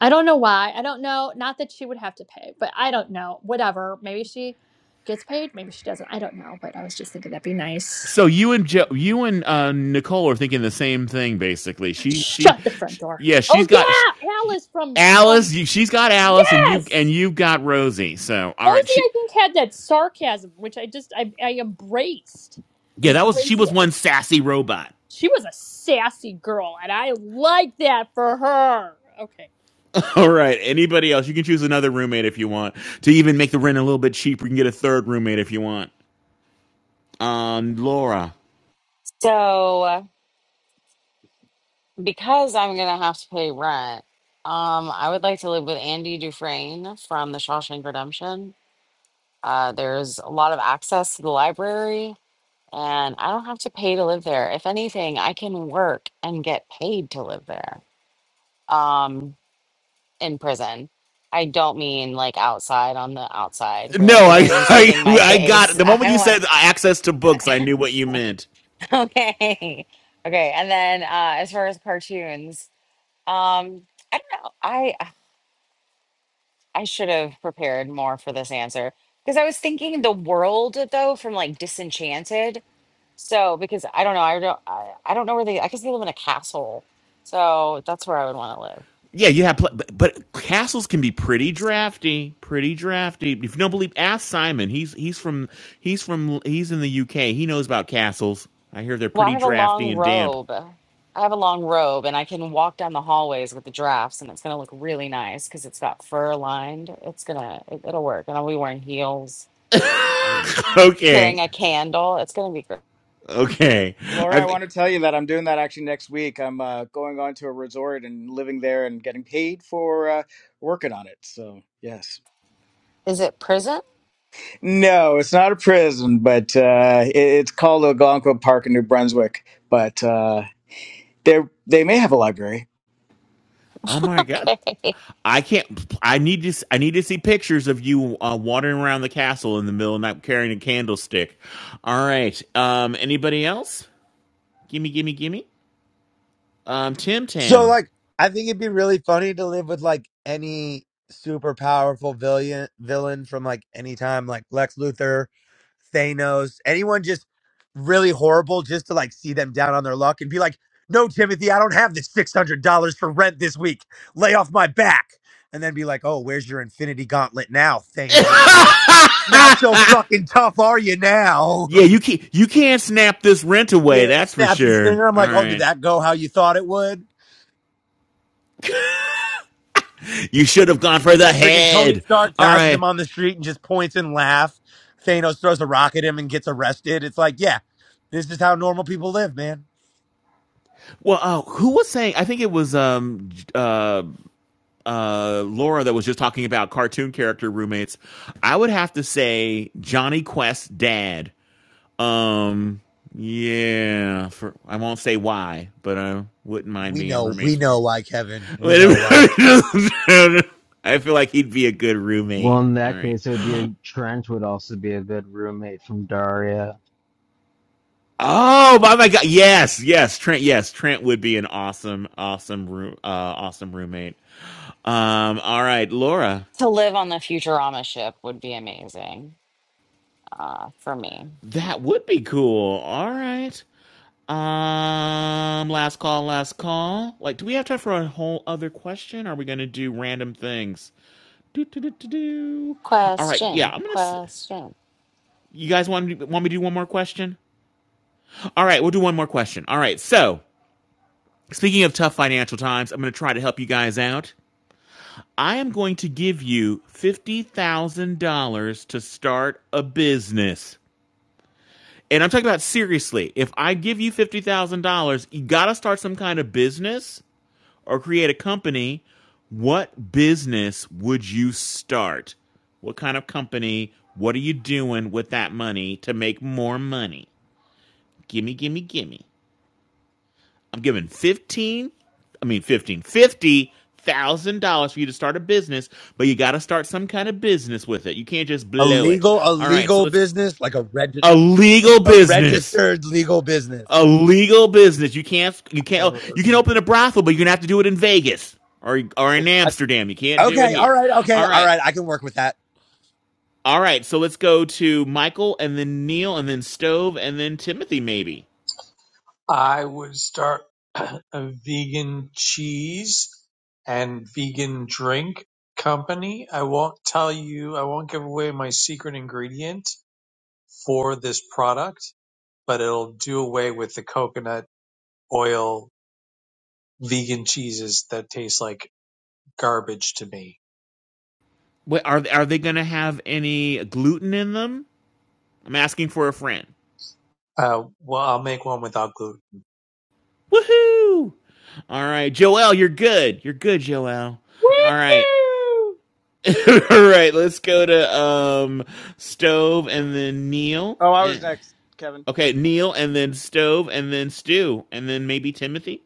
S7: I don't know why. I don't know. Not that she would have to pay, but I don't know. Whatever. Maybe she gets paid. Maybe she doesn't. I don't know. But I was just thinking that'd be nice.
S1: So you and jo- you and uh, Nicole are thinking the same thing, basically. She, she,
S7: Shut the front
S1: sh
S7: door.
S1: yeah, she's
S7: Oh
S1: got sh
S7: yeah, Alice from from
S1: Alice. You, she's got Alice, and you and
S7: yes.
S1: you've got Rosie. So all right,
S7: Rosie, I
S1: she,
S7: think had that sarcasm, which I just I, I embraced. I
S1: yeah, that was she
S7: embraced
S1: was one
S7: it.
S1: sassy robot.
S7: She was a sassy girl, and I like that for her. Okay.
S1: All right. Anybody else? You can choose another roommate if you want. To even make the rent a little bit cheaper, you can get a third roommate if you want. Um, Laura.
S5: So. Because I'm gonna have to pay rent, um, I would like to live with Andy Dufresne from The Shawshank Redemption. Uh, there's a lot of access to the library, and I don't have to pay to live there. If anything, I can work and get paid to live there. Um, in prison. I don't mean like outside on the outside
S1: No,
S5: where the
S1: I,
S5: rain's hitting
S1: I,
S5: my
S1: I got
S5: face.
S1: the moment
S5: I
S1: you
S5: want
S1: said access to books, I knew what you meant.
S5: okay. Okay, and then uh, as far as cartoons, um, I don't know. I. I should have prepared more for this answer because I was thinking the world though from like Disenchanted. So because I don't know, I don't, I, I don't know where they. I guess they live in a castle, so that's where I would want to live.
S1: Yeah, you have, but, but castles can be pretty drafty, pretty drafty. If you don't believe, ask Simon. He's he's from he's from he's in the UK. He knows about castles. I hear they're
S5: Well, I
S1: pretty
S5: have a
S1: drafty
S5: long
S1: and damp.
S5: robe. I have a long robe, and I can walk down the hallways with the drafts, and it's gonna look really nice because it's got fur lined. It's gonna, it, it'll work, and I'll be wearing heels and carrying
S1: Okay,
S5: a candle. It's gonna be great.
S1: okay.
S8: laura i
S1: I,
S8: want to tell you that i'm doing that actually next week i'm uh, going on to a resort and living there and getting paid for uh, working on it so yes
S5: Is it prison?
S8: no it's not a prison but uh, it, it's called algonquin park in new brunswick but uh, they they may have a library
S1: oh my god,
S5: Okay.
S1: I can't. I need to. I need to see pictures of you uh, wandering around the castle in the middle of the night carrying a candlestick. All right. Um. Anybody else? Gimme, gimme, gimme. Um. Tim
S13: So
S1: Tam.
S13: like, I think it'd be really funny to live with like any super powerful villain villain from like any time, like Lex Luthor, Thanos, anyone just really horrible, just to like see them down on their luck and be like, "No, Timothy, I don't have this six hundred dollars for rent this week. Lay off my back." And then be like, "Oh, where's your Infinity Gauntlet now, Thanos?" Not so fucking tough are you now?
S1: Yeah, you can't. You can't snap this rent away.
S13: Yeah,
S1: That's for
S13: snaps his
S1: sure.
S13: finger. I'm
S1: All
S13: like, oh, did
S1: right.
S13: that go how you thought it would?
S1: You should have gone for
S13: Yeah,
S1: the
S13: Freaking Tony
S1: head.
S13: Stark
S1: All
S13: passes him
S1: right.
S13: on the street and just points and laugh. Thanos throws a rock at him and gets arrested. It's like, yeah, this is how normal people live, man.
S1: Well, uh, who was saying? I think it was um uh uh Laura that was just talking about cartoon character roommates. I would have to say Johnny Quest's dad Um, yeah, for I won't say why, but I wouldn't mind
S13: We
S1: being
S13: know, we
S1: roommates with him.
S13: know why, Kevin. We know why.
S1: I feel like he'd be a good
S6: Well,
S1: roommate.
S6: in
S1: All
S6: that
S1: right.
S6: case, it would be a, Trent would also be a good roommate from Daria.
S1: Oh my my god. Yes, yes, Trent. Yes, Trent would be an awesome, awesome room, uh, awesome roommate. Um. All right, Laura.
S5: To live on the Futurama ship would be amazing uh, for me.
S1: That would be cool. All right. Um. Last call. Last call. Like, do we have time for a whole other question? Or Are we gonna do random things? Do, do, do, do, do. All right. Yeah,
S5: Question,
S1: I'm gonna.
S5: question.
S1: You guys want me- want me to do one more question? All right, we'll do one more question. All right. So, speaking of tough financial times, I'm gonna try to help you guys out. I am going to give you fifty thousand dollars to start a business. And I'm talking about seriously. If I give you fifty thousand dollars, you gotta start some kind of business or create a company, what business would you start? What kind of company? What are you doing with that money to make more money? Gimme, gimme, gimme. I'm giving 15, I mean fifteen, fifty thousand dollars for you to start a business, but you gotta start some kind of business with it. You can't just
S13: A
S1: blow it.
S13: legal, a
S1: All right,
S13: legal
S1: so it's
S13: business, like a regis-
S1: a legal
S13: a
S1: business.
S13: registered legal business.
S1: a legal business. You can't you can't oh,
S13: Uh,
S1: you can open a brothel, but you're gonna have to do it in Vegas or or in
S13: I-
S1: Amsterdam. You can't do it
S13: Okay, all
S1: here.
S13: right, okay,
S1: All
S13: all
S1: right.
S13: right. I can work with that,
S1: All right, so let's go to Michael and then Neil and then Stove and then Timothy maybe.
S3: I would start a vegan cheese and vegan drink company. I won't tell you, I won't give away my secret ingredient for this product, but it'll do away with the coconut oil vegan cheeses that taste like garbage to me.
S1: Wait, are are they going to have any gluten in them? I'm asking for a friend.
S3: Uh, well, I'll make one without gluten.
S1: Woohoo! All right, Joel, you're good. You're good, Joel. All right.
S7: Woo!
S1: All right, let's go to um Stove and then Neil.
S8: oh i
S1: And,
S8: was next kevin
S1: Okay, Neil, and then Stove, and then Stew, and then maybe Timothy.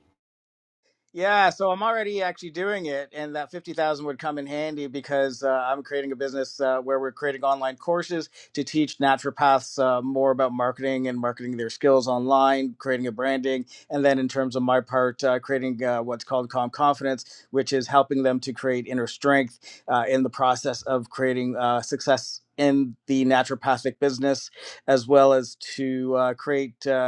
S8: Yeah, so I'm already actually doing it, and that fifty thousand would come in handy because uh, I'm creating a business uh, where we're creating online courses to teach naturopaths uh, more about marketing and marketing their skills online, creating a branding, and then in terms of my part, uh, creating uh, what's called Calm Confidence, which is helping them to create inner strength uh, in the process of creating uh, success in the naturopathic business, as well as to uh, create. Uh,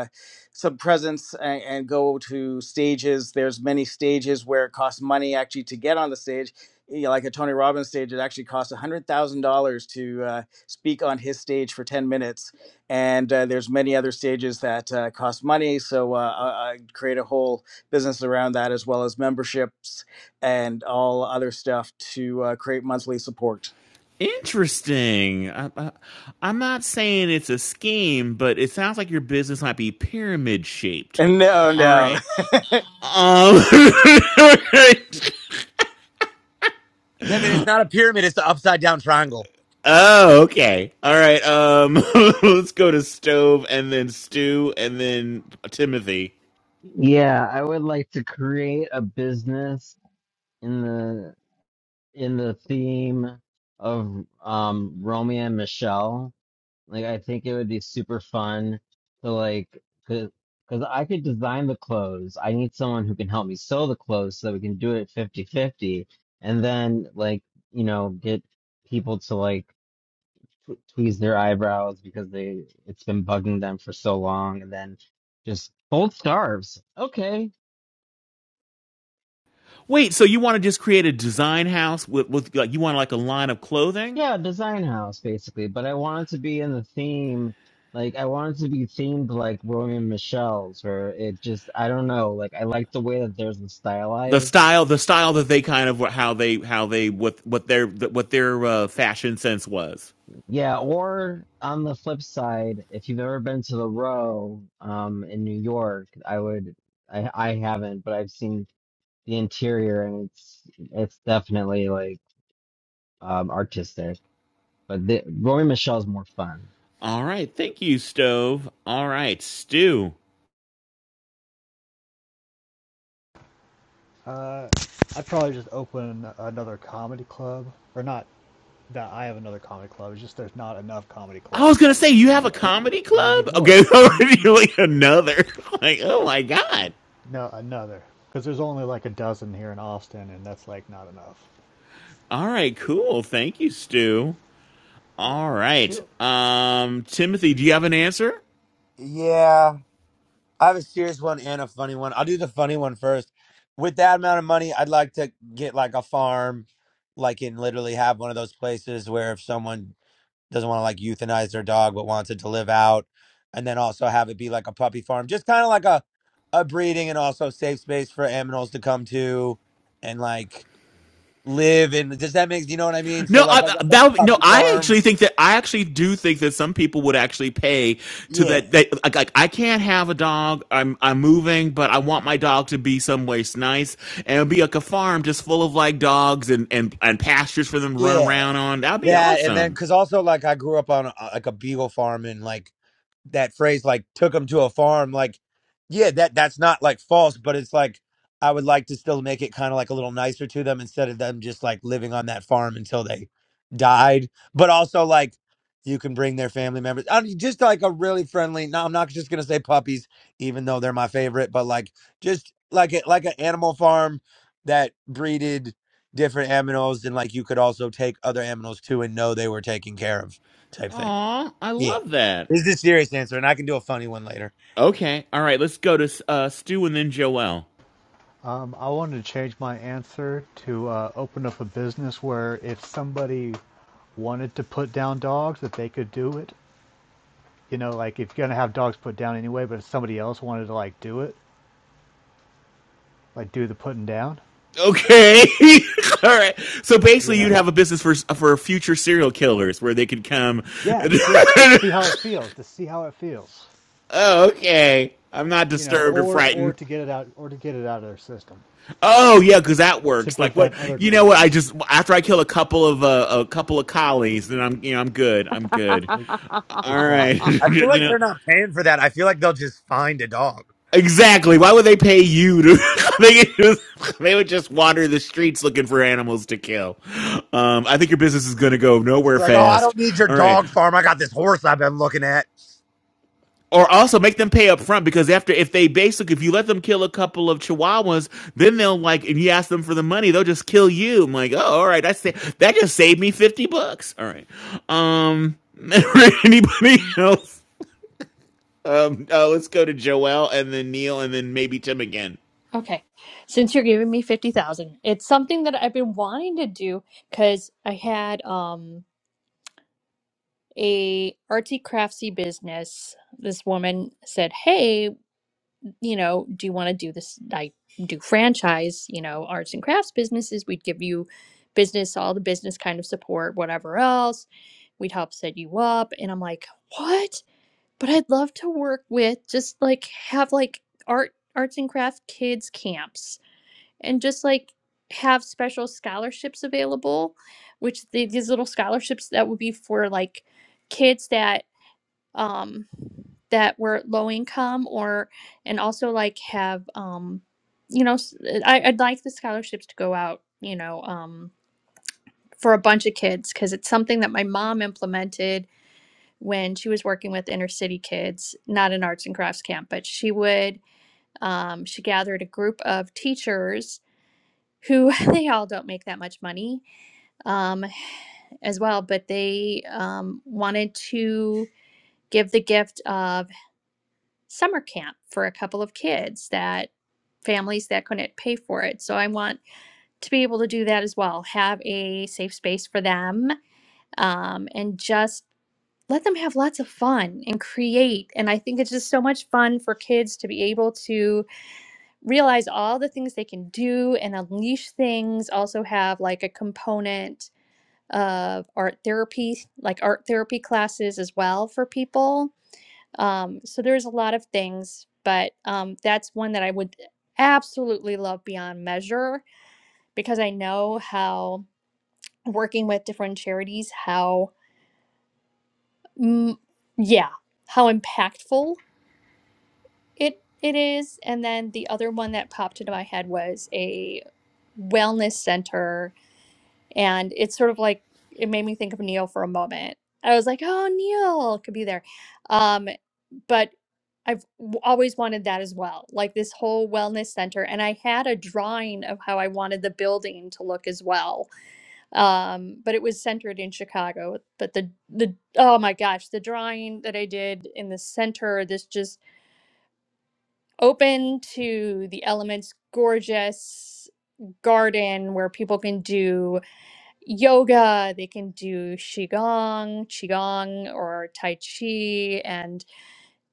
S8: some presence and, and go to stages. There's many stages where it costs money actually to get on the stage. You know, like a Tony Robbins stage, it actually costs one hundred thousand dollars to uh, speak on his stage for ten minutes. And uh, there's many other stages that uh, cost money. So uh, I, I create a whole business around that, as well as memberships and all other stuff to uh, create monthly support.
S1: Interesting. I, I, I'm not saying it's a scheme, but it sounds like your business might be pyramid shaped.
S8: And no,
S1: All
S8: no,
S1: right. Um. All right.
S13: Kevin. It's not a pyramid; it's the upside down triangle.
S1: oh, okay. All right. Um. let's go to Stove, and then Stew, and then Timothy.
S6: Yeah, I would like to create a business in the in the theme of um Romeo and Michelle. Like I think it would be super fun to like cuz cuz I could design the clothes. I need someone who can help me sew the clothes so that we can do it fifty-fifty, and then like, you know, get people to like tw tweeze their eyebrows because they it's been bugging them for so long and then just both scarves. Okay,
S1: Wait. So you want to just create a design house with, with like you want like a line of clothing?
S6: Yeah, design house basically, but I wanted to be in the theme, like I wanted to be themed like Romeo and Michelle's, where it just I don't know, like I like the way that there's the
S1: the
S6: stylized.
S1: style the style that they kind of how they how they what what their what their uh, fashion sense was
S6: Yeah, or on the flip side, if you've ever been to the Row, um, in New York, I would, I I haven't, but I've seen the interior and it's it's definitely like um artistic, but the Romeo and Michelle's more fun.
S1: all right thank you stove all right stew
S15: Uh, I'd probably just open another comedy club, or not that I have another comedy club. It's just there's not enough comedy
S1: i was
S15: clubs
S1: gonna say
S15: ever
S1: you have a
S15: anywhere,
S1: comedy
S15: and we
S1: club
S15: need more.
S1: okay you're like another like oh my god
S15: No, another because there's only like a dozen here in Austin, and that's like not enough.
S1: all right cool thank you stew all right
S15: Sure.
S1: um timothy do you have an answer
S13: Yeah. I have a serious one and a funny one. I'll do the funny one first. With that amount of money, I'd like to get like a farm, like and literally have one of those places where if someone doesn't want to like euthanize their dog but wants it to live out, and then also have it be like a puppy farm, just kind of like a a breeding and also safe space for animals to come to and like live in. Does that make you know what I mean? So
S1: No,
S13: like I
S1: I,
S13: guess a
S1: that would, no.
S13: puppy
S1: I
S13: farm.
S1: actually think that I actually do think that some people would actually pay to
S13: Yeah,
S1: that. They, like, like, I can't have a dog. I'm I'm moving, but I want my dog to be someplace nice and it'd be like a farm just full of like dogs and and and pastures for them to run
S13: yeah,
S1: around on. That'd be
S13: that and then
S1: awesome.
S13: because also like I grew up on a, like a beagle farm and like. that phrase like took them to a farm like yeah that that's not like false but it's like i would like to still make it kind of like a little nicer to them instead of them just like living on that farm until they died but also like you can bring their family members I mean, just like a really friendly no i'm not just gonna say puppies even though they're my favorite but like just like a, like an animal farm that breeded different aminos and like you could also take other aminos too and know they were taken care of type thing
S1: Aw, I
S13: yeah.
S1: love that.
S13: This is the serious answer, and I can do a funny one later.
S1: Okay, all right. Let's go to uh, Stu and then Joelle.
S15: Um, I wanted to change my answer to uh, open up a business where if somebody wanted to put down dogs, that they could do it. You know, like if you're gonna have dogs put down anyway, but if somebody else wanted to like do it, like do the putting down,
S1: Okay. All right. So
S15: you
S1: basically, you'd
S15: know?
S1: have a business for for future serial killers where they could come.
S15: Yes, yes.
S1: and
S15: See how it feels. To see how it feels,
S1: Oh, okay. I'm not
S15: you know,
S1: disturbed or
S15: or or
S1: frightened.
S15: to get it out, or to get it out of their system,
S1: Oh yeah, because that
S15: to
S1: works. Like what?
S15: prevent other
S1: You know what? I
S15: crimes.
S1: just after I kill a couple of uh, a couple of collies, then I'm you know I'm good. I'm good.
S15: Like,
S1: All right.
S15: exactly.
S13: I feel like
S1: you know
S13: they're not paying for that. I feel like they'll just find a dog.
S1: exactly. Why would they pay you to? they just, they would just wander the streets looking for animals to kill. Um, I think your business is going to go
S13: It's
S1: nowhere
S13: like, oh, I
S1: fast.
S13: don't need your
S1: All right.
S13: dog farm. I got this horse I've been looking at.
S1: or also make them pay up front because after if they basically if you let them kill a couple of chihuahuas then they'll like and you ask them for the money they'll just kill you i'm like oh all right I say that just saved me 50 bucks all right um anybody else um uh, let's go to joel and then neil and then maybe tim again
S7: Okay. Since you're giving me 50,000, it's something that I've been wanting to do cuz I had um a artsy craftsy business. This woman said, "Hey, you know, do you want to do this I do franchise, you know, arts and crafts businesses. We'd give you business, all the business kind of support, whatever else. We'd help set you up." And I'm like, "What?" But I'd love to work with just like have like art arts and crafts kids camps and just like have special scholarships available which the, these little scholarships that would be for like kids that um that were low income or and also like have um you know s- uh, I, i'd like the scholarships to go out you know um for a bunch of kids because it's something that my mom implemented when she was working with inner city kids not an arts and crafts camp but she would um, she gathered a group of teachers who they all don't make that much money um, as well, but they um, wanted to give the gift of summer camp for a couple of kids that families that couldn't pay for it. So I want to be able to do that as well, have a safe space for them um, and just let them have lots of fun and create. And I think it's just so much fun for kids to be able to realize all the things they can do and unleash things, also have like a component of art therapy, like art therapy classes as well for people. Um, so there's a lot of things, but um, that's one that I would absolutely love beyond measure because I know how working with different charities, how, mm, yeah, how impactful it it is. And then the other one that popped into my head was a wellness center and it's sort of like it made me think of Neil for a moment. I was like, oh, Neil could be there, um, but I've w- always wanted that as well, like this whole wellness center. And I had a drawing of how I wanted the building to look as well, um, but it was centered in Chicago. But the the oh my gosh, the drawing that I did in the center, this just open to the elements, gorgeous garden where people can do yoga, they can do qigong, qigong or tai chi and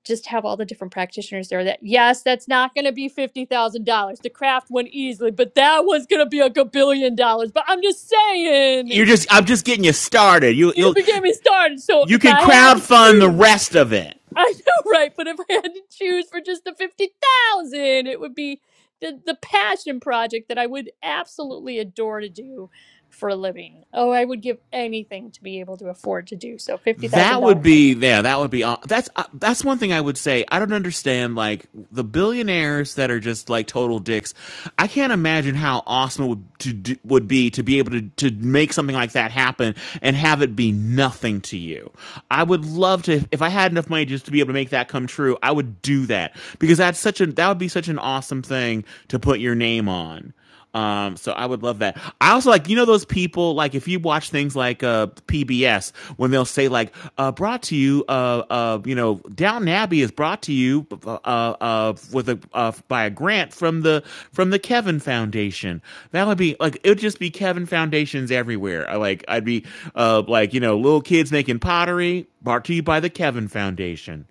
S7: just have all the different practitioners there that yes, that's not going to be $50,000. The craft one easily, but that one's going to be like a billion dollars. But I'm just saying,
S1: you're just i'm just getting you started you
S7: you
S1: you'll
S7: can me started. So
S1: you
S7: if
S1: can
S7: I had to
S1: crowdfund the
S7: choose
S1: rest of it
S7: I know, right? But if I had to choose for just the fifty thousand, it would be the the passion project that I would absolutely adore to do for a living. Oh, I would give anything to be able to afford to do so. Fifty thousand
S1: That would
S7: dollars. I
S1: be
S7: put there.
S1: yeah. That would be that's uh, that's one thing I would say. I don't understand like the billionaires that are just like total dicks. I can't imagine how awesome it would to do, would be to be able to to make something like that happen and have it be nothing to you. I would love to if I had enough money just to be able to make that come true. I would do that because that's such a that would be such an awesome thing to put your name on. Um, so I would love that. I also like, you know, those people, like if you watch things like uh PBS, when they'll say like, uh, brought to you, uh, uh, you know, Down Abbey is brought to you, uh, uh, with a, uh, by a grant from the, from the Kevin Foundation. That would be like, it would just be Kevin Foundations everywhere. I like, I'd be, uh, like, you know, little kids making pottery brought to you by the Kevin Foundation.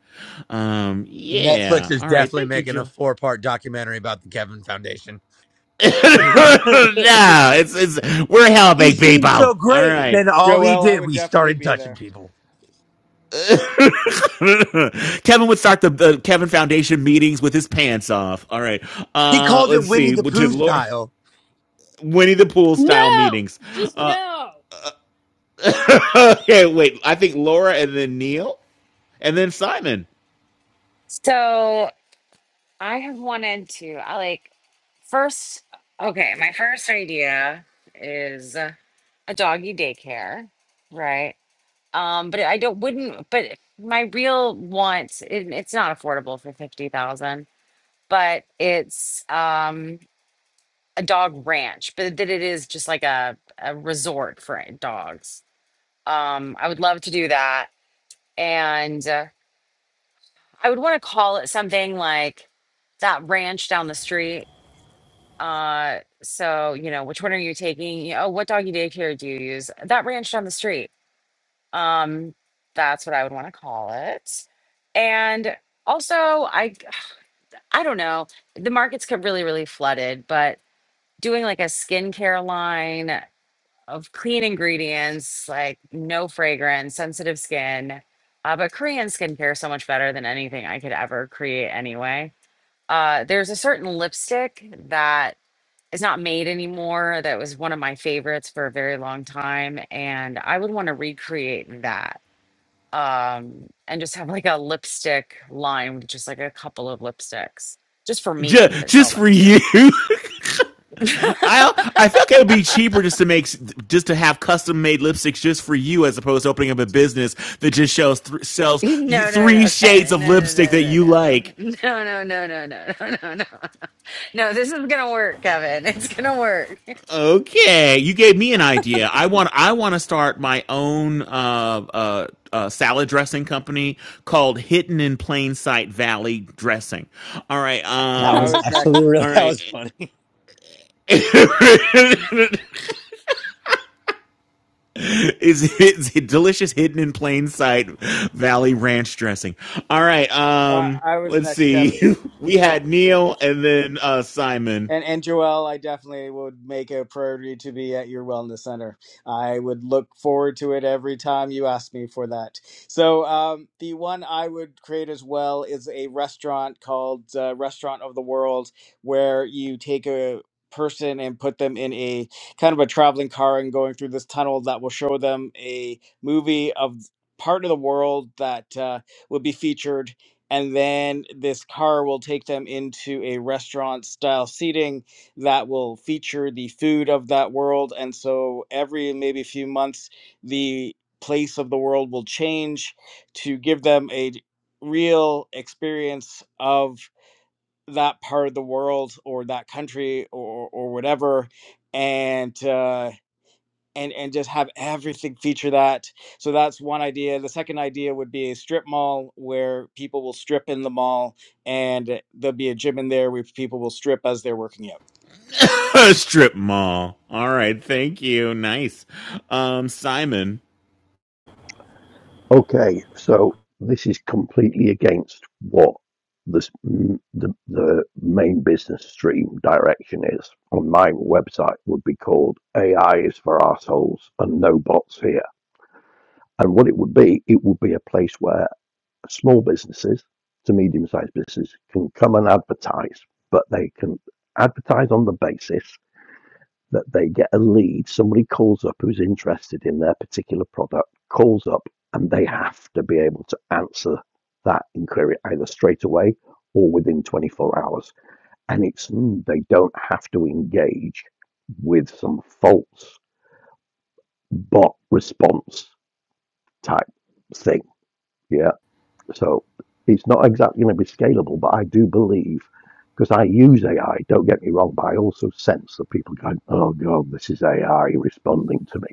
S1: Um,
S13: Netflix
S1: yeah.
S13: is
S1: All right.
S13: definitely
S1: Thank you,
S13: making a
S1: Joe.
S13: four part documentary about the Kevin Foundation.
S1: no, it's it's we're
S13: he
S1: helping people.
S13: seemed so
S1: All
S13: great. And
S1: right.
S13: then all he
S8: Joel, I
S13: did,
S8: would
S13: we
S8: definitely
S13: started
S8: be
S13: touching
S8: there.
S13: people.
S1: Kevin would start the, the Kevin Foundation meetings with his pants off. All right.
S13: He
S1: Uh,
S13: called it
S1: let's
S13: Winnie
S1: see.
S13: the
S1: Did
S13: Pooh
S1: Laura
S13: style.
S1: Winnie the Pooh style
S7: No,
S1: meetings?
S7: just
S1: Uh,
S7: no.
S1: okay, wait. I think Laura and then Neil and then Simon.
S5: So I have wanted to, I like, first, okay, my first idea is uh, a doggy daycare, right? Um, but I don't, wouldn't, but my real want, it, it's not affordable for 50,000, but it's, um, a dog ranch, but that it is just like a, a resort for eh, dogs. Um, I would love to do that. And uh, I would want to call it something like that ranch down the street. Uh, so, you know, which one are you taking? You- Oh, what doggy daycare do you use? That ranch down the street. Um, that's what I would want to call it. And also, I I don't know. The markets get really, really flooded, but doing like a skincare line of clean ingredients, like no fragrance, sensitive skin. Uh, but Korean skincare is so much better than anything I could ever create anyway. Uh, there's a certain lipstick that is not made anymore that was one of my favorites for a very long time. And I would want to recreate that um, and just have like a lipstick line with just like a couple of lipsticks just for me,
S1: just,
S5: but sell
S1: just for
S5: them too.
S1: you. I I feel like it would be cheaper just to make just to have custom made lipsticks just for you as opposed to opening up a business that just shows th- sells
S5: No, no,
S1: three
S5: no,
S1: shades
S5: Kevin.
S1: of
S5: No, no,
S1: lipstick
S5: no,
S1: that
S5: no,
S1: you like.
S5: no. No, no, no, no, no, no, no, no. No, this is gonna work, Kevin. It's gonna work.
S1: Okay, you gave me an idea. I want I want to start my own uh, uh, uh, salad dressing company called Hidden in Plain Sight Valley Dressing. All right,
S8: Oh,
S13: That
S8: I
S13: was
S1: um,
S8: was next.
S13: actually really,
S1: all
S13: that
S1: right.
S13: was funny.
S1: is it's a delicious hidden in plain sight valley ranch dressing all right
S8: I
S1: um
S8: I was
S1: let's
S8: next,
S1: see
S8: Kevin.
S1: we had
S8: Yeah.
S1: neil and then uh simon
S8: And and Joelle, I definitely would make a priority to be at your wellness center. I would look forward to it every time you ask me for that. So um, the one I would create as well is a restaurant called uh, Restaurant of the World, where you take a person and put them in a kind of a traveling car and going through this tunnel that will show them a movie of part of the world that uh, would be featured and then this car will take them into a restaurant style seating that will feature the food of that world and so every maybe few months the place of the world will change to give them a real experience of that part of the world or that country or or whatever and uh and and just have everything feature that so that's one idea the second idea would be a strip mall where people will strip in the mall and there'll be a gym in there where people will strip as they're working out
S1: strip mall all right thank you nice um simon
S4: Okay, so this is completely against what this, the the main business stream direction is. On my website would be called AI is for assholes and no bots here. And what it would be, it would be a place where small businesses to medium-sized businesses can come and advertise, but they can advertise on the basis that they get a lead. Somebody calls up who's interested in their particular product, calls up, and they have to be able to answer that inquiry either straight away or within 24 hours. And it's mm, they don't have to engage with some false bot response type thing. Yeah. So it's not exactly going to be scalable, but I do believe because I use AI, don't get me wrong, but I also sense that people going, oh God, this is AI responding to me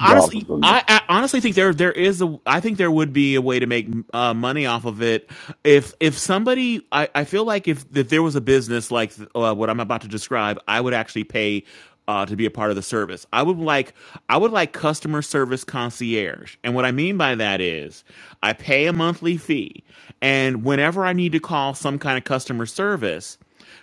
S4: rather than the
S1: I, I honestly think there there is a I think there would be a way to make uh, money off of it if if somebody I, I feel like if if there was a business like uh, what I'm about to describe, I would actually pay. Uh, to be a part of the service, I would like I would like customer service concierge, and what I mean by that is I pay a monthly fee, and whenever I need to call some kind of customer service,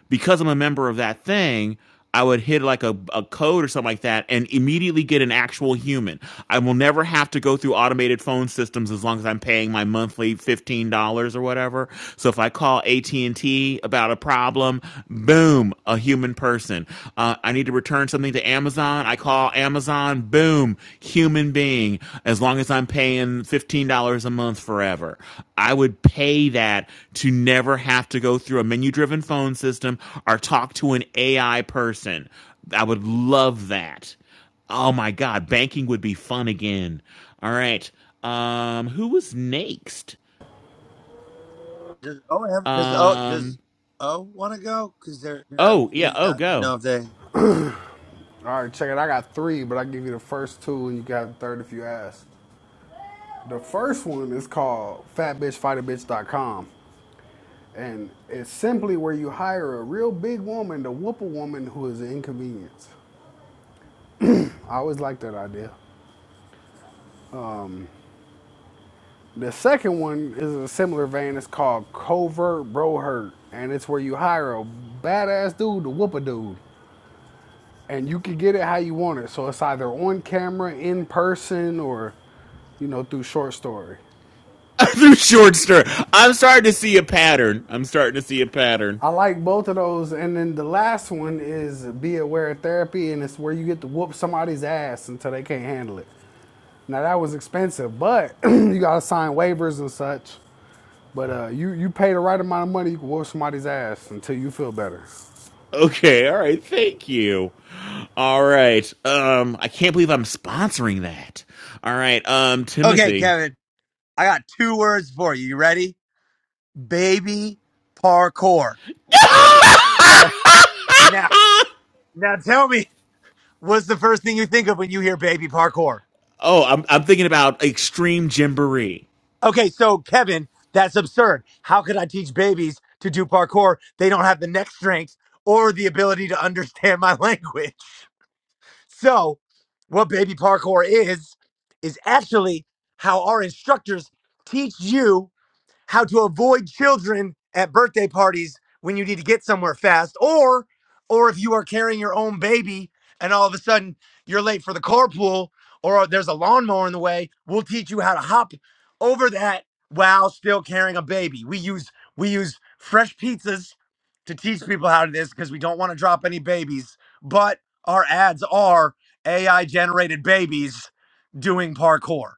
S1: because I'm a member of that thing, I would hit like a, a code or something like that and immediately get an actual human. I will never have to go through automated phone systems as long as I'm paying my monthly $15 or whatever. So if I call AT&T about a problem, boom, a human person. Uh, I need to return something to Amazon. I call Amazon on boom human being as long as i'm paying $15 a month forever i would pay that to never have to go through a menu driven phone system or talk to an ai person i would love that oh my god banking would be fun again all right um who was next
S13: Does O have does O
S1: um
S13: does O want to go? Because they're, they're I
S1: oh yeah oh
S13: don't
S1: go
S13: know if they.
S12: All right, check it. I got three, but I give you the first two, and you got the third if you ask. The first one is called FatBitchFighterBitch.com, and it's simply where you hire a real big woman to whoop a woman who is an inconvenience. I always like that idea. The second one is a similar vein. It's called Covert Bro Hurt, and it's where you hire a badass dude to whoop a dude, and you can get it how you want it. So it's either on camera, in person, or you know through short story.
S1: through short story i'm starting to see a pattern i'm starting to see a pattern
S12: I like both of those, and then the last one is Be Aware Therapy, and it's where you get to whoop somebody's ass until they can't handle it. Now that was expensive, but you gotta sign waivers and such. But uh, you you pay the right amount of money, you can whoop somebody's ass until you feel better.
S1: Okay, all right, thank you. All right. Um I can't believe I'm sponsoring that. All right, um
S13: Okay,
S1: Timothy.
S13: Kevin. I got two words for you. You ready? Baby parkour. Now, now, now tell me what's the first thing you think of when you hear baby parkour?
S1: Oh, I'm I'm thinking about extreme jamboree.
S13: Okay, so Kevin, that's absurd. How could I teach babies to do parkour? They don't have the neck strength or the ability to understand my language. So, what baby parkour is, is actually how our instructors teach you how to avoid children at birthday parties when you need to get somewhere fast or or if you are carrying your own baby and all of a sudden you're late for the carpool or there's a lawnmower in the way we'll teach you how to hop over that while still carrying a baby we use we use fresh pizzas to teach people how to do this because we don't want to drop any babies but our ads are ai generated babies doing parkour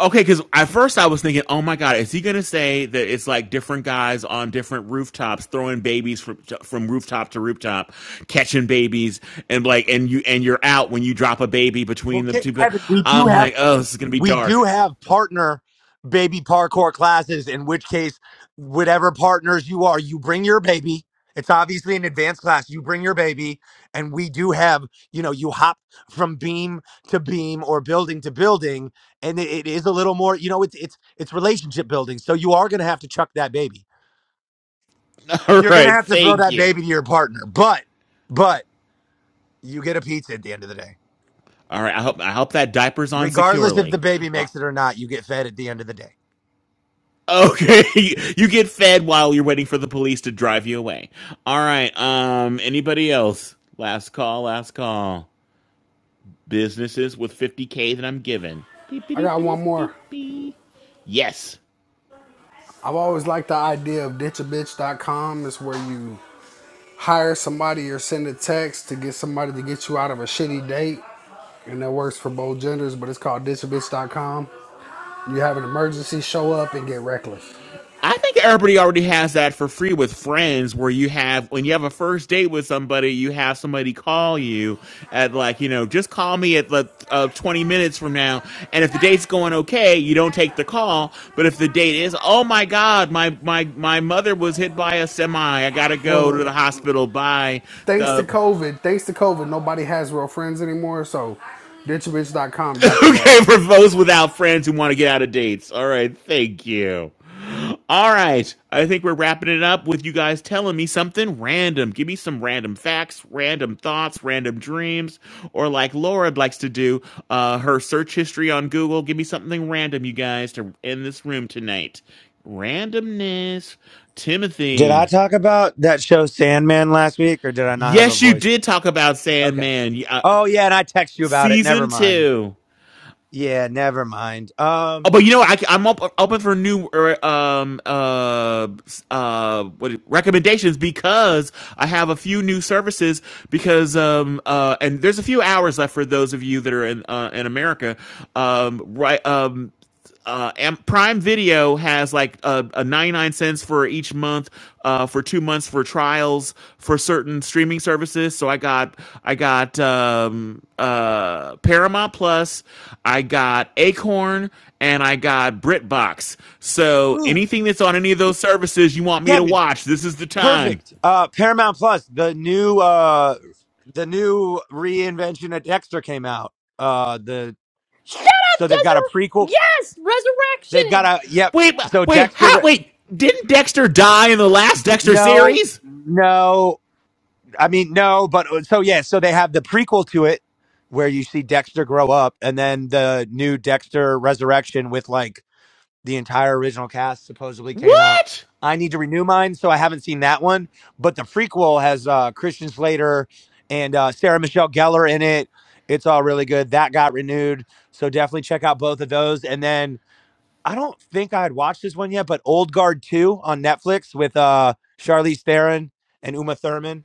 S1: Okay, because at first I was thinking, oh my god, is he gonna say that it's like different guys on different rooftops throwing babies from from rooftop to rooftop, catching babies, and like and you and you're out when you drop a baby
S13: well
S1: between the
S13: Ke-
S1: two.
S13: kevin we do
S1: I'm
S13: have
S1: like, oh, this is gonna be
S13: We do
S1: dark.
S13: have partner baby parkour classes, in which case, whatever partners you are, you bring your baby. It's obviously an advanced class. You bring your baby, and we do have, you know, you hop from beam to beam or building to building, and it, it is a little more, you know, it's it's it's relationship building. So you are gonna have to chuck that baby.
S1: All
S13: You're gonna
S1: right,
S13: have to throw
S1: thank
S13: that
S1: you.
S13: baby to your partner, but but you get a pizza at the end of the day,
S1: All right, I hope I hope that diaper's on
S13: regardless if the
S1: securely.
S13: baby
S1: Uh,
S13: makes it or not. You get fed at the end of the day.
S1: okay, you get fed while you're waiting for the police to drive you away. All right. Um, anybody else? Last call. Last call. Businesses with 50k that I'm given. Beep beep
S12: I
S1: beep
S12: got one
S1: beep
S12: more.
S1: beep. beep. Yes.
S12: I've always liked the idea of ditchabitch.com. It's where you hire somebody or send a text to get somebody to get you out of a shitty date, and that works for both genders. But it's called ditchabitch.com. You have an emergency, show up and get reckless.
S1: I think everybody already has that for free with friends where you have when you have a first date with somebody, you have somebody call you at like, you know, just call me at like uh, 20 minutes from now. And if the date's going okay, you don't take the call. But if the date is, oh my God, my my my mother was hit by a semi. I gotta
S12: Well,
S1: go to
S12: look,
S1: the hospital. Bye.
S12: thanks to
S1: The
S12: COVID, thanks to COVID, nobody has real friends anymore. So, ditchabitch.com got your back.
S1: Okay, for those without friends who want to get out of dates. All right, thank you. All right, I think we're wrapping it up with you guys telling me something random. Give me some random facts, random thoughts, random dreams, or like Laura likes to do, uh, her search history on Google. Give me something random, you guys, to end this room tonight. Randomness.
S13: Did I
S1: Timothy.
S13: talk about that show Sandman last week or did I not have a
S1: Yes, you
S13: voice?
S1: did talk about
S13: Okay.
S1: Sandman. Yeah, Uh,
S13: Oh yeah, and I text you about it. Never
S1: season
S13: mind.
S1: two.
S13: Yeah, never mind. Um
S1: Oh, but you know what? I, am op- open for new er, um uh uh what recommendations because I have a few new services because um uh and there's a few hours left for those of you that are in uh, in America um right um uh, Prime Video has like a, a 99 cents for each month uh, for two months for trials for certain streaming services. So I got I got um, uh, Paramount Plus, I got Acorn, and I got BritBox. So
S13: Ooh,
S1: anything that's on any of those services you want me to
S13: Kevin,
S1: watch, this is the time.
S13: perfect. Uh Paramount Plus, the new uh the new reinvention of Dexter came out. Uh the
S7: Shut up,
S13: so they've got a prequel.
S7: Desert. Yes,
S13: They've got
S7: resurrection.
S13: a yep.
S1: Wait,
S13: So
S1: wait,
S13: Dexter
S1: how?
S13: re-
S1: Wait, didn't Dexter die in the last Dexter
S13: no,
S1: series?
S13: no. I mean, no, but uh, so yeah, so they have the prequel to it where you see Dexter grow up, and then the new Dexter Resurrection with like the entire original cast supposedly came out.
S1: What?
S13: I need to renew mine, so I haven't seen that one. But the prequel has uh, Christian Slater and uh, Sarah Michelle Gellar in it. It's all really good. That got renewed, so definitely check out both of those. And then I don't think I had watched this one yet, but Old Guard Two on Netflix with uh, Charlize Theron and Uma Thurman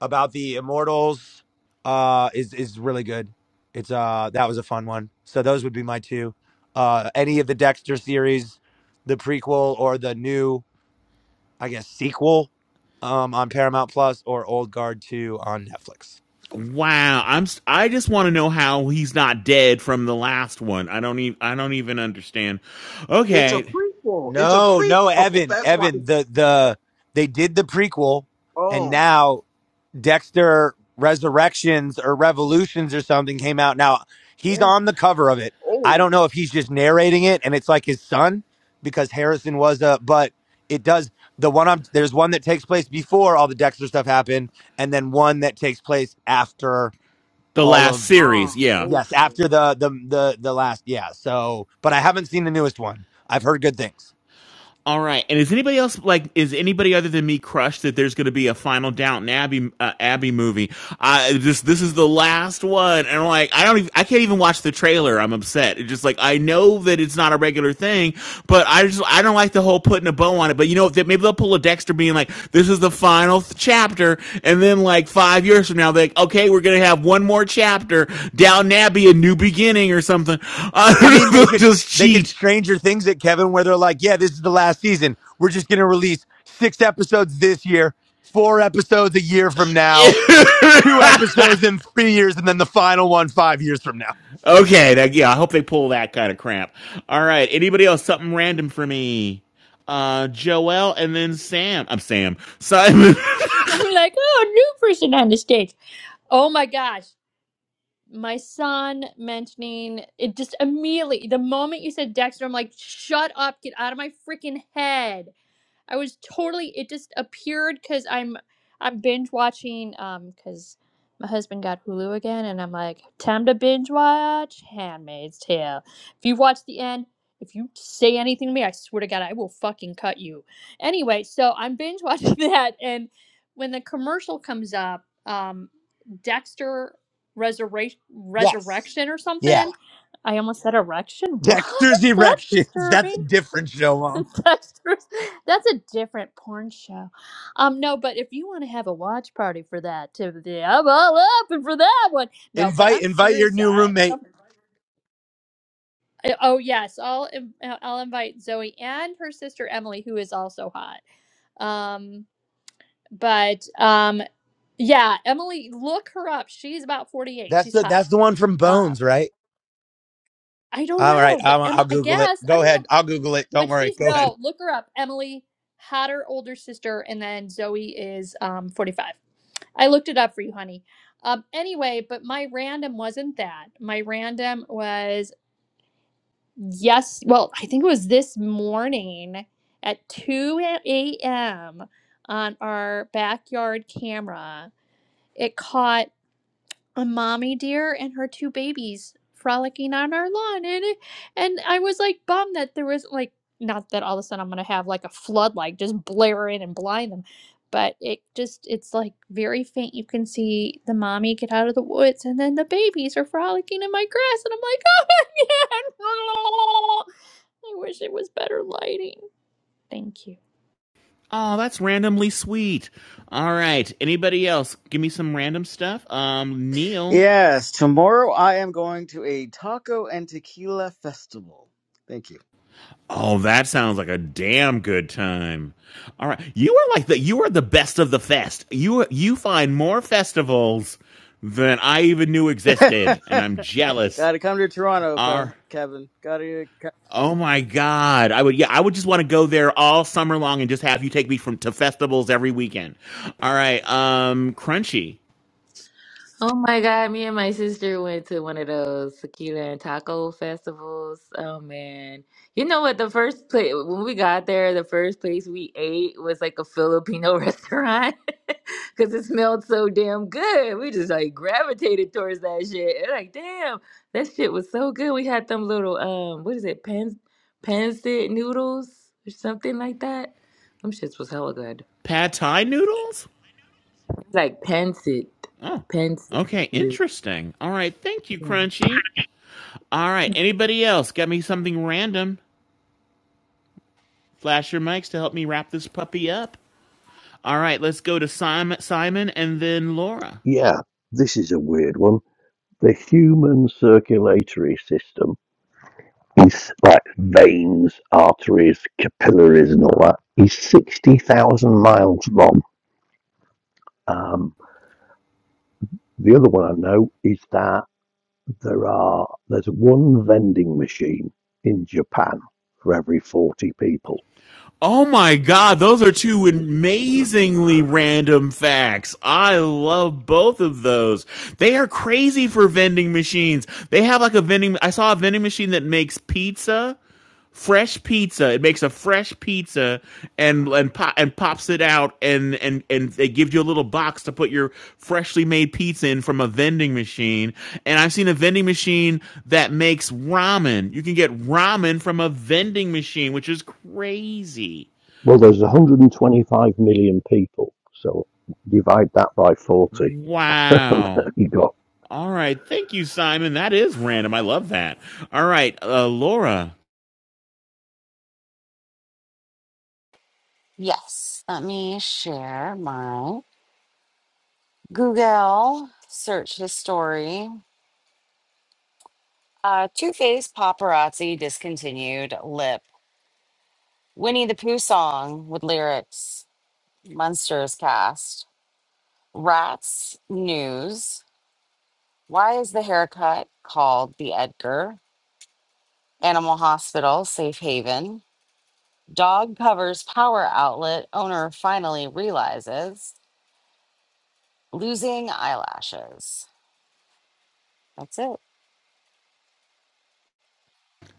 S13: about the immortals uh is is really good it's uh that was a fun one so those would be my two uh any of the dexter series the prequel or the new i guess sequel um on paramount plus or old guard 2 on netflix
S1: Wow, I'm s- i am I just want to know how he's not dead from the last one. I don't even I don't even understand.
S16: It's a
S1: Okay,
S16: prequel. It's a
S13: no no
S16: prequel.
S13: evan
S16: That's why.
S13: evan the the they did the prequel and
S16: Oh,
S13: now Dexter Resurrections or Revolutions or something came out. Now he's
S16: oh,
S13: on the cover of it. I
S16: oh,
S13: don't know if he's just narrating it and it's like his son because Harrison was a, but it does the one I'm there's one that takes place before all the Dexter stuff happened and then one that takes place after
S1: the
S13: all
S1: last
S13: of
S16: ah,
S1: series. Yeah.
S13: yes
S16: okay.
S13: after the the the the last yeah so but I haven't seen the newest one. I've heard good things.
S1: All right. And is anybody else like is anybody other than me crushed that there's going to be a final Downton Abbey uh, Abbey movie? I this this is the last one, and I'm like I don't even, I can't even watch the trailer. I'm upset. It's just like I know that it's not a regular thing, but I just I don't like the whole putting a bow on it. But you know maybe they'll pull a Dexter being like this is the final th- chapter, and then like five years from now they're like okay we're gonna have one more chapter Downton Abbey a new beginning or something. I
S13: I mean, they
S1: They'll
S13: could
S1: just
S13: they could
S1: cheat.
S13: Stranger Things it, Kevin, where they're like, "Yeah, this is the last season. We're just going to release six episodes this year, four episodes a year from now, two episodes in three years, and then the final one five years from now."
S1: Okay, that, yeah, I hope they pull that kind of crap. All right, anybody else? Something random for me. Uh, Joelle, and then Sam. I'm Sam. Simon.
S7: I'm like, oh, new person on the stage. Oh my gosh. my son mentioning it just immediately the moment you said Dexter, I'm like, shut up, get out of my freaking head. I was totally it just appeared cuz I'm I'm binge watching um cuz my husband got Hulu again and I'm like time to binge watch Handmaid's Tale. If you watch the end, if you say anything to me, I swear to god I will fucking cut you. Anyway, so I'm binge watching that and when the commercial comes up, um Dexter resurrection
S13: Yes.
S7: resurrection or
S13: Yeah.
S7: something. I almost said erection. What?
S13: Dexter's
S7: That's
S13: Erections. That's
S7: disturbing.
S13: a different show, Mom.
S7: Dexter's. That's a different porn show. Um, no, but if you want to have a watch party for that, Timothy, I'm all up and for that one. No, but
S13: Invite
S7: I'm
S13: invite your
S7: serious.
S13: new
S7: I,
S13: roommate.
S7: some, I- oh yes, I'll in- I'll invite Zoe and her sister Emily, who is also hot. Um, but um, yeah, Emily, look her up. She's about 48.
S13: That's
S7: She's
S13: the
S7: hot.
S13: that's the one from
S7: Um,
S13: Bones, right?
S7: I don't
S13: All right,
S7: know, but
S13: I'll, I'll
S7: Emily, I
S13: Google it.
S7: guess I
S13: Go
S7: don't know.
S13: ahead, I'll Google it. Don't
S7: But
S13: worry.
S7: she's
S13: Go
S7: no,
S13: ahead.
S7: look her up. Emily had her older sister, and then Zoe is um 45. I looked it up for you, honey. Um, anyway, but my random wasn't that. My random was yes, well, I think it was this morning at 2 a.m. on our backyard camera. It caught a mommy deer and her two babies frolicking on our lawn and it- and I was like bummed that there was like not that all of a sudden I'm gonna have like a flood like just blare in and blind them but it just it's like very faint you can see the mommy get out of the woods and then the babies are frolicking in my grass and I'm like oh my god I wish it was better lighting thank you
S1: oh, that's randomly sweet. All right, anybody else? Give me some random stuff. Um, Neil.
S8: Yes, tomorrow I am going to a taco and tequila festival. Thank you.
S1: Oh, that sounds like a damn good time. All right, you are like the you are the best of the fest. You you find more festivals than I even knew existed, and I'm jealous.
S8: Gotta come to Toronto, Fe-
S1: Are
S8: Kevin. Gotta. co-
S1: Oh my God. I would, yeah, I would just want to go there all summer long and just have you take me from to festivals every weekend. All right. Um, crunchy
S11: Oh my God, me and my sister went to one of those tequila and taco festivals. Oh man. You know what? The first place, when we got there, the first place we ate was like a Filipino restaurant because it smelled so damn good. We just like gravitated towards that shit. And, like, damn, that shit was so good. We had them little, um, what is it, pens, pensit noodles or something like that. Them shits was hella good.
S1: pad thai noodles.
S11: It's like pensit,
S1: Oh,
S11: pensit
S1: okay.
S11: noodles.
S1: Interesting. All right. Thank you, Crunchy. All right. Anybody else got me something random? Flash your mics to help me wrap this puppy up. All right. Let's go to Simon, Simon and then Laura.
S4: yeah this is a weird one the human circulatory system is like veins arteries capillaries and all that is 60,000 miles long um, the other one I know is that there are there's one vending machine in Japan for every 40 people
S1: Oh my god, those are two amazingly random facts. I love both of those. They are crazy for vending machines. They have like a vending I saw a vending machine that makes pizza fresh pizza. It makes a fresh pizza and and po- and pops it out and and and they give you a little box to put your freshly made pizza in from a vending machine. And I've seen a vending machine that makes ramen. You can get ramen from a vending machine, which is crazy.
S4: Well, there's 125 million people, so divide that by 40, there
S1: Wow.
S4: you go.
S1: All right. Thank you, Simon. That is random. I love that. All right, uh, Laura,
S5: Yes. Let me share my Google search history. Uh, Two Face Paparazzi discontinued lip. Winnie the Pooh song with lyrics. Munsters cast. Rats news. Why is the haircut called the Edgar? Animal Hospital, Safe Haven. Dog covers power outlet. Owner finally realizes losing eyelashes. That's it.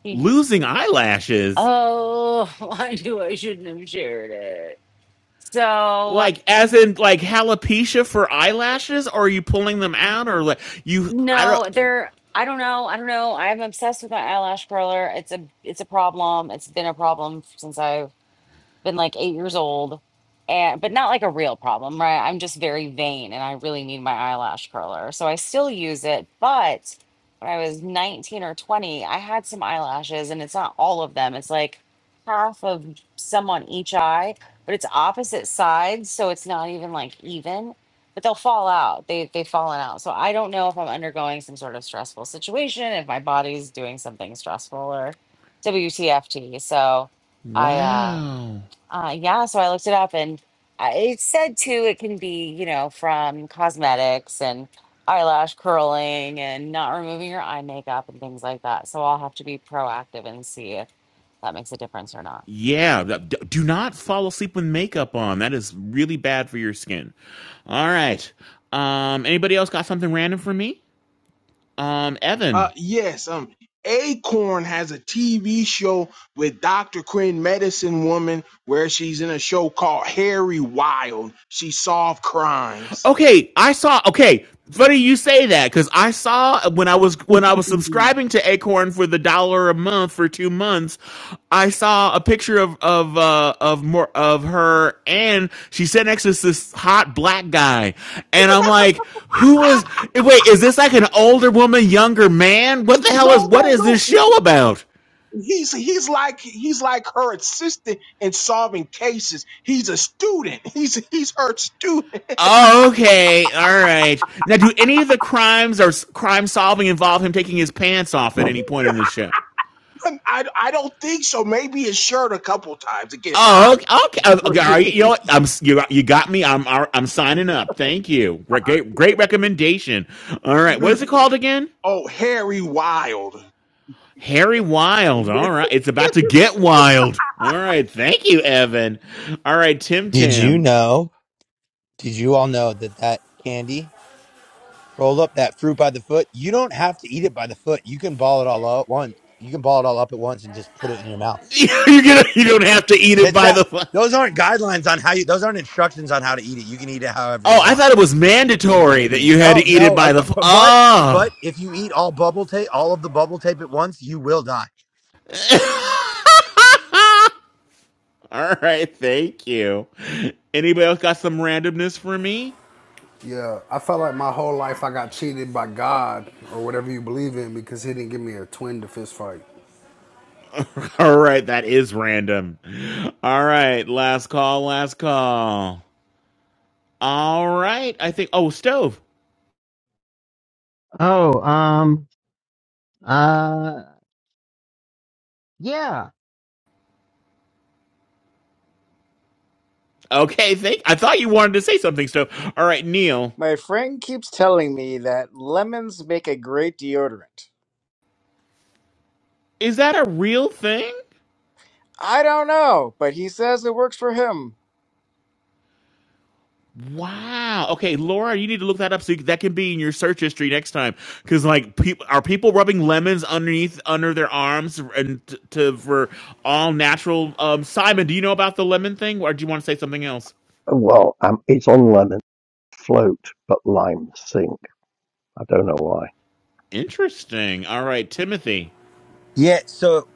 S5: He-
S1: losing eyelashes.
S5: Oh, I knew I shouldn't have shared it. So
S1: Like as in like alopecia for eyelashes? Or are you pulling them out? Or like you? I
S5: no,
S1: don't.
S5: there. I don't know. I don't know. I'm obsessed with my eyelash curler. It's a it's a problem. It's been a problem since I been like eight years old and but not like a real problem right i'm just very vain and i really need my eyelash curler so i still use it but when i was 19 or 20 i had some eyelashes and it's not all of them it's like half of some on each eye but it's opposite sides so it's not even like even but they'll fall out they, they've fallen out so i don't know if i'm undergoing some sort of stressful situation if my body's doing something stressful or wtft so i uh
S1: Wow.
S5: uh, yeah, so I looked it up and I, it said too, it can be, you know, from cosmetics and eyelash curling and not removing your eye makeup and things like that. So I'll have to be proactive and see if that makes a difference or not.
S1: Yeah. Do not fall asleep with makeup on. That is really bad for your skin. All right. Um. Anybody else got something random for me? Um. Evan.
S16: Uh, yes. Um, Acorn has a TV show with Dr. Quinn, Medicine Woman, where she's in a show called Harry Wild. She solved crimes.
S1: Okay, I saw. Okay, funny you say that because I saw when I was when I was subscribing to Acorn for the dollar a month for two months, I saw a picture of of uh, of more of her, and she sat next to this hot black guy, and I'm like, who is?
S16: Ah,
S1: Wait, is this like an older woman, younger man? What the hell is?
S16: no,
S1: What
S16: no,
S1: is this
S16: no.
S1: show about?
S16: He's he's like he's like her assistant in solving cases. He's a student. He's he's her student.
S1: Oh, okay, all right. Now, do any of the crimes or s- crime solving involve him taking his pants off at any point in the show?
S16: I, I don't think so. Maybe his shirt a couple times. It get hot.
S1: Oh, okay. okay. Uh, okay, right, you know, what? I'm you, you got me. I'm I'm signing up. Thank you. Great, great recommendation. All right, what is it called again?
S16: oh, Harry Wild.
S1: Harry Wild.
S16: Yes,
S1: All right, it's about to get wild. All right, thank you, Evan. All right, Tim
S13: Did you
S1: Tam.
S13: know? Did you all know that that candy? roll up that fruit by the foot. You don't have to eat it by the foot. You can ball it all up once. You can ball it all up at once and just put it in your mouth.
S1: you get. You don't have to eat it
S13: That's
S1: by
S13: not.
S1: the. fu-
S13: Those aren't guidelines on how you. Those aren't instructions on how to eat it. You can eat it however you
S1: Oh, I
S13: want.
S1: thought it was
S15: Foot
S1: mandatory
S15: by
S1: that
S15: the
S1: you had
S13: No,
S1: to eat it
S13: no. I,
S1: by the. fu-
S13: but but
S1: Oh.
S13: if you eat all bubble tape, all of the bubble tape at once, you will die.
S1: All right, thank you. Anybody else got some randomness for me?
S12: Yeah, I felt like my whole life I got cheated by God or whatever you believe in because He didn't give me a twin to fist fight.
S1: All right, that is random. All right, last call, last call. All right, I think. Oh, stove.
S6: Oh, um, uh, yeah.
S1: Okay, thank. I thought you wanted to say something, stove. All right, Neil,
S8: my friend keeps telling me that lemons make a great deodorant
S1: is that a real thing?
S8: i don't know but he says it works for him
S1: Wow. Okay, Laura, you need to look that up so you, that can be in your search history next time. Because like, peop are people rubbing lemons underneath under their arms and t- to for all natural? Um, Simon, do you know about the lemon thing, or do you want to say something else?
S4: Well, um, it's on lemon float, but lime sink. I don't know why.
S1: Interesting. All right, Timothy.
S13: Yeah, so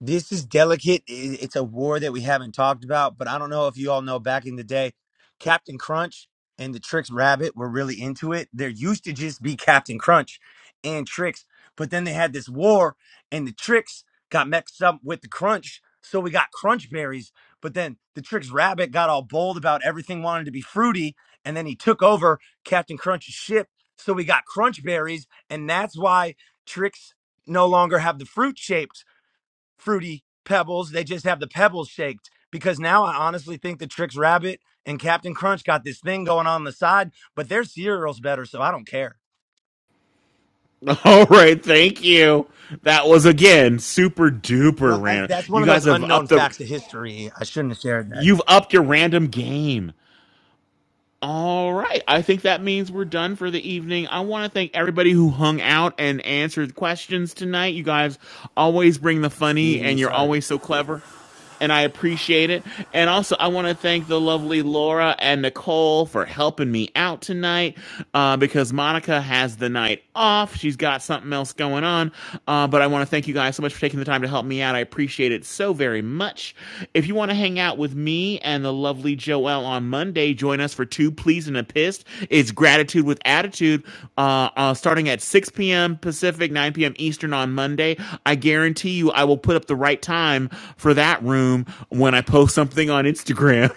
S13: this is delicate. I- It's a war that we haven't talked about, but I don't know if you all know back in the day, Captain Crunch and the Trix Rabbit were really into it. There used to just be Captain Crunch and Trix, but then they had this war and the Trix got mixed up with the Crunch, so we got Crunch berries, but then the Trix Rabbit got all bold about everything wanted to be fruity, and then he took over Captain Crunch's ship, so we got Crunch berries, and that's why Trix no longer have the fruit shaped fruity pebbles. They just have the pebbles shaped because now I honestly think the Tricks Rabbit and Captain Crunch got this thing going on the side, but their cereal's better, so I don't care.
S1: All right, thank you. That was again super
S13: Bro,
S1: duper
S13: that's
S1: random.
S13: that's one
S1: You
S13: of those
S1: guys have
S13: unknown
S1: upped the
S13: facts of history. I shouldn't have shared that.
S1: you've upped your random game. All right. I think that means we're done for the evening. I want to thank everybody who hung out and answered questions tonight. You guys always bring the funny
S12: Excuse me,
S1: and you're
S12: sir.
S1: always so clever and I appreciate it. And also, I want to thank the lovely Laura and Nicole for helping me out tonight uh, because Monica has the night off. She's got something else going on. Uh, but I want to thank you guys so much for taking the time to help me out. I appreciate it so very much. If you want to hang out with me and the lovely Joelle on Monday, join us for Two Pleas and a Pissed. It's Gratitude with Attitude uh, uh, starting at 6 p.m. Pacific, 9 p.m. Eastern on Monday. I guarantee you I will put up the right time for that room room when I post something on Instagram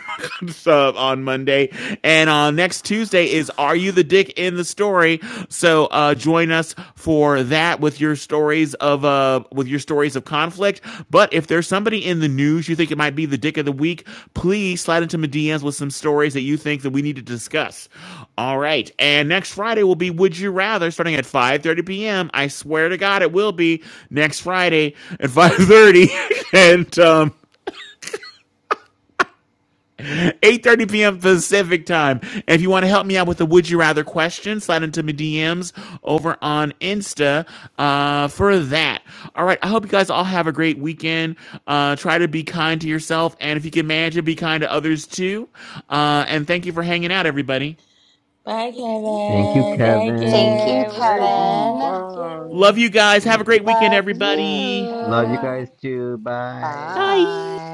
S1: on Monday. And on next Tuesday is Are You the Dick in the Story? So uh, join us for that with your stories of uh, with your stories of conflict. But if there's somebody in the news you think it might be the dick of the week, please slide into my DMs with some stories that you think that we need to discuss. All right. And next Friday will be Would You Rather starting at 5:30 p.m. I swear to God it will be next Friday at 5:30. and um 8.30 p.m. Pacific time. And if you want to help me out with the Would You Rather question, slide into my DMs over on Insta uh, for that. All right. I hope you guys all have a great weekend. Uh, try to be kind to yourself. And if you can manage it, be kind to others too. Uh, and thank you for hanging out, everybody.
S11: Bye,
S2: Thank
S6: Thank you,
S11: Kevin.
S2: you.
S11: Thank you.
S5: Thank you,
S11: It was
S6: Kevin.
S16: thank you.
S5: Kevin.
S11: fun.
S16: Bye.
S1: Love you
S11: Yay.
S1: guys. Have a
S6: Mm.
S1: great weekend,
S5: Love
S1: everybody.
S6: Love you
S11: Bye.
S5: you.
S2: Bye.
S6: guys too. Bye.
S1: Bye.
S5: Bye.